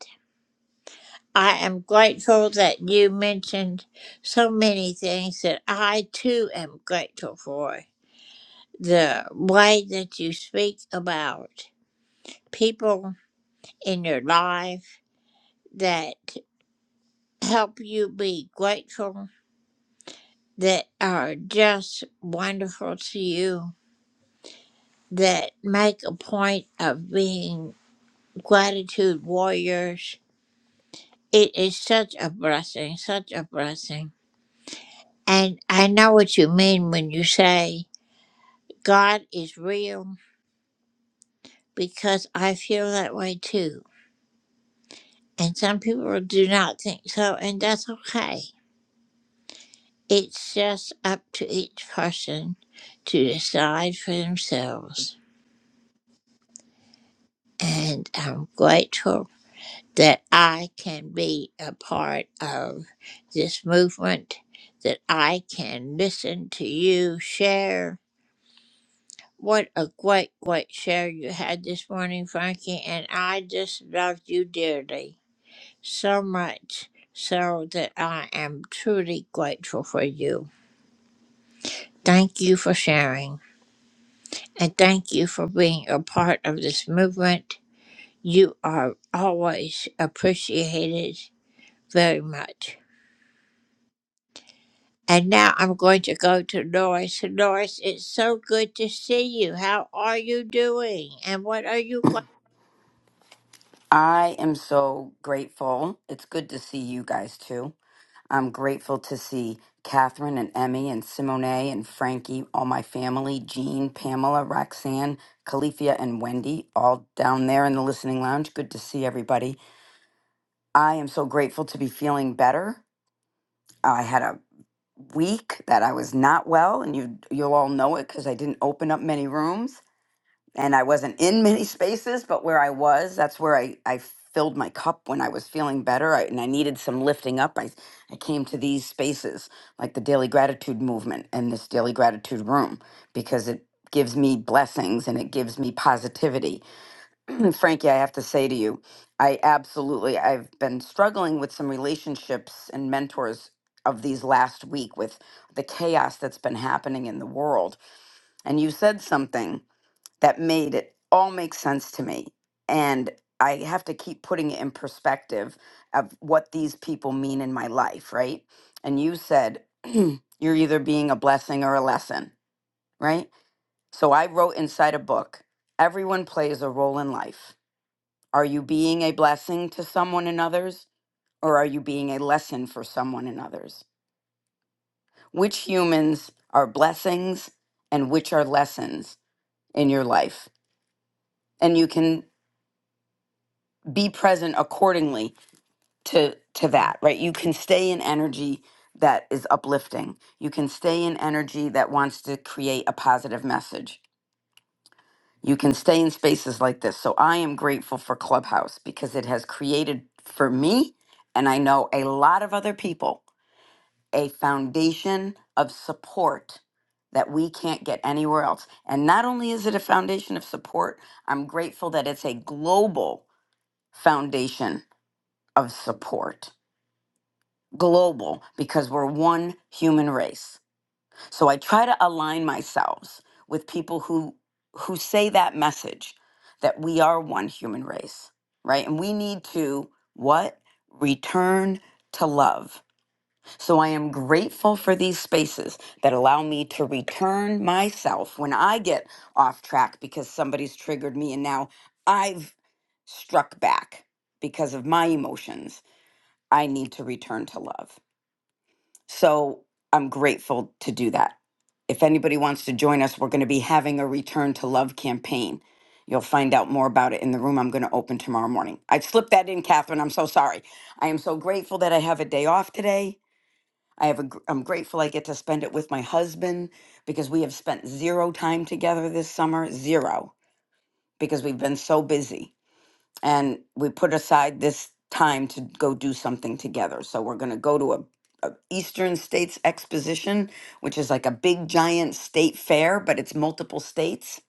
I am grateful that you mentioned so many things that I too am grateful for. The way that you speak about people in your life that help you be grateful, that are just wonderful to you, that make a point of being gratitude warriors. It is such a blessing, such a blessing. And I know what you mean when you say God is real because I feel that way too. And some people do not think so, and that's okay. It's just up to each person to decide for themselves. And I'm grateful that I can be a part of this movement, that I can listen to you share. What a great, great share you had this morning, Frankie. And I just loved you dearly so much so that I am truly grateful for you. Thank you for sharing. and thank you for being a part of this movement. You are always appreciated very much. And now I'm going to go to Doris. Doris, it's so good to see you. How are you doing? And what are you going?
I am so grateful. It's good to see you guys too. I'm grateful to see Catherine and Emmy and Simone and Frankie, all my family, Jean, Pamela, Roxanne, Califia, and Wendy, all down there in the listening lounge. Good to see everybody. I am so grateful to be feeling better. I had a week that I was not well, and you you'll all know it because I didn't open up many rooms and I wasn't in many spaces, but where I was, that's where I, I filled my cup when I was feeling better I, and I needed some lifting up. I, I came to these spaces like the Daily Gratitude Movement and this Daily Gratitude Room because it gives me blessings and it gives me positivity. Frankie, I have to say to you, I absolutely, I've been struggling with some relationships and mentors of these last week with the chaos that's been happening in the world. And you said something that made it all make sense to me. And I have to keep putting it in perspective of what these people mean in my life, right? And you said, you're either being a blessing or a lesson, right? So I wrote inside a book, everyone plays a role in life. Are you being a blessing to someone and others, or are you being a lesson for someone and others? Which humans are blessings and which are lessons in your life? And you can be present accordingly to to that right you can stay in energy that is uplifting you can stay in energy that wants to create a positive message you can stay in spaces like this so i am grateful for clubhouse because it has created for me and i know a lot of other people a foundation of support that we can't get anywhere else and not only is it a foundation of support i'm grateful that it's a global foundation of support global because we're one human race. So I try to align myself with people who who say that message that we are one human race, right? And we need to what? Return to love. So I am grateful for these spaces that allow me to return myself when I get off track because somebody's triggered me and now I've struck back because of my emotions. I need to return to love. So I'm grateful to do that. If anybody wants to join us, we're going to be having a Return to Love campaign. You'll find out more about it in the room I'm going to open tomorrow morning. I slipped that in, Catherine. I'm so sorry. I am so grateful that I have a day off today. I have a, gr- I'm grateful I get to spend it with my husband because we have spent zero time together this summer, zero, because we've been so busy and we put aside this time to go do something together. So we're going to go to a, a Eastern States Exposition, which is like a big giant state fair, but it's multiple states,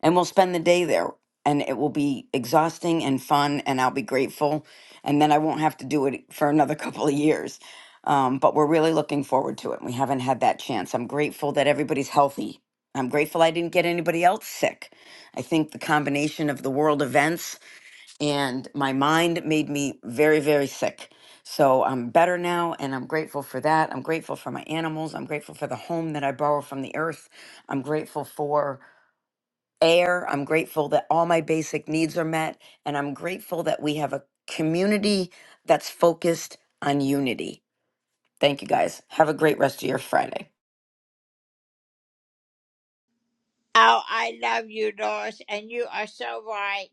and we'll spend the day there. And it will be exhausting and fun, and I'll be grateful. And then I won't have to do it for another couple of years. Um, but we're really looking forward to it. We haven't had that chance. I'm grateful that everybody's healthy. I'm grateful I didn't get anybody else sick. I think the combination of the world events and my mind made me very, very sick. So I'm better now, and I'm grateful for that. I'm grateful for my animals. I'm grateful for the home that I borrow from the earth. I'm grateful for air. I'm grateful that all my basic needs are met. And I'm grateful that we have a community that's focused on unity. Thank you guys. Have a great rest of your Friday.
Oh, I love you, Doris, and you are so right.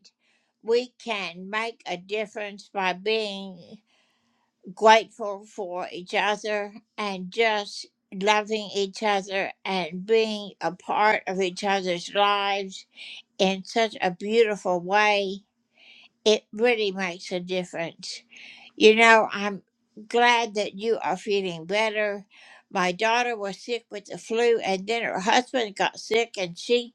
We can make a difference by being grateful for each other and just loving each other and being a part of each other's lives in such a beautiful way. It really makes a difference. You know, I'm glad that you are feeling better. My daughter was sick with the flu, and then her husband got sick, and she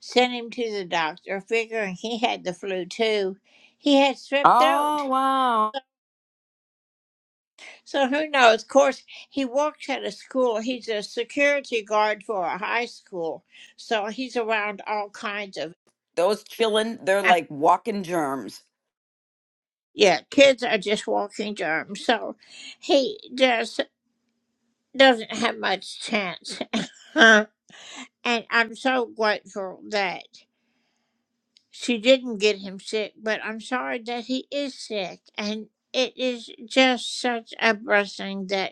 sent him to the doctor, figuring he had the flu too. He had strep throat.
Oh, wow.
So who knows? Of course, he works at a school. He's a security guard for a high school, so he's around all kinds of.
Those chillin', they're
ah,
like walking germs.
Yeah, kids are just walking germs, so he just doesn't have much chance. and I'm so grateful that she didn't get him sick, but I'm sorry that he is sick. And it is just such a blessing that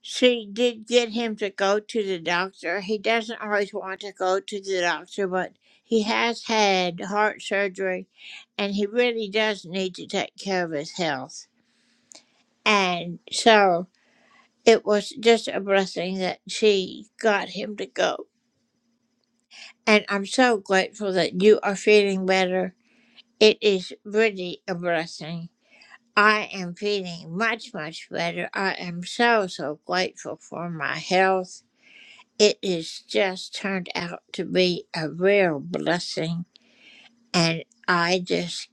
She did get him to go to the doctor. He doesn't always want to go to the doctor, but he has had heart surgery and he really does need to take care of his health. And so it was just a blessing that she got him to go. And I'm so grateful that you are feeling better. It is really a blessing. I am feeling much, much better. I am so, so grateful for my health. It has just turned out to be a real blessing, and I just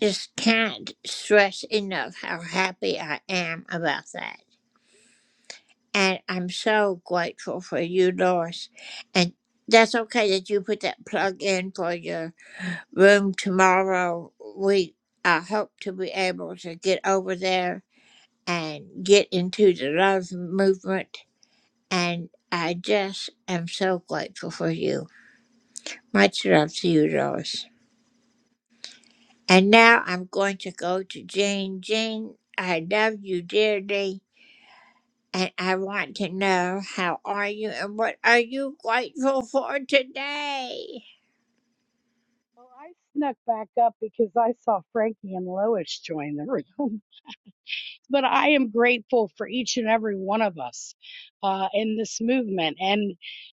just can't stress enough how happy I am about that. And I'm so grateful for you, Doris. And that's okay that you put that plug in for your room tomorrow. We I hope to be able to get over there and get into the love movement. And I just am so grateful for you. Much love to you, Lois. And now I'm going to go to Jane. Jane, I love you dearly, and I want to know how are you and what are you grateful for today?
Well, I snuck back up because I saw Frankie and Lois join the room. but I am grateful for each and every one of us uh, in this movement. And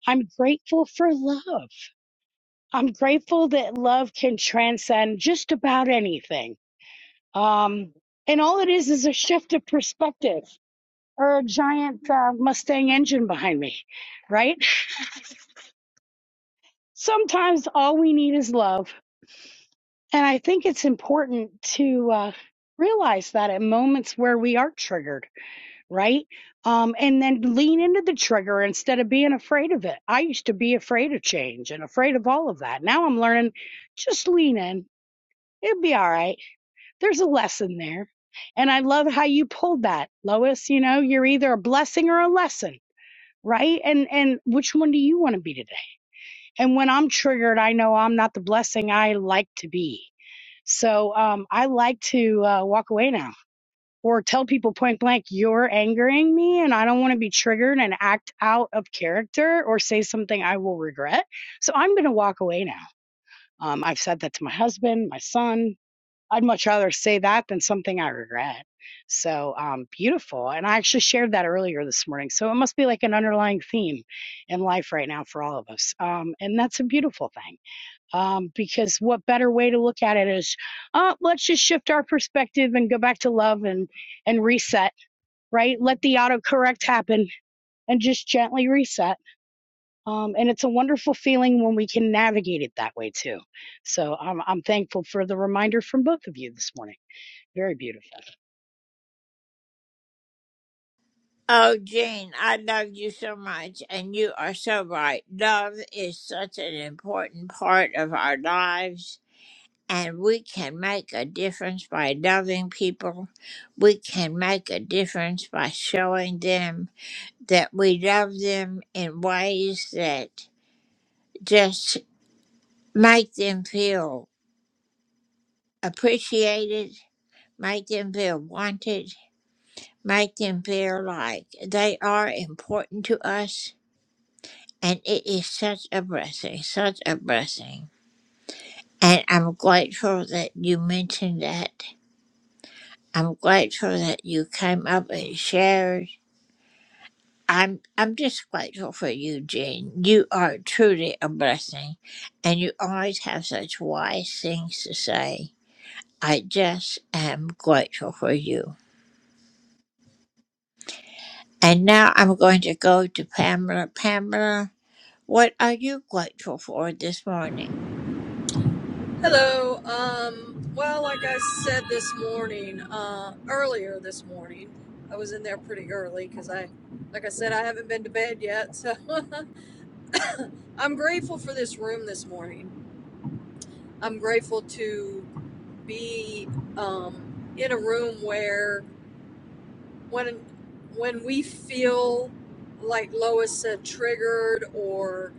I'm grateful for love. I'm grateful that love can transcend just about anything. Um, and all it is is a shift of perspective or a giant uh, Mustang engine behind me, right? Sometimes all we need is love. And I think it's important to uh, realize that at moments where we are triggered right? Um, and then lean into the trigger instead of being afraid of it. I used to be afraid of change and afraid of all of that. Now I'm learning just lean in. It'll be all right. There's a lesson there. And I love how you pulled that, Lois. You know, you're either a blessing or a lesson, right? And and which one do you want to be today? And when I'm triggered, I know I'm not the blessing I like to be. So um, I like to uh, walk away now or tell people point blank, you're angering me and I don't want to be triggered and act out of character or say something I will regret. So I'm going to walk away now. Um, I've said that to my husband, my son. I'd much rather say that than something I regret. So um, beautiful. And I actually shared that earlier this morning. So it must be like an underlying theme in life right now for all of us. Um, and that's a beautiful thing um, because what better way to look at it is uh, let's just shift our perspective and go back to love and and reset right? Let the autocorrect happen and just gently reset. Um, and it's a wonderful feeling when we can navigate it that way too. So I'm, I'm thankful for the reminder from both of you this morning. Very beautiful.
Oh, Jane, I love you so much, and you are so right. Love is such an important part of our lives, and we can make a difference by loving people. We can make a difference by showing them. that we love them in ways that just make them feel appreciated, make them feel wanted, make them feel like they are important to us. And it is such a blessing, such a blessing. And I'm grateful that you mentioned that. I'm grateful that you came up and shared I'm I'm just grateful for you, Jean. You are truly a blessing, and you always have such wise things to say. I just am grateful for you. And now I'm going to go to Pamela. Pamela, what are you grateful for this morning?
Hello. Um, well, like I said this morning, uh, earlier this morning, I was in there pretty early because I, like I said, I haven't been to bed yet. So I'm grateful for this room this morning. I'm grateful to be um, in a room where when when we feel like Lois said triggered or.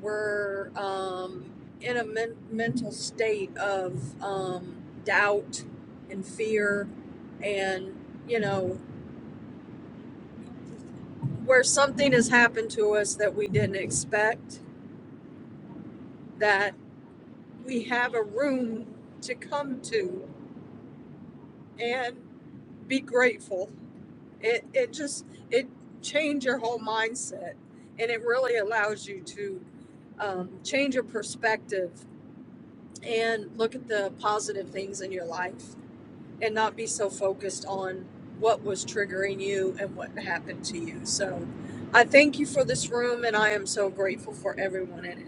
were um, in a men- mental state of um, doubt and fear, and you know, where something has happened to us that we didn't expect, that we have a room to come to and be grateful. It, it just it change your whole mindset and it really allows you to um, change your perspective and look at the positive things in your life and not be so focused on what was triggering you and what happened to you. So I thank you for this room and I am so grateful for everyone in it.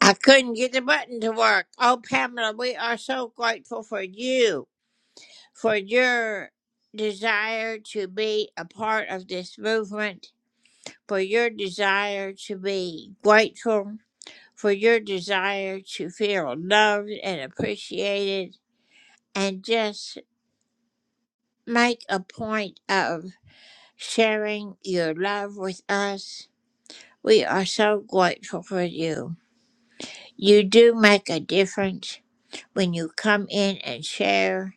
I couldn't get the button to work. Oh, Pamela, we are so grateful for you, for your desire to be a part of this movement for your desire to be grateful, for your desire to feel loved and appreciated, and just make a point of sharing your love with us. We are so grateful for you. You do make a difference when you come in and share,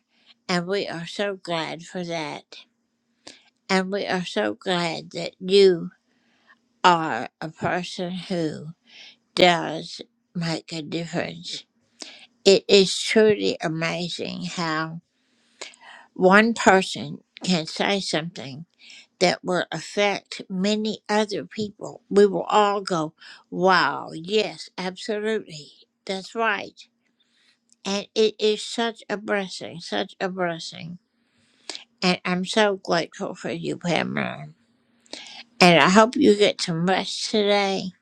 and we are so glad for that. And we are so glad that you are a person who does make a difference. It is truly amazing how one person can say something that will affect many other people. We will all go, wow, yes, absolutely. That's right. And it is such a blessing, such a blessing. And I'm so grateful for you, Pamela. And I hope you get some rest today.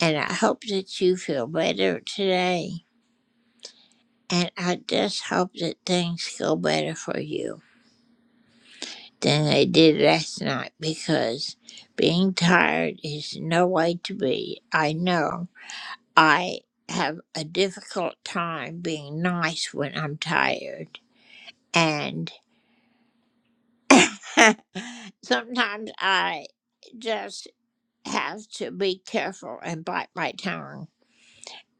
And I hope that you feel better today. And I just hope that things go better for you. than I did last night because being tired is no way to be. I know I have a difficult time being nice when I'm tired, and sometimes I just have to be careful and bite my tongue.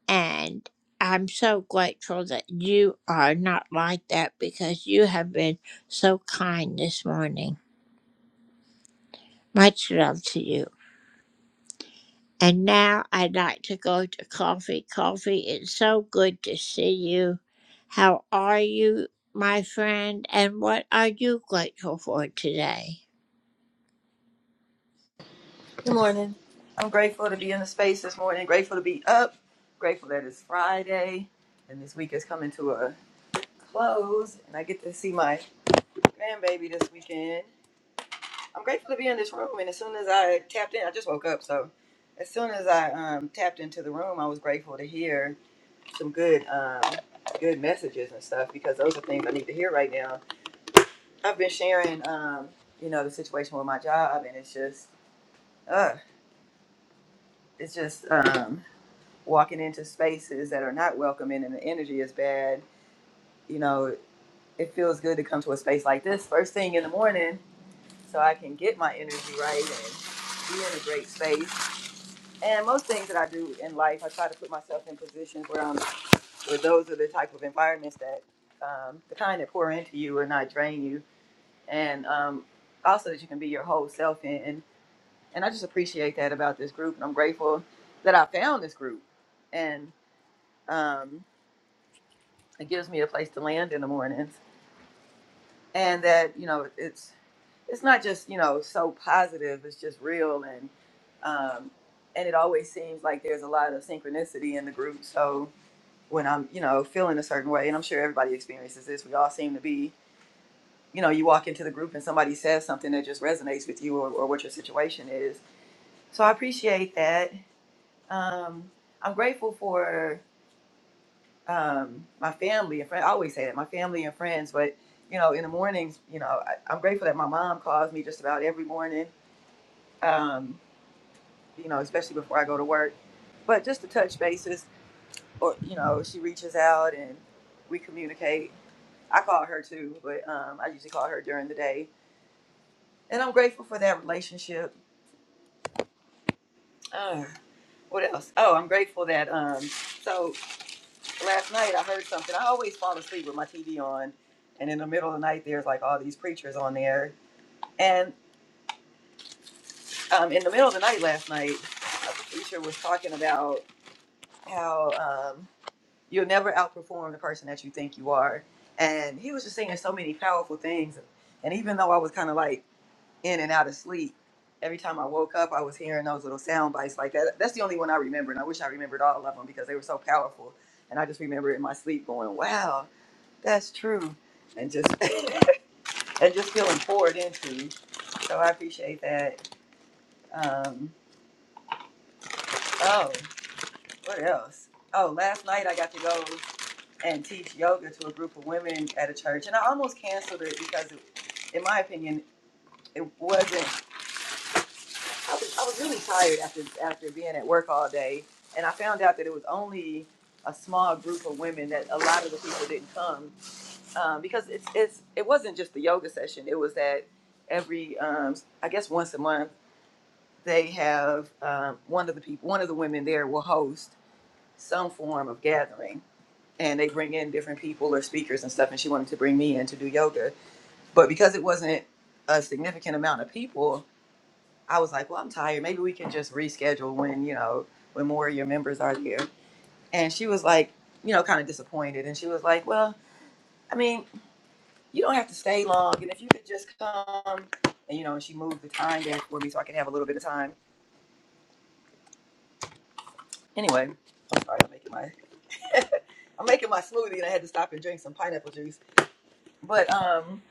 And I'm so grateful that you are not like that because you have been so kind this morning. Much love to you. And now I'd like to go to coffee. Coffee, it's so good to see you. How are you, my friend? And what are you grateful for today?
Good morning. I'm grateful to be in the space this morning, grateful to be up, grateful that it's Friday and this week is coming to a close and I get to see my grandbaby this weekend. I'm grateful to be in this room and as soon as I tapped in, I just woke up, so as soon as I um, tapped into the room, I was grateful to hear some good um, good messages and stuff because those are things I need to hear right now. I've been sharing um, you know, the situation with my job and it's just uh, it's just um walking into spaces that are not welcoming and the energy is bad, you know, it feels good to come to a space like this first thing in the morning so I can get my energy right and be in a great space. And most things that I do in life, I try to put myself in positions where I'm, where those are the type of environments that, um, the kind that pour into you and not drain you. And um, also that you can be your whole self in. And, and I just appreciate that about this group. And I'm grateful that I found this group. And, um, it gives me a place to land in the mornings and that you know it's it's not just you know so positive it's just real and um and it always seems like there's a lot of synchronicity in the group so when i'm you know feeling a certain way and i'm sure everybody experiences this we all seem to be you know you walk into the group and somebody says something that just resonates with you or, or what your situation is so i appreciate that um i'm grateful for um, my family and friends. I always say that my family and friends, but you know, in the mornings, you know, I, I'm grateful that my mom calls me just about every morning, um, you know, especially before I go to work. But just to touch bases, or you know, she reaches out and we communicate. I call her too, but um, I usually call her during the day, and I'm grateful for that relationship. Uh, what else? Oh, I'm grateful that um, so last night I heard something. I always fall asleep with my TV on, and in the middle of the night, there's like all these preachers on there. And um, in the middle of the night last night, a preacher was talking about how um, you'll never outperform the person that you think you are. And he was just saying so many powerful things. And even though I was kind of like in and out of sleep, every time I woke up, I was hearing those little sound bites like that. That's the only one I remember. And I wish I remembered all of them because they were so powerful. And I just remember in my sleep going, wow, That's true. And just and just feeling poured into. So I appreciate that. Um, oh, what else? Oh, last night I got to go and teach yoga to a group of women at a church, and I almost canceled it because, it, in my opinion, it wasn't. I was, I was really tired after after being at work all day, and I found out that it was only a small group of women that a lot of the people didn't come. um, because it's it's it wasn't just the yoga session. It was that every um, I guess once a month they have um, one of the people, one of the women there will host some form of gathering, and they bring in different people or speakers and stuff. And she wanted to bring me in to do yoga, but because it wasn't a significant amount of people, I was like, well, I'm tired. Maybe we can just reschedule when you know when more of your members are there. And she was like, you know, kind of disappointed, and she was like, well. I mean, you don't have to stay long. And if you could just come, and you know, and she moved the time down for me so I can have a little bit of time. Anyway, I'm sorry, I'm making my I'm making my smoothie, and I had to stop and drink some pineapple juice. But um,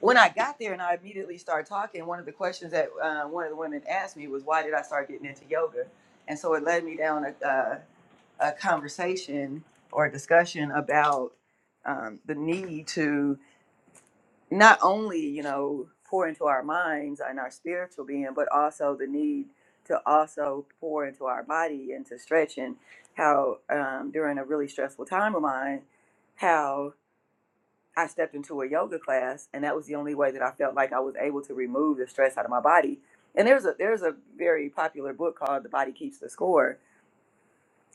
when I got there and I immediately started talking, one of the questions that uh, one of the women asked me was, "Why did I start getting into yoga?" And so it led me down a a, a conversation or a discussion about um, the need to not only you know pour into our minds and our spiritual being but also the need to also pour into our body and to stretch and how um, during a really stressful time of mine how i stepped into a yoga class and that was the only way that i felt like i was able to remove the stress out of my body and there's a there's a very popular book called the body keeps the score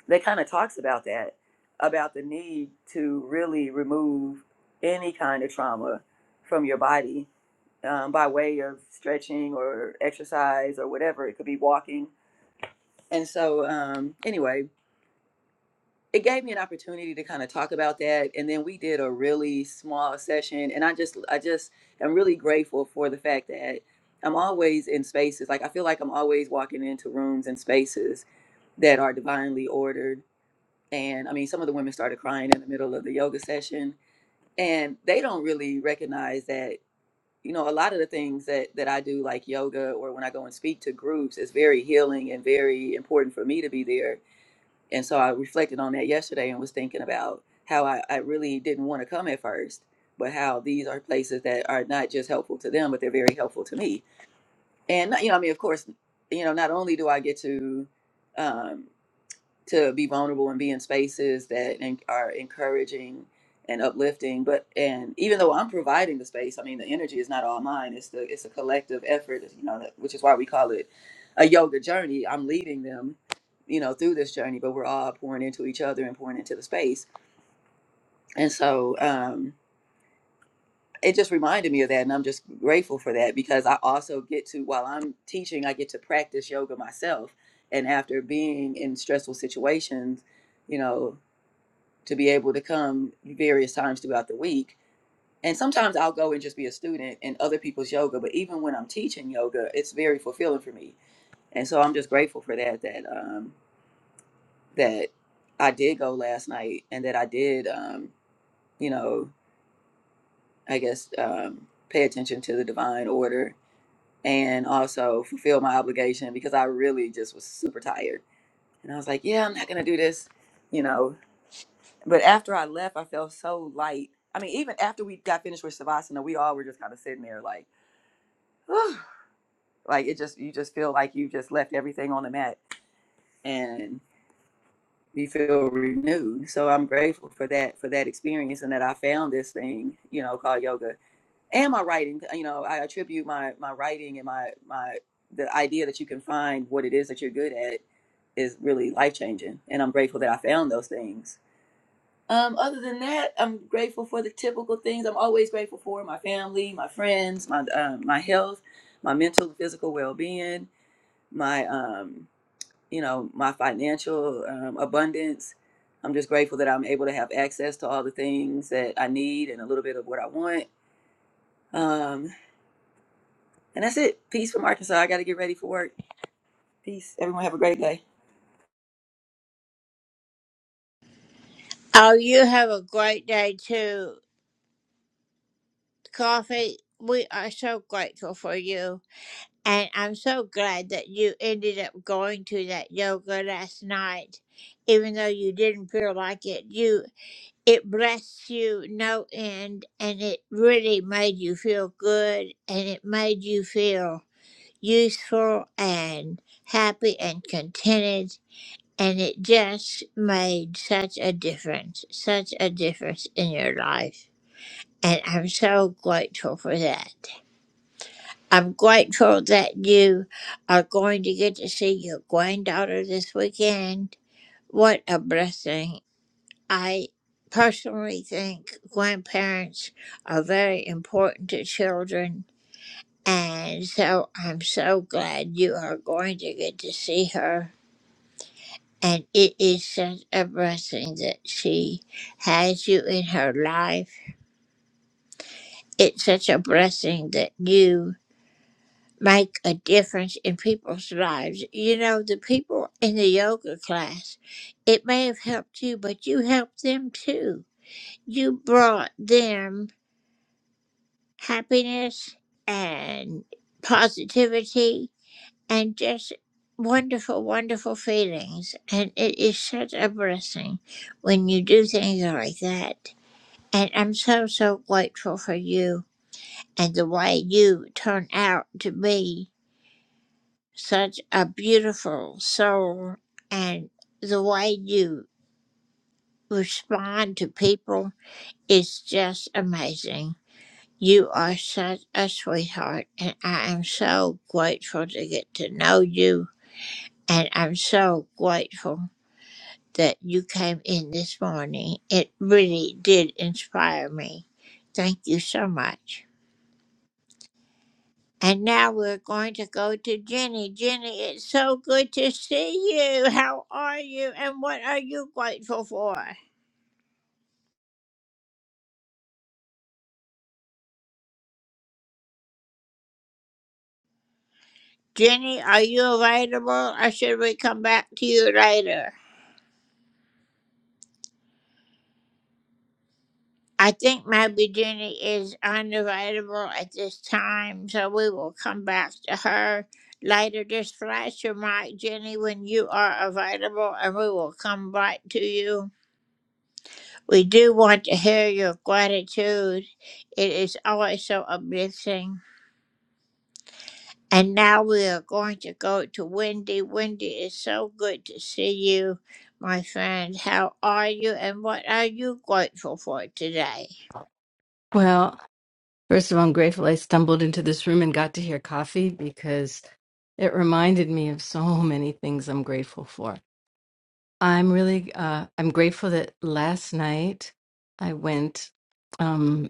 that kind of talks about that about the need to really remove any kind of trauma from your body um, by way of stretching or exercise or whatever. It could be walking. And so, um, anyway, it gave me an opportunity to kind of talk about that. And then we did a really small session. And I just, I just am really grateful for the fact that I'm always in spaces. Like, I feel like I'm always walking into rooms and spaces that are divinely ordered. And I mean, some of the women started crying in the middle of the yoga session. And they don't really recognize that you know a lot of the things that that i do like yoga or when i go and speak to groups is very healing and very important for me to be there and so i reflected on that yesterday and was thinking about how i, I really didn't want to come at first but how these are places that are not just helpful to them but they're very helpful to me and you know i mean of course you know not only do i get to um, to be vulnerable and be in spaces that en- are encouraging and uplifting but and even though i'm providing the space i mean the energy is not all mine it's the it's a collective effort you know that- which is why we call it a yoga journey i'm leading them you know through this journey but we're all pouring into each other and pouring into the space and so um it just reminded me of that and i'm just grateful for that because i also get to while i'm teaching i get to practice yoga myself and after being in stressful situations you know to be able to come various times throughout the week. And sometimes I'll go and just be a student in other people's yoga, but even when I'm teaching yoga, it's very fulfilling for me. And so I'm just grateful for that that um that I did go last night and that I did um, you know, I guess um pay attention to the divine order and also fulfill my obligation because I really just was super tired. And I was like, yeah, I'm not going to do this, you know, but after I left, I felt so light. I mean, even after we got finished with Savasana, we all were just kind of sitting there like, whew, like it just, you just feel like you just left everything on the mat and you feel renewed. So I'm grateful for that, for that experience and that I found this thing, you know, called yoga and my writing. uh, You know, I attribute my, my writing and my, my, the idea that you can find what it is that you're good at is really life changing. And I'm grateful that I found those things Um, other than that, I'm grateful for the typical things I'm always grateful for my family, my friends, my um, my health, my mental and physical well being, my um, you know, my financial um, abundance. I'm just grateful that I'm able to have access to all the things that I need and a little bit of what I want. Um, and that's it. Peace from Arkansas. I got to get ready for work. Peace. Everyone have a great day.
Oh, you have a great day too. Coffee, we are so grateful for you. And I'm so glad that you ended up going to that yoga last night. Even though you didn't feel like it, you it blessed you no end and it really made you feel good and it made you feel useful and happy and contented and it just made such a difference such a difference in your life and i'm so grateful for that i'm grateful that you are going to get to see your granddaughter this weekend what a blessing I personally think grandparents are very important to children. And so I'm so glad you are going to get to see her. And it is such a blessing that she has you in her life. It's such a blessing that you make a difference in people's lives. You know, the people in the yoga class, it may have helped you, but you helped them too. You brought them happiness and positivity and just wonderful, wonderful feelings. And it is such a blessing when you do things like that. And I'm so, so grateful for you and the way you turn out to be such a beautiful soul and the way you respond to people is just amazing. You are such a sweetheart, and I am so grateful to get to know you. And I'm so grateful that you came in this morning. It really did inspire me. Thank you so much. And now we're going to go to Jenny. Jenny, it's so good to see you. How are you, and what are you grateful for? Jenny, are you available, or should we come back to you later? I think my Virginia is unavailable at this time, so we will come back to her later. Just flash your mic, Jenny, when you are available, and we will come right to you. We do want to hear your gratitude. It is always so uplifting. And now we are going to go to Wendy. Wendy, it's so good to see you, my friend. How are you, and what are you grateful for today?
Well, first of all, I'm grateful I stumbled into this room and got to hear coffee because it reminded me of so many things I'm grateful for. I'm really uh, I'm grateful that last night I went um,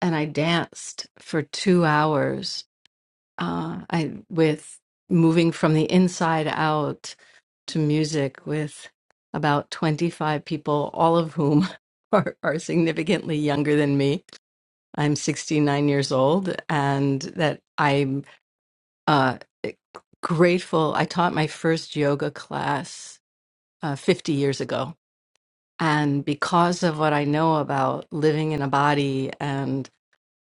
and I danced for two hours. Uh, I with moving from the inside out to music with about 25 people, all of whom are, are significantly younger than me I'm 69 years old and that I'm uh, grateful. I taught my first yoga class uh, 50 years ago. And because of what I know about living in a body and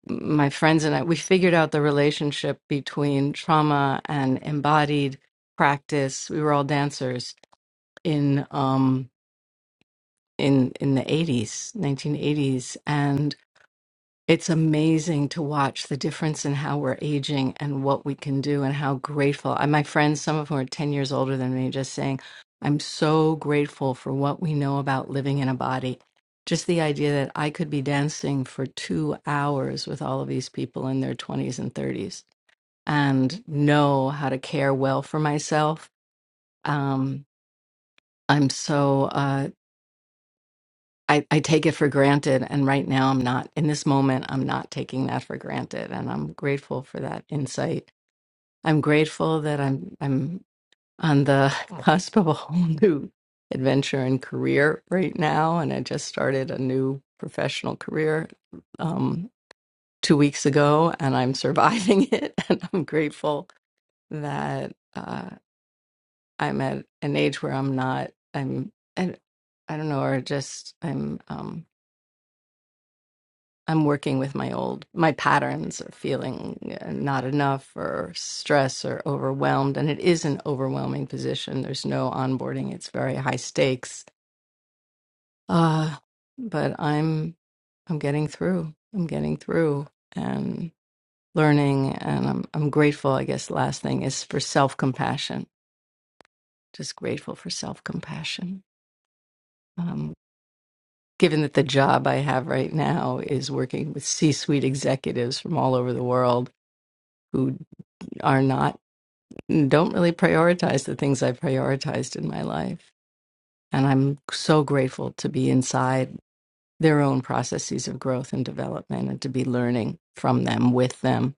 my friends and I, we figured out the relationship between trauma and embodied practice. We were all dancers in um, in in the 80s, 1980s, and. It's amazing to watch the difference in how we're aging and what we can do and how grateful. And my friends, some of whom are 10 years older than me, just saying, I'm so grateful for what we know about living in a body. Just the idea that I could be dancing for two hours with all of these people in their 20s and 30s and know how to care well for myself. Um, I'm so uh, I, I take it for granted. And right now, I'm not, in this moment, I'm not taking that for granted. And I'm grateful for that insight. I'm grateful that I'm, I'm on the cusp of a whole new adventure and career right now. And I just started a new professional career um, two weeks ago, and I'm surviving it. And I'm grateful that uh, I'm at an age where I'm not, I'm, and I don't know, or just I'm, um, I'm working with my old my patterns of feeling uh, not enough or stress or overwhelmed, and it is an overwhelming position. There's no onboarding; it's very high stakes. Uh, but I'm I'm getting through. I'm getting through and learning, and I'm I'm grateful. I guess last thing is for self compassion. Just grateful for self compassion. Um, given that the job I have right now is working with C-suite executives from all over the world who are not don't really prioritize the things I prioritized in my life. And I'm so grateful to be inside their own processes of growth and development and to be learning from them, with them,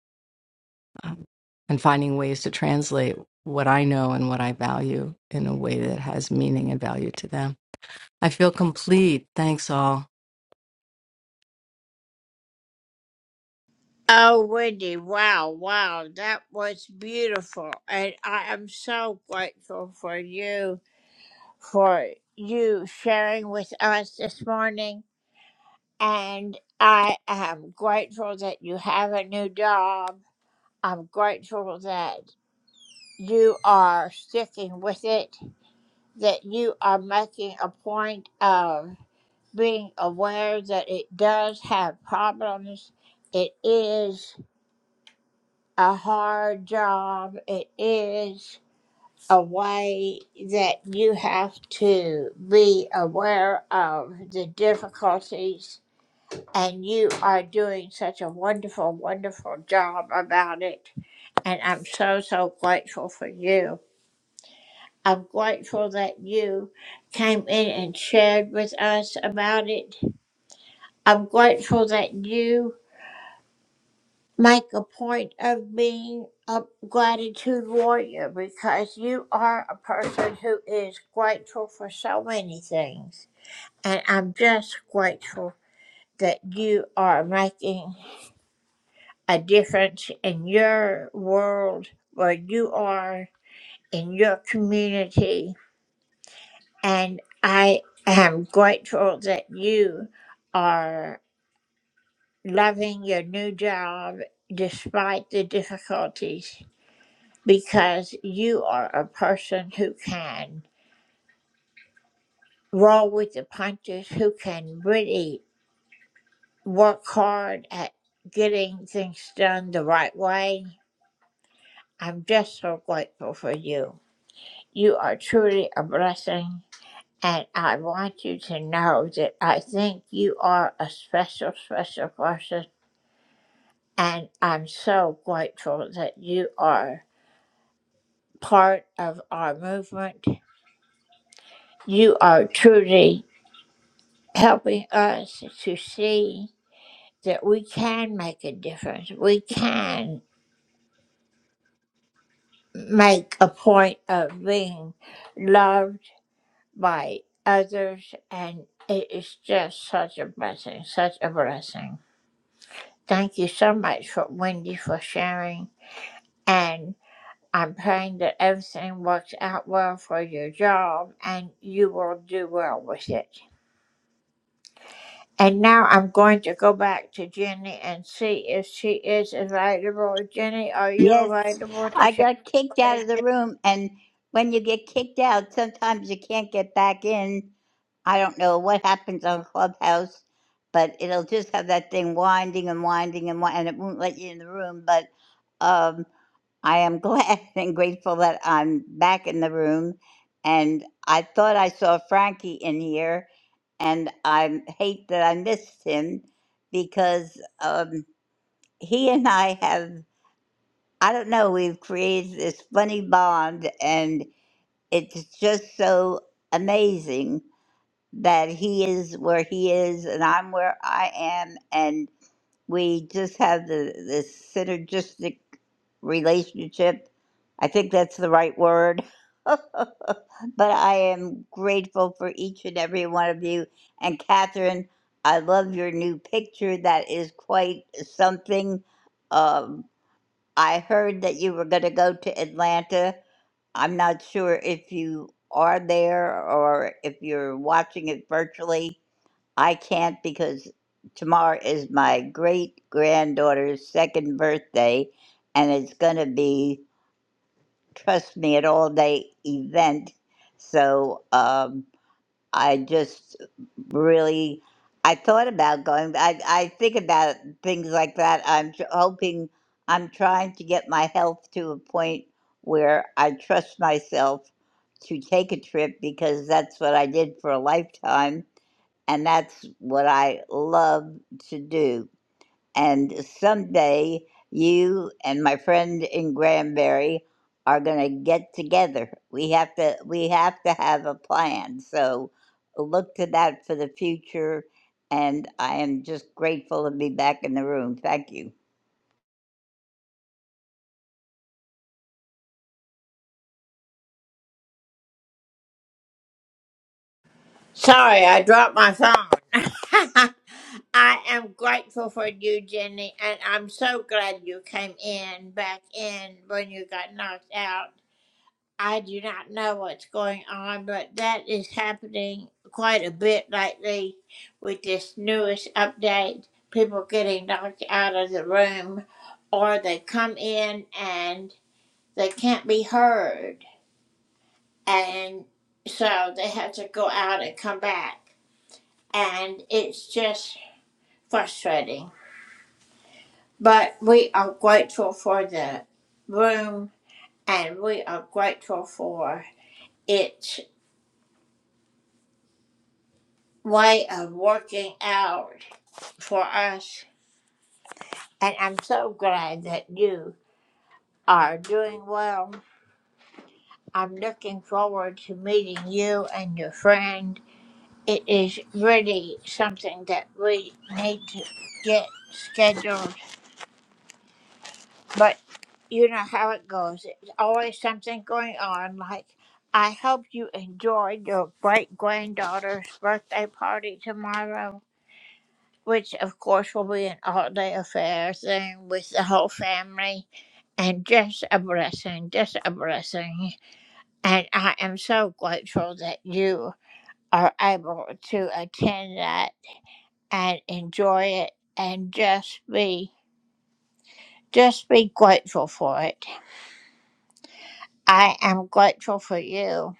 um, and finding ways to translate what I know and what I value in a way that has meaning and value to them. I feel complete. Thanks all.
Oh, Wendy, wow, wow, that was beautiful. And I am so grateful for you, for you sharing with us this morning. And I am grateful that you have a new job. I'm grateful that you are sticking with it, that you are making a point of being aware that it does have problems. It is. a hard job. It is a way that you have to be aware of the difficulties, and you are doing such a wonderful, wonderful job about it. And I'm so, so grateful for you. I'm grateful that you came in and shared with us about it. I'm grateful that you make a point of being a gratitude warrior because you are a person who is grateful for so many things. And I'm just grateful that you are making a difference in your world where you are, in your community. And I am grateful that you are loving your new job despite the difficulties because you are a person who can roll with the punches, who can really work hard at getting things done the right way. I'm just so grateful for you. You are truly a blessing, and I want you to know that I think you are a special, special person, and I'm so grateful that you are part of our movement. You are truly helping us to see that we can make a difference. We can make a point of being loved by others, and it is just such a blessing, such a blessing. Thank you so much for Wendy for sharing, and I'm praying that everything works out well for your job and you will do well with it. And now I'm going to go back to Jenny and see if she is available. Jenny, are you
Yes,
available to
I
share?
got kicked out of the
gratitude?
room, and when you get kicked out, sometimes you can't get back in. I don't know what happens on Clubhouse, but it'll just have that thing winding and winding and winding, and it won't let you in the room. But um, I am glad and grateful that I'm back in the room. And I thought I saw Frankie in here, and I hate that I missed him because um, he and I have. I don't know, we've created this funny bond, and it's just so amazing that he is where he is, and I'm where I am, and we just have the, this synergistic relationship. I think that's the right word. but I am grateful for each and every one of you. And Catherine, I love your new picture. That is quite something. Um, I heard that you were going to go to Atlanta. I'm not sure if you are there or if you're watching it virtually. I can't because tomorrow is my great granddaughter's second birthday, and it's going to be, trust me, an all day event. So, um, I just really I thought about going. I I think about things like that. I'm tr- hoping I'm trying to get my health to a point where I trust myself to take a trip because that's what I did for a lifetime and that's what I love to do. And someday you and my friend in Granbury are going to get together. We have to we have to have a plan. So look to that for the future and I am just grateful to be back in the room. Thank you.
Sorry, I dropped my phone. I am grateful for you, Jenny, and I'm so glad you came in back in when you got knocked out. I do not know what's going on, but that is happening quite a bit lately with this newest update. People getting knocked out of the room, or they come in and they can't be heard. And so they have to go out and come back. And it's just frustrating. But we are grateful for the room, and we are grateful for it way of working out for us. And I'm so glad that you are doing well. I'm looking forward to meeting you and your friend. It is really something that we need to get scheduled, but you know how it goes. It's always something going on. Like, I hope you enjoyed your great granddaughter's birthday party tomorrow. which of course will be an all day affair thing with the whole family, and just a blessing, just a blessing. And I am so grateful that you are able to attend that and enjoy it and just be just be grateful for it. I am grateful for you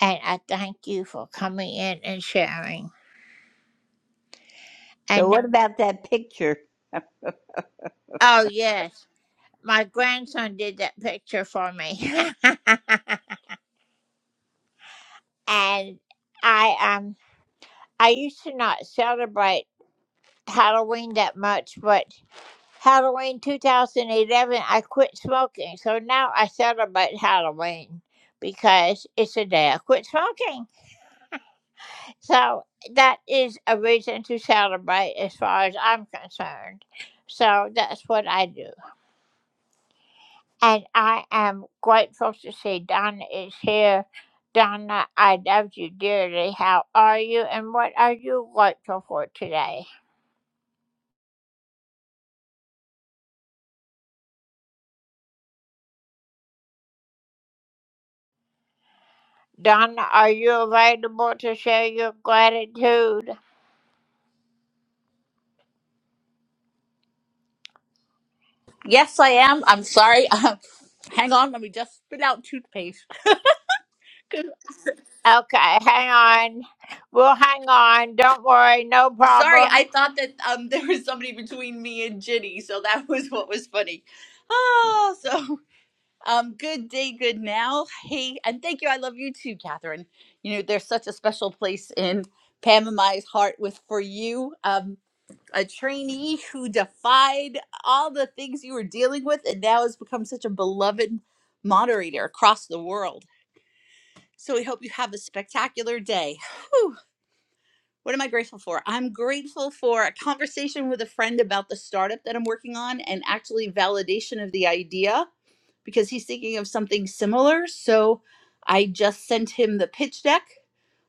and I thank you for coming in and sharing.
So
And now-
what about that picture?
oh yes, my grandson did that picture for me. and I um I used to not celebrate Halloween that much, but Halloween 2011 I quit smoking, so now I celebrate Halloween because it's a day I quit smoking. So that is a reason to celebrate as far as I'm concerned. So that's what I do. And I am grateful to see Donna is here. Donna, I love you dearly. How are you and what are you grateful for today? Donna, are you available to share your gratitude?
Yes, I am. I'm sorry. Uh, hang on. Let me just spit out toothpaste. 'Cause-
Okay, hang on. We'll hang on. Don't worry, no
Sorry, I
problem.
thought that um there was somebody between me and Ginny, so that was what was funny. Oh, so um, good day, good now. Hey, and thank you. I love you too, Catherine. You know, there's such a special place in Pam and my heart with for you. Um, a trainee who defied all the things you were dealing with, and now has become such a beloved moderator across the world. So we hope you have a spectacular day. Whew. What am I grateful for? I'm grateful for a conversation with a friend about the startup that I'm working on and actually validation of the idea because he's thinking of something similar. So I just sent him the pitch deck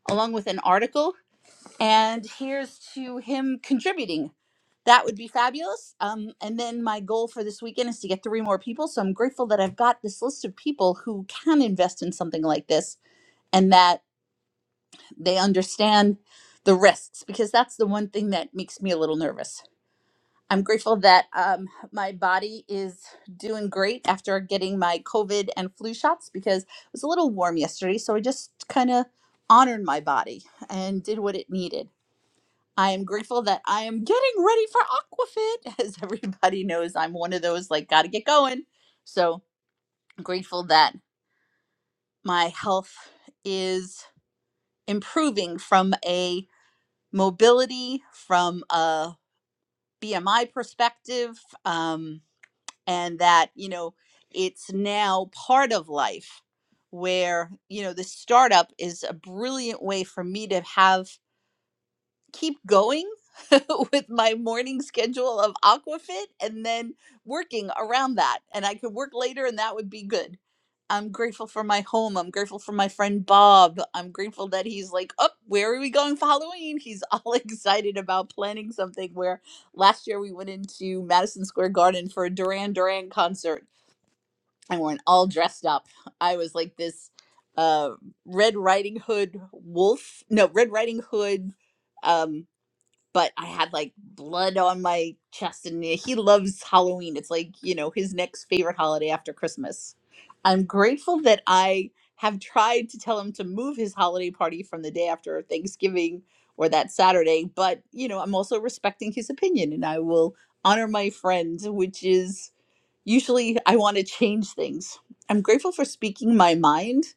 along with an article, and here's to him contributing. That would be fabulous. Um, and then my goal for this weekend is to get three more people. So I'm grateful that I've got this list of people who can invest in something like this and that they understand the risks because that's the one thing that makes me a little nervous. I'm grateful that um, my body is doing great after getting my COVID and flu shots because it was a little warm yesterday. So I just kind of honored my body and did what it needed. I am grateful that I am getting ready for Aquafit. As everybody knows, I'm one of those like, gotta get going. So grateful that my health is improving from a mobility from a BMI perspective, um, and that, you know, it's now part of life where, you know, the startup is a brilliant way for me to have keep going with my morning schedule of aquafit and then working around that and i could work later and that would be good i'm grateful for my home i'm grateful for my friend bob i'm grateful that he's like oh where are we going for halloween he's all excited about planning something where last year we went into madison square garden for a duran duran concert and we're all dressed up i was like this uh red riding hood wolf no red riding hood um but I had like blood on my chest, and he loves Halloween. It's like, you know, his next favorite holiday after Christmas. I'm grateful that I have tried to tell him to move his holiday party from the day after Thanksgiving or that Saturday, but, you know, I'm also respecting his opinion and I will honor my friend, which is usually I want to change things. I'm grateful for speaking my mind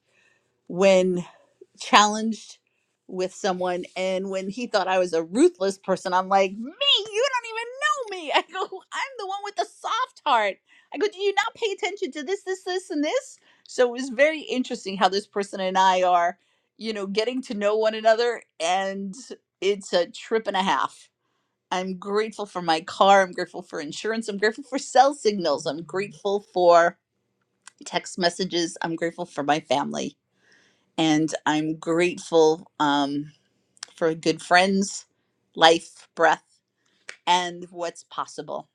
when challenged with someone and when he thought I was a ruthless person, I'm like, "Me, you don't even know me." I go, "I'm the one with the soft heart." I go, "Do you not pay attention to this this this and this?" So it was very interesting how this person and I are, you know, getting to know one another and it's a trip and a half. I'm grateful for my car, I'm grateful for insurance, I'm grateful for cell signals, I'm grateful for text messages, I'm grateful for my family and I'm grateful um, for good friends, life, breath, and what's possible.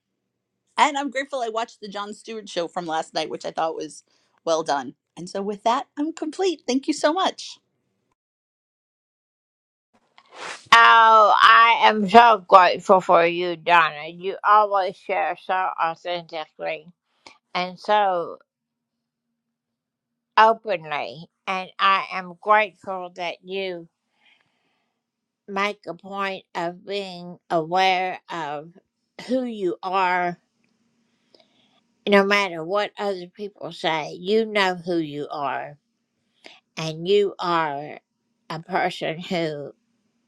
And I'm grateful I watched the John Stewart show from last night, which I thought was well done. And so with that, I'm complete. Thank you so much.
Oh, I am so grateful for you, Donna. You always share so authentically and so openly, and I am grateful that you make a point of being aware of who you are, no matter what other people say, you know who you are, and you are a person who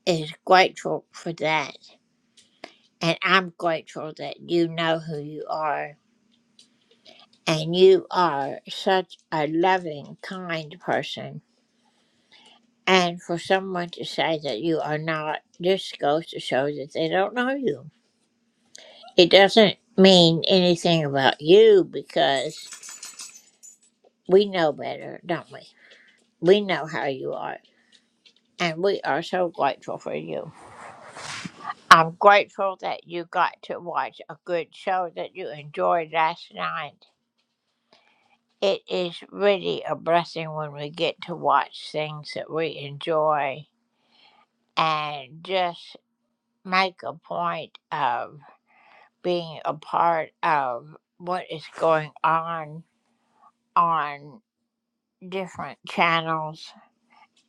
is grateful for that. And I'm grateful that you know who you are, and you are such a loving, kind person. And for someone to say that you are not just goes to show that they don't know you. It doesn't mean anything about you because we know better, don't we? We know how you are, and we are so grateful for you. I'm grateful that you got to watch a good show that you enjoyed last night. It is really a blessing when we get to watch things that we enjoy and just make a point of being a part of what is going on on different channels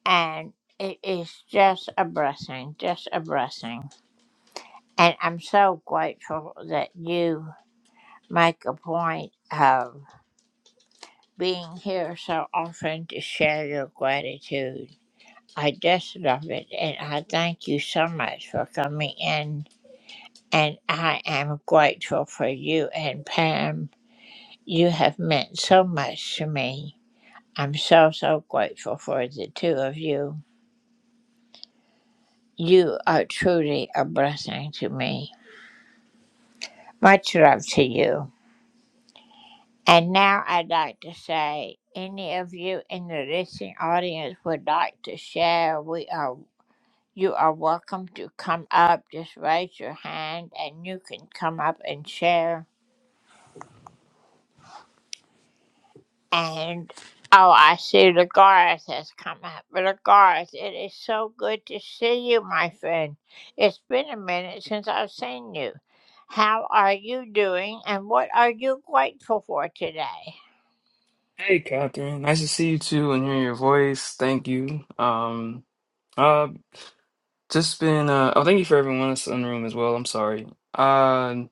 and it is just a blessing, just a blessing. And I'm so grateful that you make a point of being here so often to share your gratitude. I just love it, and I thank you so much for coming in. And I am grateful for you and Pam. You have meant so much to me. I'm so, so grateful for the two of you. You are truly a blessing to me. Much love to you. And now I'd like to say, any of you in the listening audience would like to share, we are you are welcome to come up. Just raise your hand, and you can come up and share. And oh, I see Lagaris has come up. Lagaris, it is so good to see you, my friend. It's been a minute since I've seen you. How are you doing, and what are you grateful for today?
Hey, Catherine. Nice to see you too and hear your voice. Thank you. Um, uh, just been uh, oh, thank you for everyone else in the room as well. I'm sorry. Uh,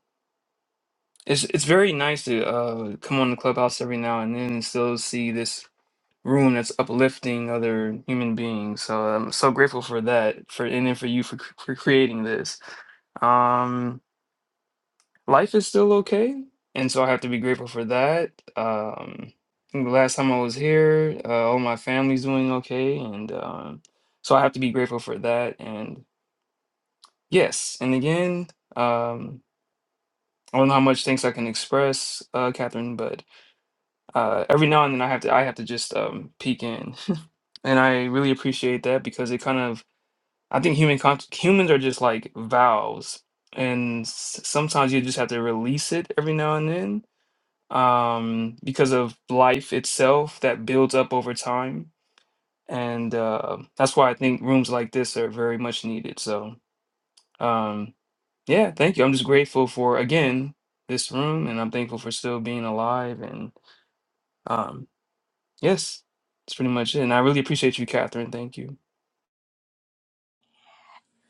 it's it's very nice to uh come on the clubhouse every now and then and still see this room that's uplifting other human beings. So I'm so grateful for that. For and then for you for cr- for creating this. Um. life is still okay, and so I have to be grateful for that. Um, I think the last time I was here, uh, all my family's doing okay, and um, so I have to be grateful for that. And yes, and again, um, I don't know how much thanks I can express, uh, Catherine, but uh, every now and then I have to I have to just um, peek in, and I really appreciate that because it kind of I think human con- humans are just like valves. And s- sometimes you just have to release it every now and then um, because of life itself that builds up over time. And uh, that's why I think rooms like this are very much needed. So, um, yeah, thank you. I'm just grateful for, again, this room, and I'm thankful for still being alive. And um, yes, that's pretty much it. And I really appreciate you, Catherine. Thank you.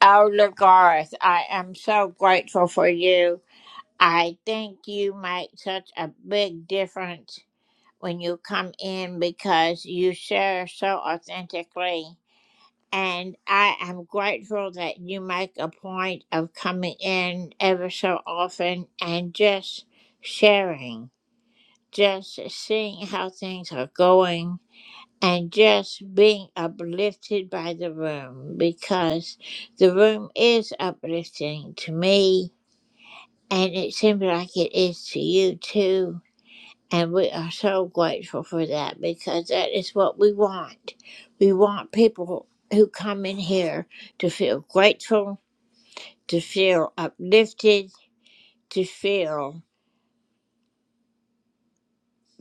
Elder Garth, I am so grateful for you. I think you make such a big difference when you come in because you share so authentically. And I am grateful that you make a point of coming in ever so often and just sharing, just seeing how things are going and just being uplifted by the room because the room is uplifting to me and it seems like it is to you too. And we are so grateful for that because that is what we want. We want people who come in here to feel grateful, to feel uplifted, to feel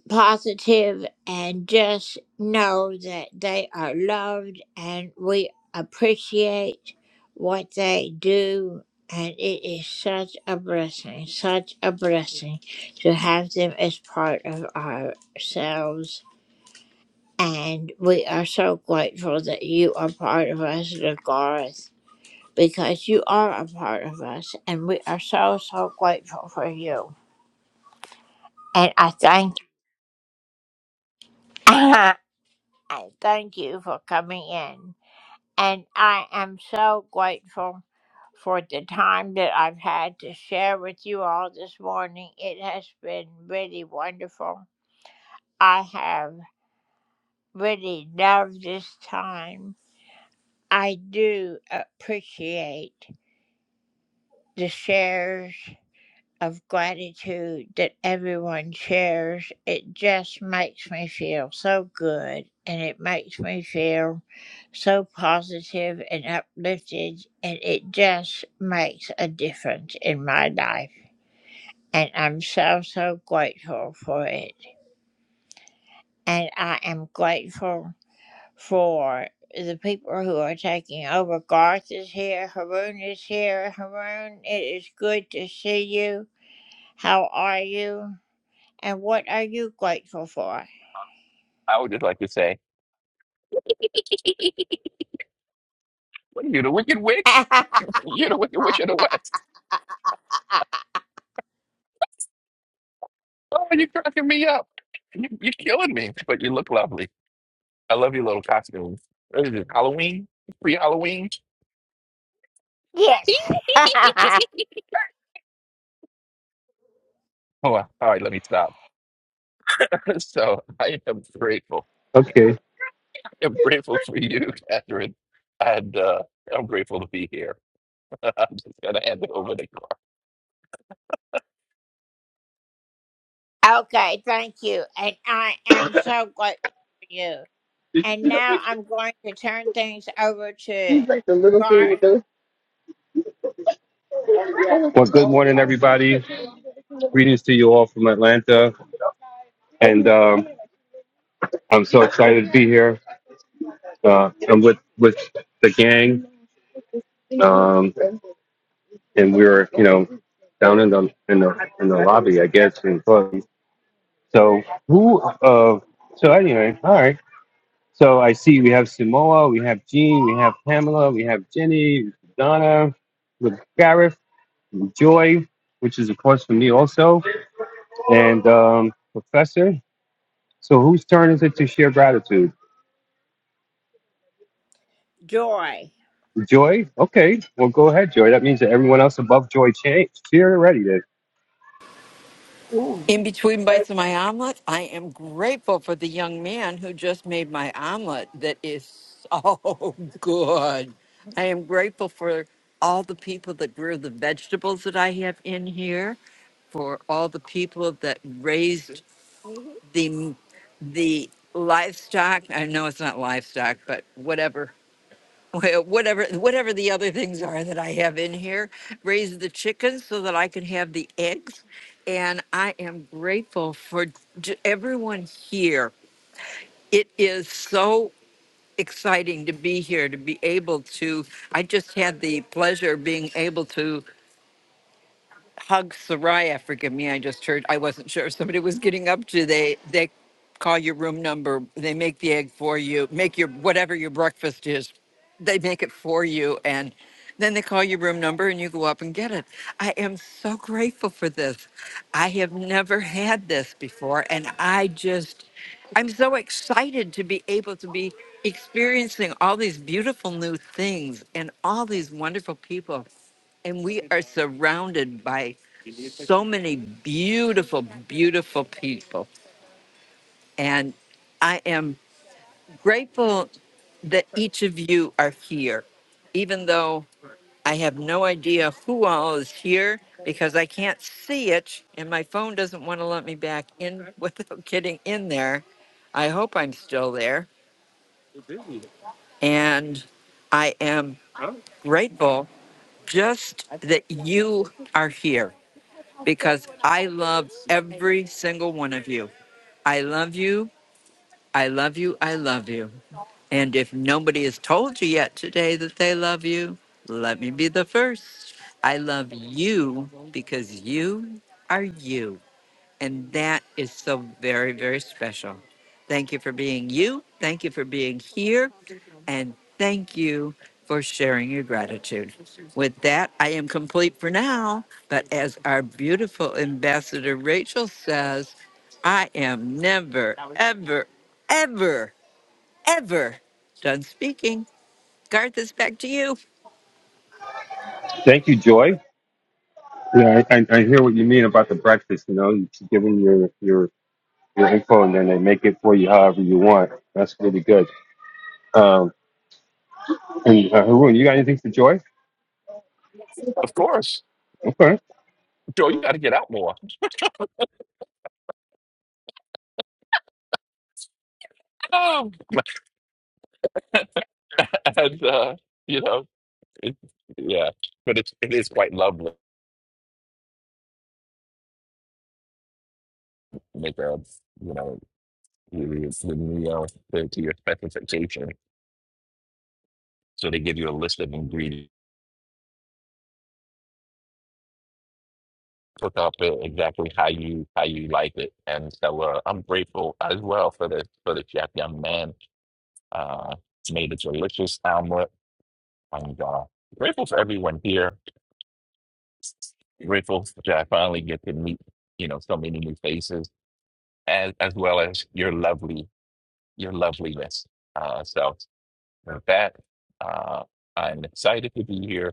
positive and just know that they are loved and we appreciate what they do. And it is such a blessing, such a blessing to have them as part of ourselves. And we are so grateful that you are part of us, Garth, because you are a part of us. And we are so, so grateful for you. And I thank I thank you for coming in. And I am so grateful for the time that I've had to share with you all this morning. It has been really wonderful. I have really loved this time. I do appreciate the shares of gratitude that everyone shares. It just makes me feel so good and it makes me feel so positive and uplifted, and it just makes a difference in my life. And I'm so, so grateful for it. And I am grateful for the people who are taking over. Garth is here, Haroon is here. Haroon, it is good to see you. How are you? And what are you grateful for?
I would just like to say, what are you, the Wicked Witch? You're the Wicked Witch of the West. Oh, you're cracking me up. You, you're killing me, but you look lovely. I love your little costume. What is it, Halloween? Pre Halloween?
yes.
Oh, all right, let me stop. So I am grateful.
Okay.
I am grateful for you, Catherine. And uh, I'm grateful to be here. I'm just going to hand it over to Clark.
okay, thank you. And I am so grateful for you. And now I'm going to turn things over to
She's like the little thing
Gar
with those. Well, good morning, everybody. Greetings to you all from Atlanta, and um, I'm so excited to be here. Uh, I'm with with the gang, um, and we were, you know, down in the in the in the lobby, I guess. In the club. So who? Uh, so anyway, all right. So I see we have Samoa, we have Jean, we have Pamela, we have Jenny, Donna, with Gareth, Joy, which is of course for me also. And um, Professor, so whose turn is it to share gratitude?
Joy.
Joy? Okay, well, go ahead, Joy. That means that everyone else above Joy changed. Cheer already then.
In between bites of my omelet, I am grateful for the young man who just made my omelet that is so good. I am grateful for all the people that grew the vegetables that I have in here, for all the people that raised the the livestock. I know it's not livestock, but whatever well, whatever whatever the other things are that I have in here, raise the chickens so that I can have the eggs. And I am grateful for j- everyone here. It is so exciting to be here to be able to. I just had the pleasure of being able to Hug Soraya, forgive me, I just heard, I wasn't sure if somebody was getting up to, they, they call your room number, they make the egg for you, make your, whatever your breakfast is, they make it for you, and then they call your room number and you go up and get it. I am so grateful for this. I have never had this before, and I just, I'm so excited to be able to be experiencing all these beautiful new things and all these wonderful people. And we are surrounded by so many beautiful, beautiful people. And I am grateful that each of you are here, even though I have no idea who all is here because I can't see it and my phone doesn't want to let me back in without getting in there. I hope I'm still there. And I am grateful just that you are here. because I love every single one of you. I love you. I love you. I love you. And if nobody has told you yet today that they love you, let me be the first. I love you because you are you. And that is so very, very special. Thank you for being you. Thank you for being here and thank you for sharing your gratitude. With that, I am complete for now. But as our beautiful ambassador Rachel says, I am never, ever, ever, ever done speaking. Garth is back to you.
Thank you, Joy. Yeah, I, I, I hear what you mean about the breakfast. You know, you keep giving your your your info, and then they make it for you however you want. That's really good. Um, and uh, Haroon, you got anything for Joy?
Of course.
Okay.
Joe, you got to get out more. Um, and, uh, you know. It, yeah, but it it is quite lovely to make a you know it's the meal to, to your specification. So they give you a list of ingredients, cook up it exactly how you how you like it. And so uh, I'm grateful as well for the for the chef young man. Uh, made a delicious omelet. I'm uh, grateful for everyone here. Grateful that I finally get to meet you know so many new faces, as as well as your lovely your loveliness. Uh, so. With that, uh, I'm excited to be here.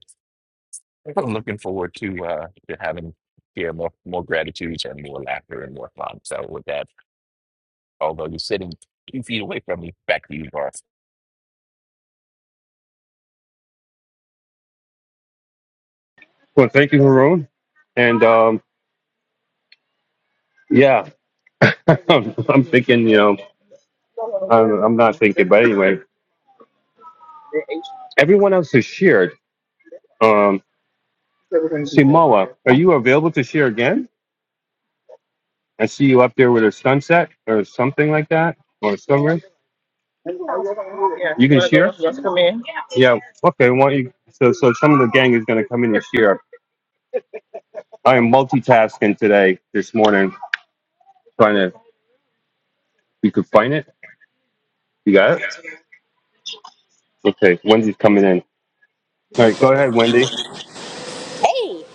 I'm looking forward to uh, to having here more more gratitudes and more laughter and more fun. So with that, although you're sitting two feet away from me, back to you, Garth.
Well, thank you, Haroon. And um, yeah, I'm thinking. You know, I'm, I'm not thinking, but anyway, everyone else has shared. Um, Simoa, are you available to share again? I see you up there with a sunset or something like that, or sunrise. Yeah, You can share. those come in. Yeah. Okay. Why don't you? So, so some of the gang is going to come in and share. I am multitasking today, this morning, trying to. You could find it. You got it. Okay. Wendy's coming in. All right. Go ahead, Wendy.
Hey,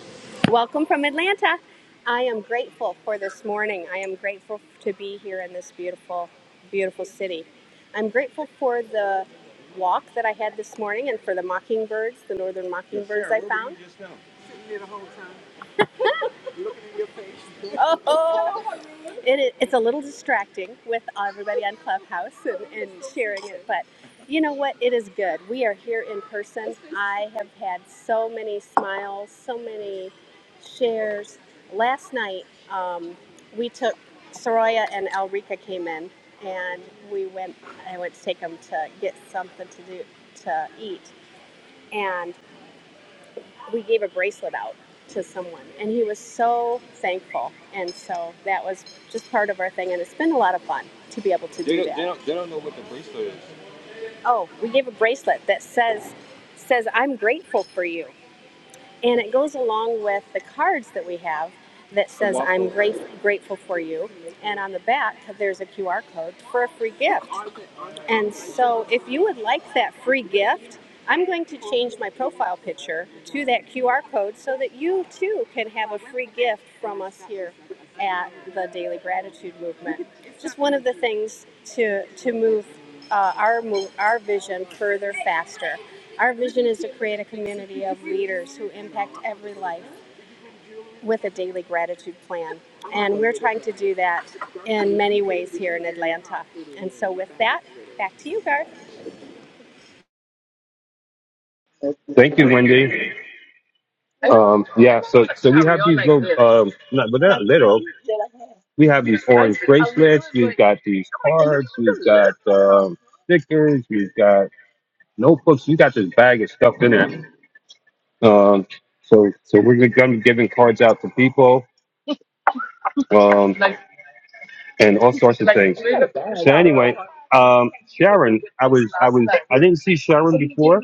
welcome from Atlanta. I am grateful for this morning. I am grateful to be here in this beautiful, beautiful city. I'm grateful for the walk that I had this morning and for the mockingbirds, the northern mockingbirds I found. It, i- it's a little distracting with everybody on Clubhouse and, and sharing it, but you know what? It is good. We are here in person. I have had so many smiles, so many shares. Last night, um, we took Soraya and Elrika came in, and we went. I went to take them to get something to do to eat, and we gave a bracelet out to someone and he was so thankful and so that was just part of our thing and it's been a lot of fun to be able to They do do they that don't, they don't know what the bracelet is. oh we gave a bracelet that says says i'm grateful for you and it goes along with the cards that we have that says i'm waffle. grate, grateful for you and on the back there's a qr code for a free gift and so, if you would like that free gift, I'm going to change my profile picture to that QR code so that you too can have a free gift from us here at the Daily Gratitude Movement. Just one of the things to to move uh, our move, our vision further faster. Our vision is to create a community of leaders who impact every life with a daily gratitude plan. And we're trying to do that in many ways here in Atlanta. And so, with that, back to you, Garth.
Thank you, Wendy. Um, yeah. So, so we have these like little. Um, no, but they're not little. We have these orange bracelets. We've got these cards. We've got um, stickers. We've got notebooks. We got this bag of stuff in it. Um, so, so we're gonna be giving cards out to people um, and all sorts of things. So anyway, um, Sharon, I was, I was, I didn't see Sharon before,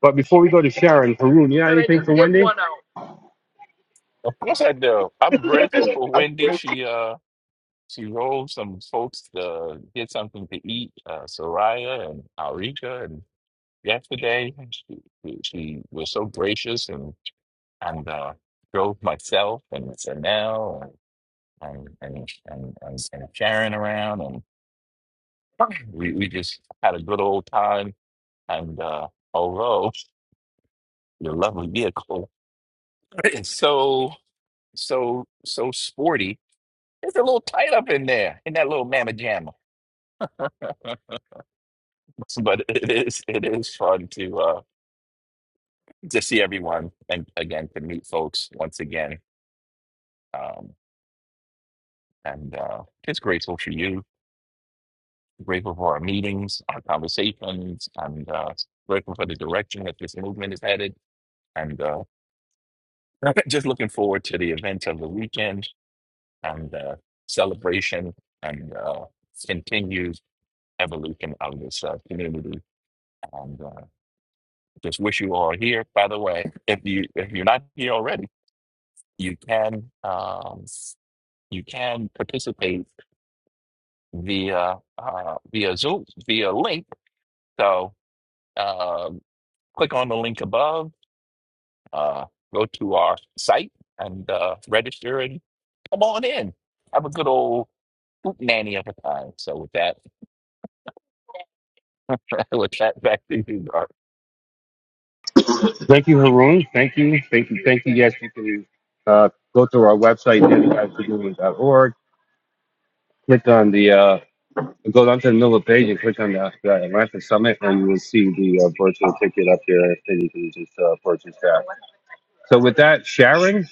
but before we go to Sharon, Haroon, you got anything for Wendy?
Of course I do. I'm grateful for Wendy. She uh she rolled some folks to get something to eat. Uh, Soraya and Alrika and yesterday she, she she was so gracious and and uh, drove myself and Sanel. and and and and, and Sharon around, and we, we just had a good old time. And uh, although your lovely vehicle is so so so sporty, it's a little tight up in there in that little mamma jamma. but it is it is fun to uh, to see everyone and again to meet folks once again. Um, and uh, just grateful for you, grateful for our meetings, our conversations, and uh, grateful for the direction that this movement is headed and uh, just looking forward to the events of the weekend and uh, celebration and uh, continued evolution of this uh, community. And uh, just wish you all here. By the way, if you if you're not here already, you can um, you can participate via uh, via Zoom via link. So uh, click on the link above. Uh, go to our site and uh, register and come on in. Have a good old nanny of a kind. So with that, with that back to you, Gar.
Thank you, Haroon. Thank you, thank you, thank you. Yes, you can uh, go to our website, dailyguidesfordoing.org. Click on the uh, go down to the middle of the page and click on the, the Atlanta Summit, and you will see the uh, virtual ticket up there that you can just uh, purchase that. So with that, Sharon,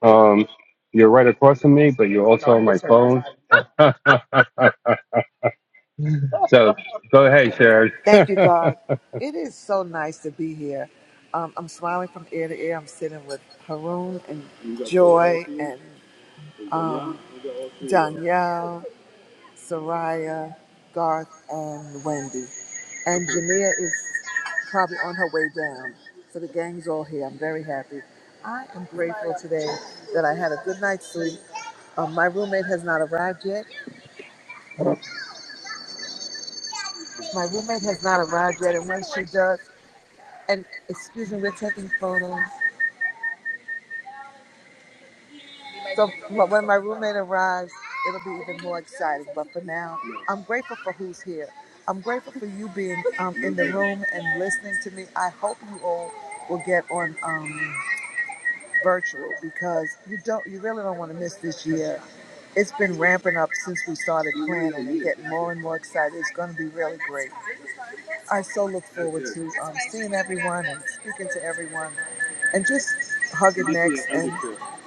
um, you're right across from me, but you're also on my phone. so go ahead, Sharon.
Thank you, God. It is so nice to be here. Um, I'm smiling from ear to ear. I'm sitting with Haroon and Joy and um, Danielle, Soraya, Garth, and Wendy. And Jamia is probably on her way down. So the gang's all here. I'm very happy. I am grateful today that I had a good night's sleep. Um, my roommate has not arrived yet. My roommate has not arrived yet, and when she does, and excuse me, we're taking photos. So wh- when my roommate arrives, it'll be even more exciting. But for now, I'm grateful for who's here. I'm grateful for you being um, in the room and listening to me. I hope you all will get on um, virtual because you don't, you really don't want to miss this year. It's been ramping up since we started planning and getting more and more excited. It's going to be really great. I so look forward to um, seeing everyone and speaking to everyone and just hugging necks. And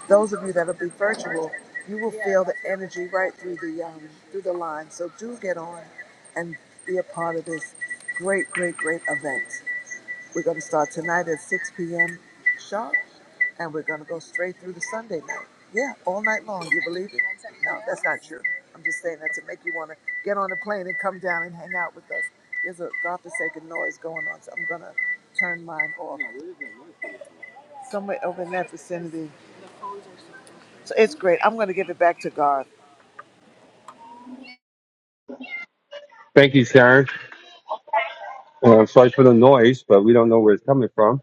those of you that'll be virtual, you will feel the energy right through the um, through the line. So do get on and be a part of this great, great, great event. We're going to start tonight at 6 p.m. sharp, and we're going to go straight through to Sunday night. Yeah, all night long. You believe it? No, that's not true. I'm just saying that to make you want to get on a plane and come down and hang out with us. There's a godforsaken noise going on, so I'm going to turn mine off. Somewhere over in that vicinity. So it's great. I'm going to give it back to God.
Thank you, Sharon. Uh, sorry for the noise, but we don't know where it's coming from.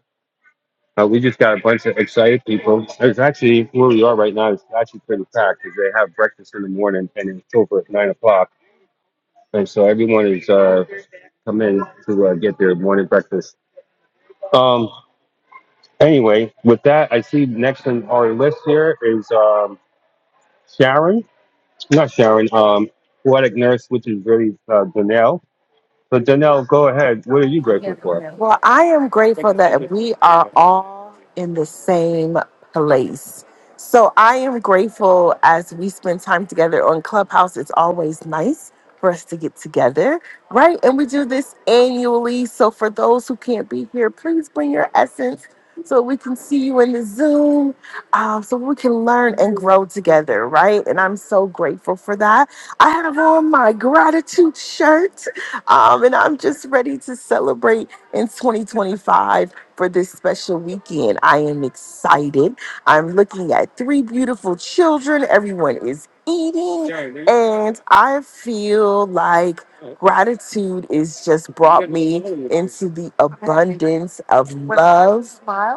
Uh, we just got a bunch of excited people. It's actually where we are right now. It's actually pretty packed because they have breakfast in the morning and it's over at nine o'clock and so everyone is uh, come in to uh, get their morning breakfast. Um, anyway, with that, I see next on our list here is um, Sharon, not Sharon, um, poetic nurse, which is really uh, Donnell. So Donnell, go ahead. What are you grateful for?
Well, I am grateful that we are all in the same place. So I am grateful as we spend time together on Clubhouse. It's always nice for us to get together, right? And we do this annually. So for those who can't be here, please bring your essence so we can see you in the Zoom, uh, so we can learn and grow together, right? And I'm so grateful for that. I have on my gratitude shirt um, and I'm just ready to celebrate in 2025 for this special weekend. I am excited. I'm looking at three beautiful children. Everyone is eating, and I feel like gratitude is just brought me into the abundance of love,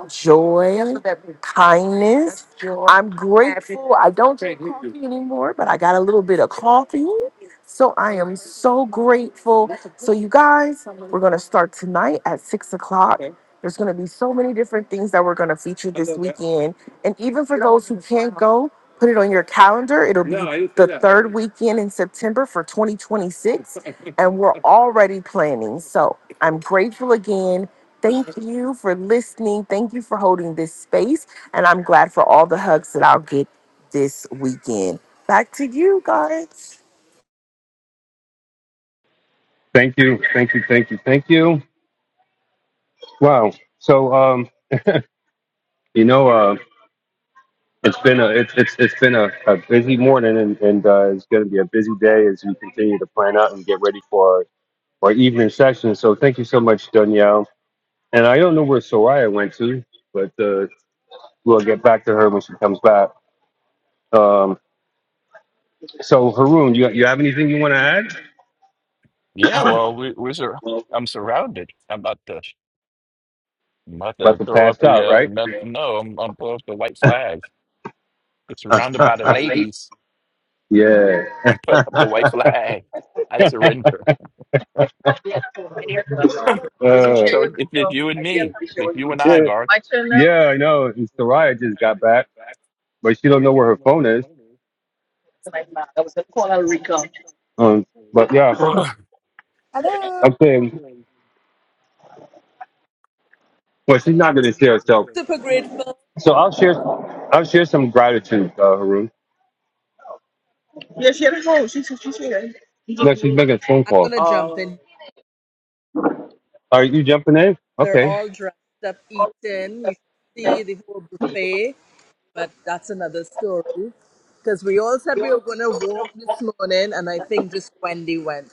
joy, kindness. I'm grateful. I don't drink coffee anymore, but I got a little bit of coffee. So I am so grateful. So you guys, we're gonna start tonight at six o'clock. There's gonna be so many different things that we're gonna feature this weekend. And even for those who can't go, put it on your calendar. It'll be the third weekend in September for 2026. And we're already planning. So I'm grateful again. Thank you for listening. Thank you for holding this space. And I'm glad for all the hugs that I'll get this weekend. Back to you guys.
Thank you, thank you, thank you, thank you. Wow. So um, you know, uh, it's been a it's it's it's been a, a busy morning, and and uh, it's going to be a busy day as we continue to plan out and get ready for our evening session. So thank you so much, Danielle And I don't know where Soraya went to, but uh, we'll get back to her when she comes back. Um, so Haroon, you you have anything you want to add?
Yeah, well, we we're sur- I'm surrounded. I'm about to I'm about
About
to
to
throw up
pass
the
out,
uh
right?
no, no I'm I'm putting up the white flag. I'm surrounded by the ladies.
yeah.
I'm putting up the white flag. I surrender.
Uh,
So it's it's you and me. It's you and I,
yeah.
Gar.
Yeah, I know. And Soraya just got back, but she don't know where her phone is. Um, but yeah,
Hello.
I'm saying, well, she's not gonna share herself.
Super grateful.
So I'll share. I'll share some gratitude, uh, Haroon. Yeah, she had a home. She she's she's here. No, she's making a phone
I'm
call.
gonna
Oh.
jump in.
Are you jumping in?
They're
Okay.
all dressed up, eating. You should see the whole buffet, but that's another story. Because we all said we were gonna walk this morning, and I think just Wendy went.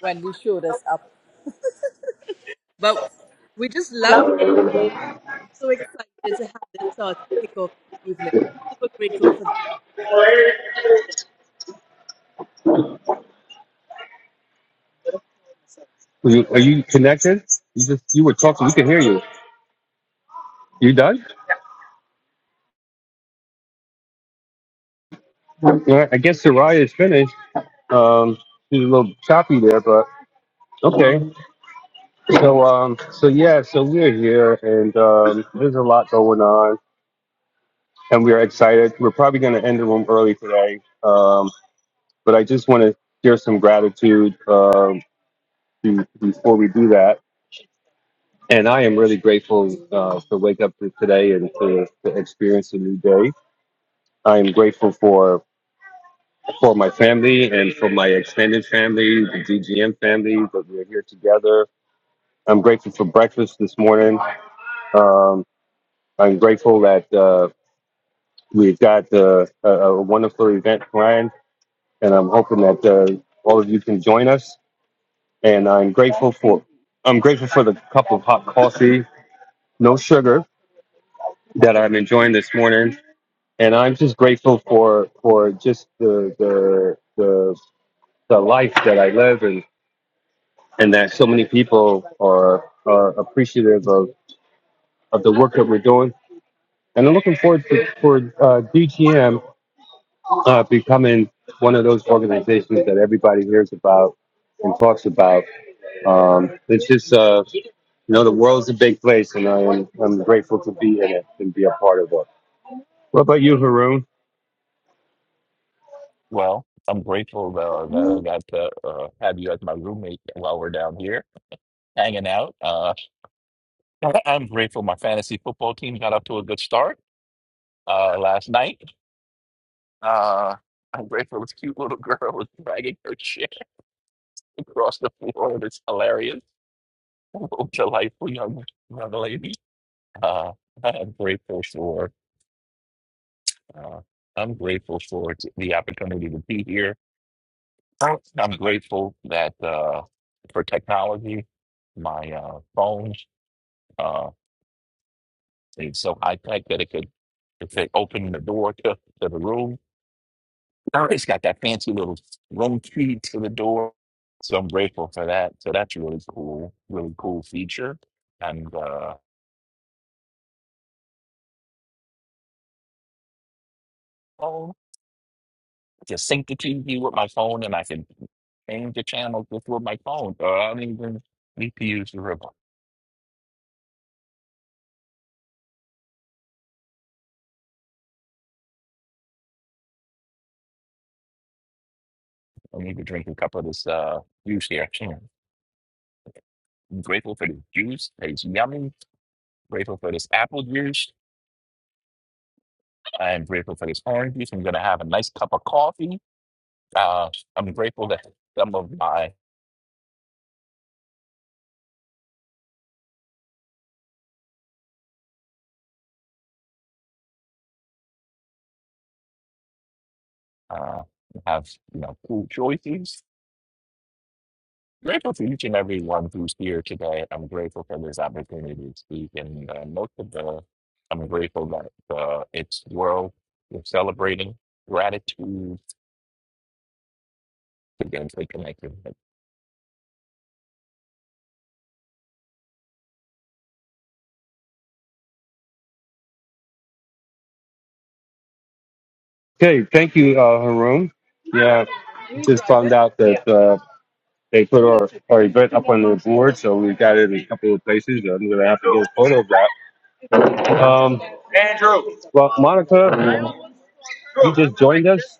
Wendy showed us up, but we just love being so excited to have this sort of kick off evening. Super grateful for this. moment.
Are you, are you connected? You just you were talking. We can hear you. You done? All right, I guess Soraya is finished. Um, she's a little choppy there, but okay. So um, so yeah, so we're here, and um, there's a lot going on, and we're excited. We're probably going to end the room early today. Um, but I just want to share some gratitude um, be- before we do that. And I am really grateful uh, to wake up to today and to, to experience a new day. I am grateful for for my family and for my extended family, the DGM family, that we're here together. I'm grateful for breakfast this morning. Um, I'm grateful that uh, we've got uh, a, a wonderful event planned, and I'm hoping that uh, all of you can join us. And I'm grateful for I'm grateful for the cup of hot coffee, no sugar, that I'm enjoying this morning and I'm just grateful for for just the the the, the life that I live and and that so many people are are appreciative of of the work that we're doing. And I'm looking forward to for uh, DGM uh, becoming one of those organizations that everybody hears about and talks about. Um, it's just uh, you know the world's a big place, and I am I'm grateful to be in it and be a part of it. What about you, Haroon?
Well, I'm grateful though that I got to uh, have you as my roommate while we're down here hanging out. Uh, I- I'm grateful my fantasy football team got up to a good start uh, last night. Uh, I'm grateful this cute little girl is dragging her chair across the floor. and It's hilarious. delightful young, young lady. Uh, I'm grateful for. Uh, I'm grateful for t- the opportunity to be here. I'm grateful that uh, for technology, my uh, phone uh, is so high tech that it could, it could open the door to, to the room It's got that fancy little room key to the door. So I'm grateful for that. So that's really cool, really cool feature. And uh, oh, I just sync the TV with my phone, and I can change the channel just with my phone. So I don't even need to use the ribbon. I need to drink a cup of this uh, juice here. Mm. I'm grateful for this juice. It's yummy. Grateful for this apple juice. I'm grateful for this orange juice. I'm gonna have a nice cup of coffee. Uh, I'm grateful that some of my uh, have you know cool choices. Grateful to each and every one who's here today. I'm grateful for this opportunity to speak, and uh, most of all, I'm grateful that uh, it's world we're celebrating gratitude against the connected
Okay, thank you, uh, Haroon. Yeah, just found out that uh, they put our, our event up on the board, so we got it in a couple of places. I'm going to have to get a photo of that. Um, well, Monica, you just joined us,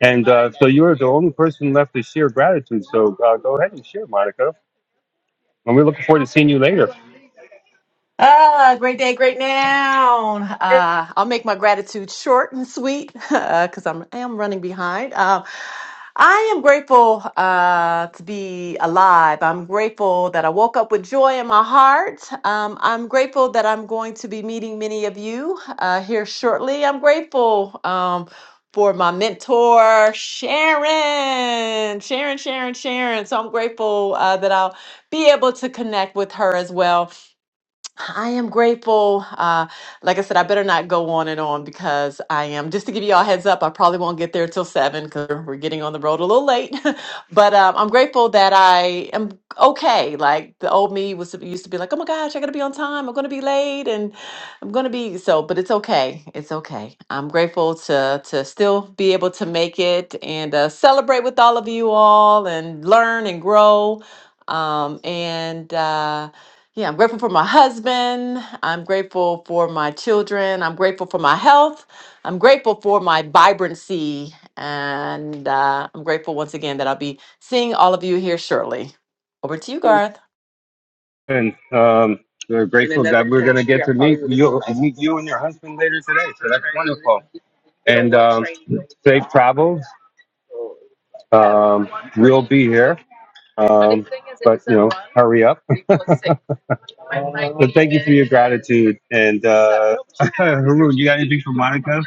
and uh, so you're the only person left to share gratitude. So uh, go ahead and share, Monica. And we're looking forward to seeing you later.
Ah, great day, great now. Uh, I'll make my gratitude short and sweet because I'm I am running behind. Um, I am grateful uh, to be alive. I'm grateful that I woke up with joy in my heart. Um, I'm grateful that I'm going to be meeting many of you uh, here shortly. I'm grateful um, for my mentor, Sharon, Sharon, Sharon, Sharon. So I'm grateful uh, that I'll be able to connect with her as well I am grateful. Uh, like I said, I better not go on and on because I am. Just to give you all a heads up, I probably won't get there till seven because we're getting on the road a little late. but um, I'm grateful that I am okay. Like the old me was used to be like, oh my gosh, I gotta be on time. I'm gonna be late, and I'm gonna be so. But it's okay. It's okay. I'm grateful to to still be able to make it and uh, celebrate with all of you all and learn and grow. Um, and. uh, yeah, I'm grateful for my husband. I'm grateful for my children. I'm grateful for my health. I'm grateful for my vibrancy. And uh, I'm grateful once again that I'll be seeing all of you here shortly. Over to you, Garth.
And um, we're grateful that we're going to get to meet you, meet you and your husband later today. So that's wonderful. And um, safe travels Um, we'll be here. Um, but you know, hurry up. But thank you for your gratitude. And uh, Haroon, you got anything for Monica?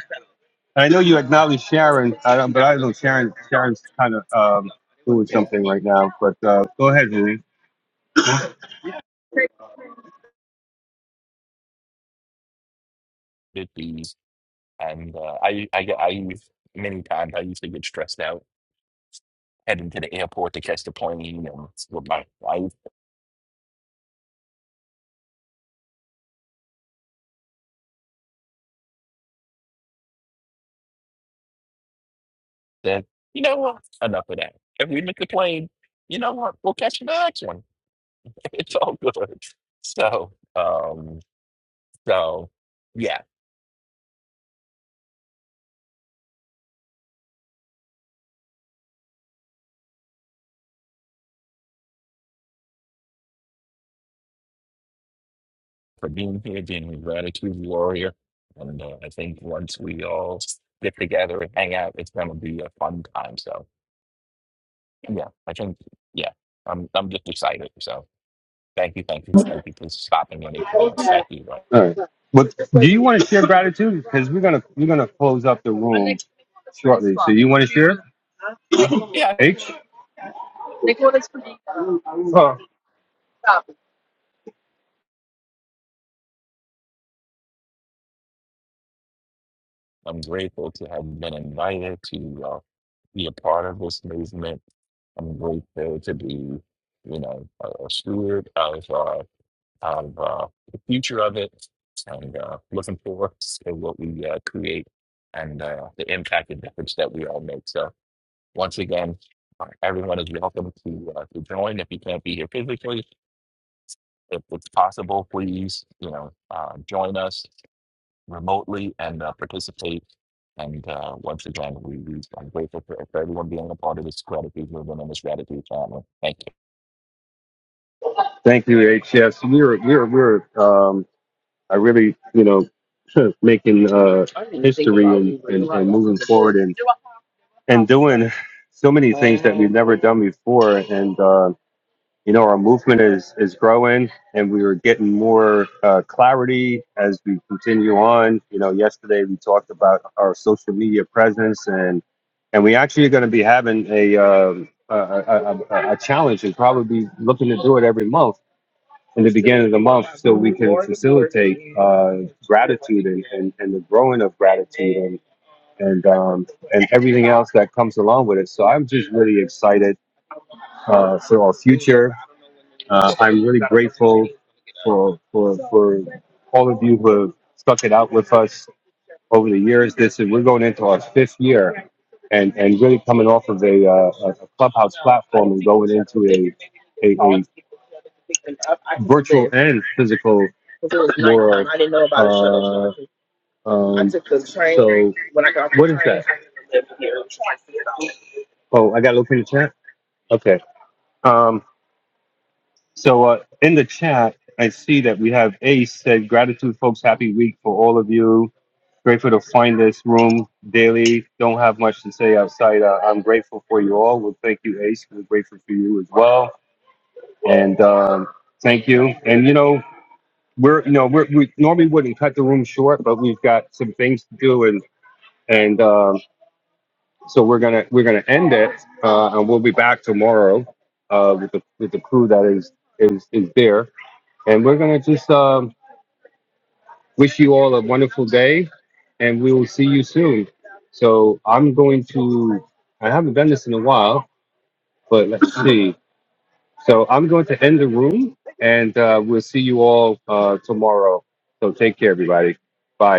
I know you acknowledge Sharon, I don't, but I don't know Sharon. Sharon's kind of um, doing something right now. But uh, go ahead, Haroon.
communities. And uh, I, I, get- I use many times. I used to get stressed out heading to the airport to catch the plane, and it's with my wife said, "You know what? Enough of that. If we miss the plane, you know what? We'll catch the next one." it's all good. So, um, so yeah, for being here, being a gratitude warrior, and uh, I think once we all get together and hang out, it's gonna be a fun time. So yeah, I think yeah, I'm I'm just excited. So thank you, thank you, thank you for stopping when it uh,
All
thank you.
right. But do you want to share gratitude? Because we're gonna we're gonna close up the room shortly. So you want to share?
Uh, yeah,
H. Oh,
I'm grateful to have been invited to uh, be a part of this movement. I'm grateful to be, you know, a, a steward of. uh, of uh, the future of it and uh, looking forward to what we uh, create and uh, the impact and difference that we all make. So, once again, uh, everyone is welcome to, uh, to join if you can't be here physically. If it's possible, please, you know, uh, join us remotely and uh, participate. And uh, once again, we, we, I'm grateful for, for everyone being a part of this gratitude movement and this gratitude family. Thank you.
thank you, H. Yes, we were we were we were. um, I really, you know, making uh, history and, and, and moving forward and and doing so many things that we've never done before. And uh, you know, our movement is is growing, and we are getting more uh, clarity as we continue on. You know, yesterday we talked about our social media presence, and and we actually are going to be having a. Um, a, a, a, a a challenge and probably be looking to do it every month in the beginning of the month so we can facilitate uh, gratitude and, and, and the growing of gratitude and and um, and everything else that comes along with it. So I'm just really excited uh, for our future. Uh, I'm really grateful for for for all of you who have stuck it out with us over the years. This is we're going into our fifth year, and and really coming off of a, uh, a clubhouse platform and going into a a, a virtual and physical world. Uh, um, so what is that? Oh, I got to look in the chat. Okay. Um, so uh, in the chat, I see that we have Ace said, "Gratitude, folks. Happy week for all of you. Grateful to find this room daily. Don't have much to say outside. Uh, I'm grateful for you all. Well, thank you, Ace. We're grateful for you as well, and um, thank you. And you know, we're you know we're, we normally wouldn't cut the room short, but we've got some things to do, and and um, so we're gonna we're gonna end it, uh, and we'll be back tomorrow uh, with the with the crew that is is is there and we're going to just um, wish you all a wonderful day and we will see you soon. So I'm going to, I haven't done this in a while, but let's see. So I'm going to end the room and uh, we'll see you all uh, tomorrow. So take care, everybody. Bye.